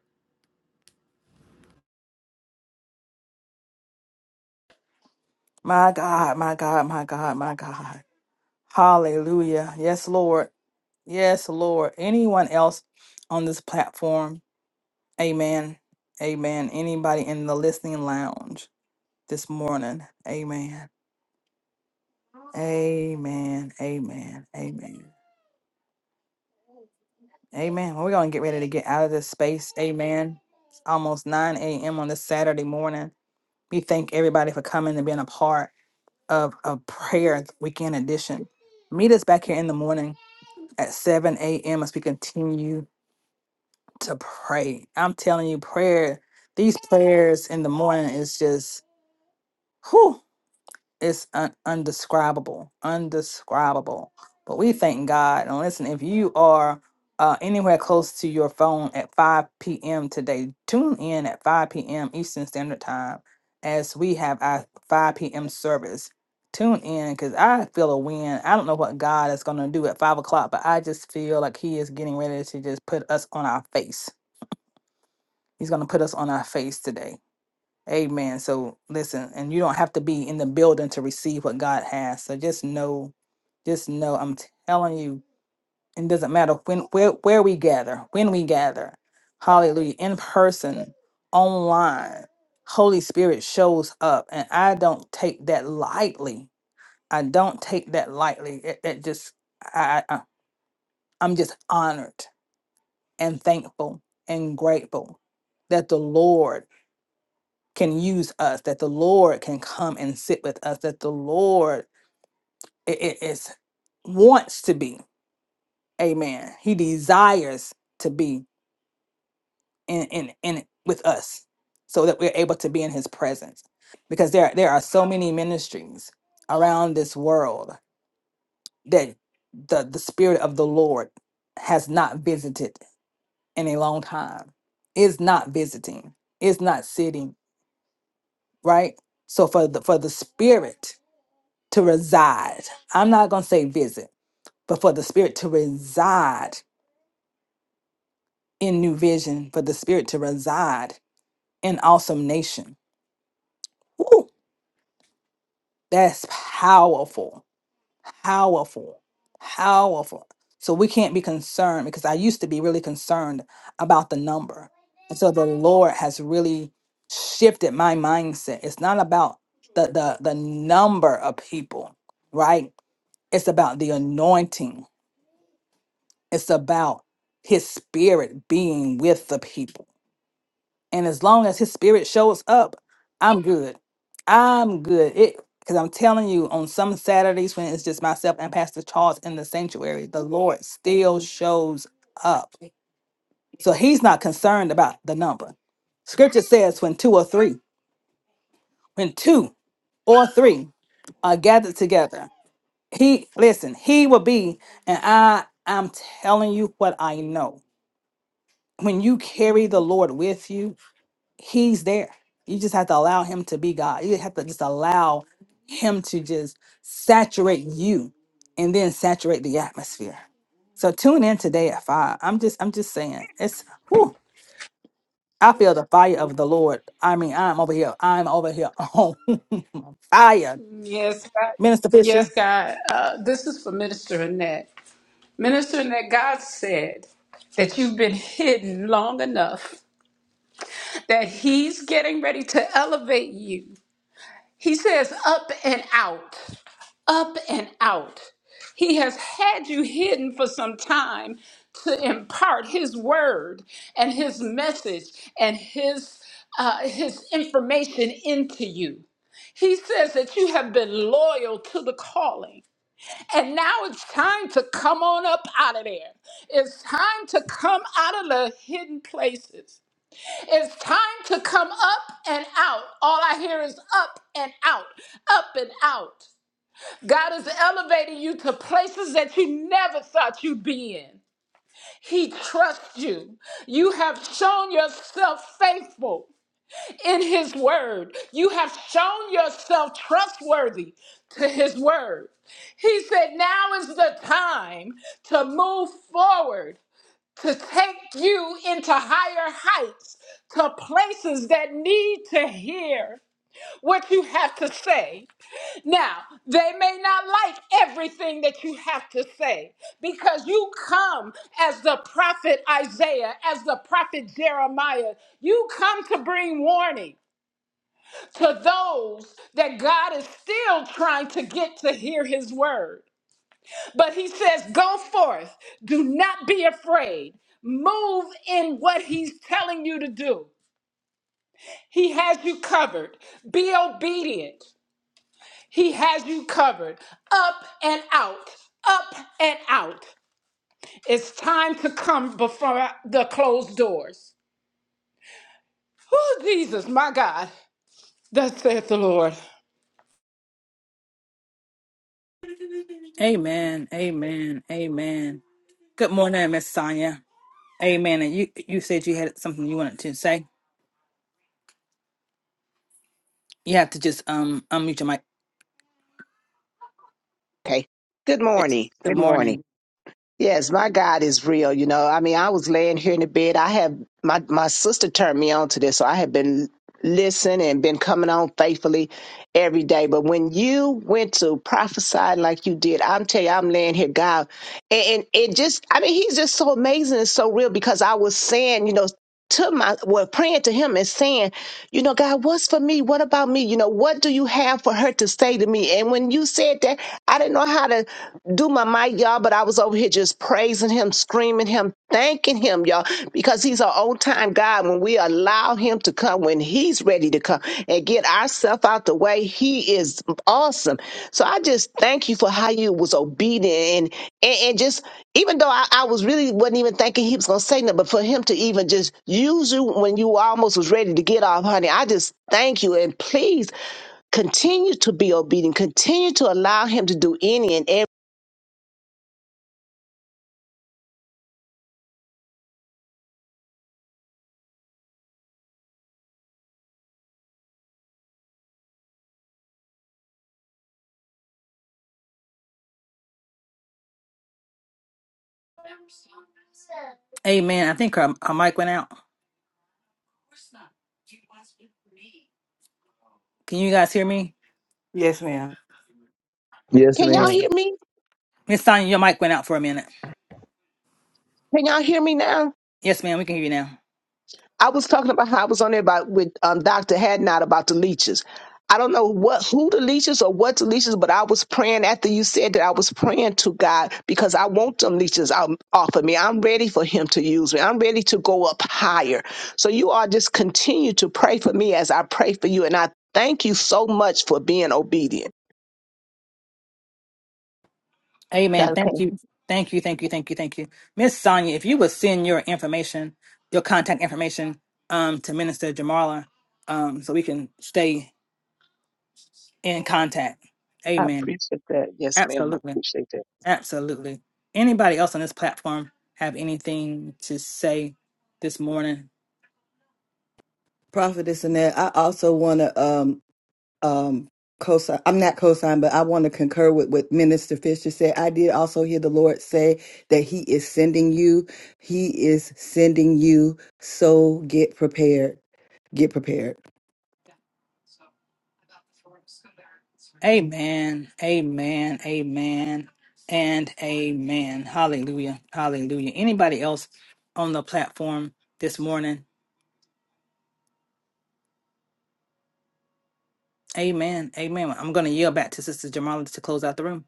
Speaker 5: My God, my God, my God, my God. Hallelujah. Yes, Lord. Yes, Lord. Anyone else on this platform? Amen. Amen. Anybody in the listening lounge this morning? Amen. Amen. Amen. Amen. Amen. Well, we're going to get ready to get out of this space. Amen. It's almost 9 a.m. on this Saturday morning. We thank everybody for coming and being a part of, a prayer weekend edition. Meet us back here in the morning at 7 a.m. as we continue to pray. I'm telling you, prayer, these prayers in the morning is just, whew, it's un- undescribable, undescribable. But we thank God. And listen, if you are uh, anywhere close to your phone at 5 p.m. today, tune in at 5 p.m. Eastern Standard Time as we have our 5 p.m. service. Tune in because I feel a win. I don't know what God is going to do at 5 o'clock, but I just feel like He is getting ready to just put us on our face. He's going to put us on our face today Amen. So listen, and you don't have to be in the building to receive what God has. So just know, just know, I'm telling you, it doesn't matter when where, where we gather, when we gather, hallelujah, in person, online, Holy Spirit shows up. And I don't take that lightly. I don't take that lightly. It, it just I, I I'm just honored and thankful and grateful that the Lord can use us, that the Lord can come and sit with us, that the Lord i- i- is wants to be. Amen. He desires to be in in in with us so that we're able to be in his presence. Because there there are so many ministries around this world that the the spirit of the Lord has not visited in a long time. Is not visiting. Is not sitting, right? So for the for the spirit to reside. I'm not going to say visit, but for the Spirit to reside in New Vision, for the Spirit to reside in Awesome Nation. Woo, that's powerful, powerful, powerful. So we can't be concerned because I used to be really concerned about the number. And so the Lord has really shifted my mindset. It's not about the the, the number of people, right? It's about the anointing It's about his spirit being with the people. And as long as his spirit shows up, I'm good. I'm good. It because I'm telling you, on some Saturdays when it's just myself and Pastor Charles in the sanctuary, the Lord still shows up. So he's not concerned about the number. Scripture says when two or three, when two or three are gathered together, he listen, he will be, and I I'm telling you what I know. when you carry the Lord with you, He's there. You just have to allow Him to be God. You have to just allow Him to just saturate you and then saturate the atmosphere. So tune in today at five. I'm just, I'm just saying, it's whew, I feel the fire of the Lord. I mean, I'm over here. I'm over here on fire.
Speaker 3: Yes, God.
Speaker 5: Minister Fisher.
Speaker 3: Yes, God. Uh, this is for Minister Annette. Minister Annette, God said that you've been hidden long enough that He's getting ready to elevate you. He says, up and out, up and out. He has had you hidden for some time to impart His word and His message and His uh, His information into you. He says that you have been loyal to the calling. And now it's time to come on up out of there. It's time to come out of the hidden places. It's time to come up and out. All I hear is up and out, up and out. God is elevating you to places that you never thought you'd be in. He trusts you. You have shown yourself faithful in his word. You have shown yourself trustworthy to his word. He said, Now is the time to move forward, to take you into higher heights, to places that need to hear what you have to say. Now, they may not like everything that you have to say because you come as the prophet Isaiah, as the prophet Jeremiah. You come to bring warning to those that God is still trying to get to hear his word. But he says, Go forth, do not be afraid, move in what he's telling you to do. He has you covered. Be obedient. He has you covered. Up and out, up and out. It's time to come before the closed doors. Oh, Jesus, my God. Thus saith the Lord.
Speaker 5: Amen. Amen. Amen. Good morning, Miss Sonia. Amen. And you you said you had something you wanted to say. You have to just um unmute your mic.
Speaker 11: Okay. Good
Speaker 5: Yes.
Speaker 11: morning.
Speaker 5: Good
Speaker 11: Good morning.
Speaker 5: morning.
Speaker 11: Yes, my God is real. You know, I mean, I was laying here in the bed. I have my my sister turned me on to this, so I have been listening and been coming on faithfully every day. But when you went to prophesy like you did, I'm telling you, I'm laying here, God, and, and it just, I mean, He's just so amazing and so real because I was saying, you know, to my, well, praying to Him and saying. You know, God, what's for me? What about me? You know, what do you have for her to say to me? And when you said that, I didn't know how to do my mic, y'all, but I was over here just praising him, screaming him, thanking him, y'all, because he's an old time God when we allow him to come, when he's ready to come. And and get ourselves out the way. He is awesome. So I just thank you for how you was obedient and and, and just even though I, I was really wasn't even thinking he was gonna say nothing, but for him to even just use you when you almost was ready to get off, honey, I just thank you and please continue to be obedient. Continue to allow him to do any and every.
Speaker 5: Amen. I think our, our mic went out. Can you guys hear me?
Speaker 2: Yes, ma'am.
Speaker 7: Yes,
Speaker 11: Can y'all
Speaker 5: Miss
Speaker 7: ma'am.
Speaker 11: hear me?
Speaker 5: Miss Sonia, your mic went out for a minute.
Speaker 11: Can y'all hear me now?
Speaker 5: Yes, ma'am, we can hear you now.
Speaker 11: I was talking about how I was on there about with um, Dr. Hadnot about the leeches. I don't know what who the leeches or what the leeches, but I was praying after you said that I was praying to God because I want them leeches out off of me. I'm ready for him to use me. I'm ready to go up higher. So you all just continue to pray for me as I pray for you. And I thank you so much for being obedient. Yeah.
Speaker 5: Amen. Thank you. Thank you. Thank you. Thank you. Thank you. Miss Sonia, if you would send your information, your contact information, um, to Minister Jamala, um, so we can stay in contact.
Speaker 11: I
Speaker 5: Amen.
Speaker 11: appreciate that. Yes, ma'am. I
Speaker 5: Absolutely.
Speaker 11: appreciate that.
Speaker 5: Absolutely. Anybody else on this platform have anything to say this morning?
Speaker 2: Prophetess Annette, I also want to um um cosign. I'm not cosign, but I want to concur with what Minister Fisher said. I did also hear the Lord say that He is sending you. He is sending you. So get prepared. Get prepared.
Speaker 5: Amen. Amen. Amen. And amen. Hallelujah. Hallelujah. Anybody else on the platform this morning? Amen. Amen. I'm going to yield back to Sister Jamala to close out the room.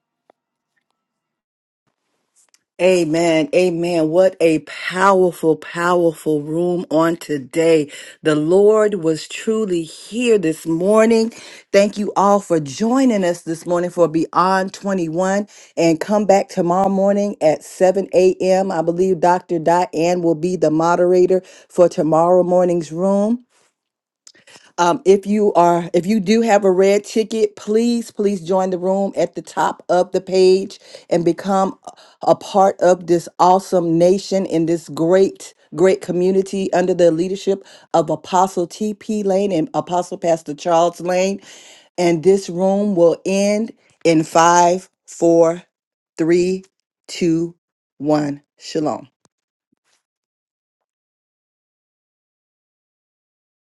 Speaker 2: Amen. Amen. What a powerful, powerful room on today. The Lord was truly here this morning. Thank you all for joining us this morning for Beyond 21 and come back tomorrow morning at 7 a.m. I believe Dr. Diane will be the moderator for tomorrow morning's room. Um, if you are, if you do have a red ticket, please, please join the room at the top of the page and become a a part of this awesome nation in this great, great community under the leadership of Apostle T.P. Lane and Apostle Pastor Charles Lane. And this room will end in five, four, three, two, one. Shalom.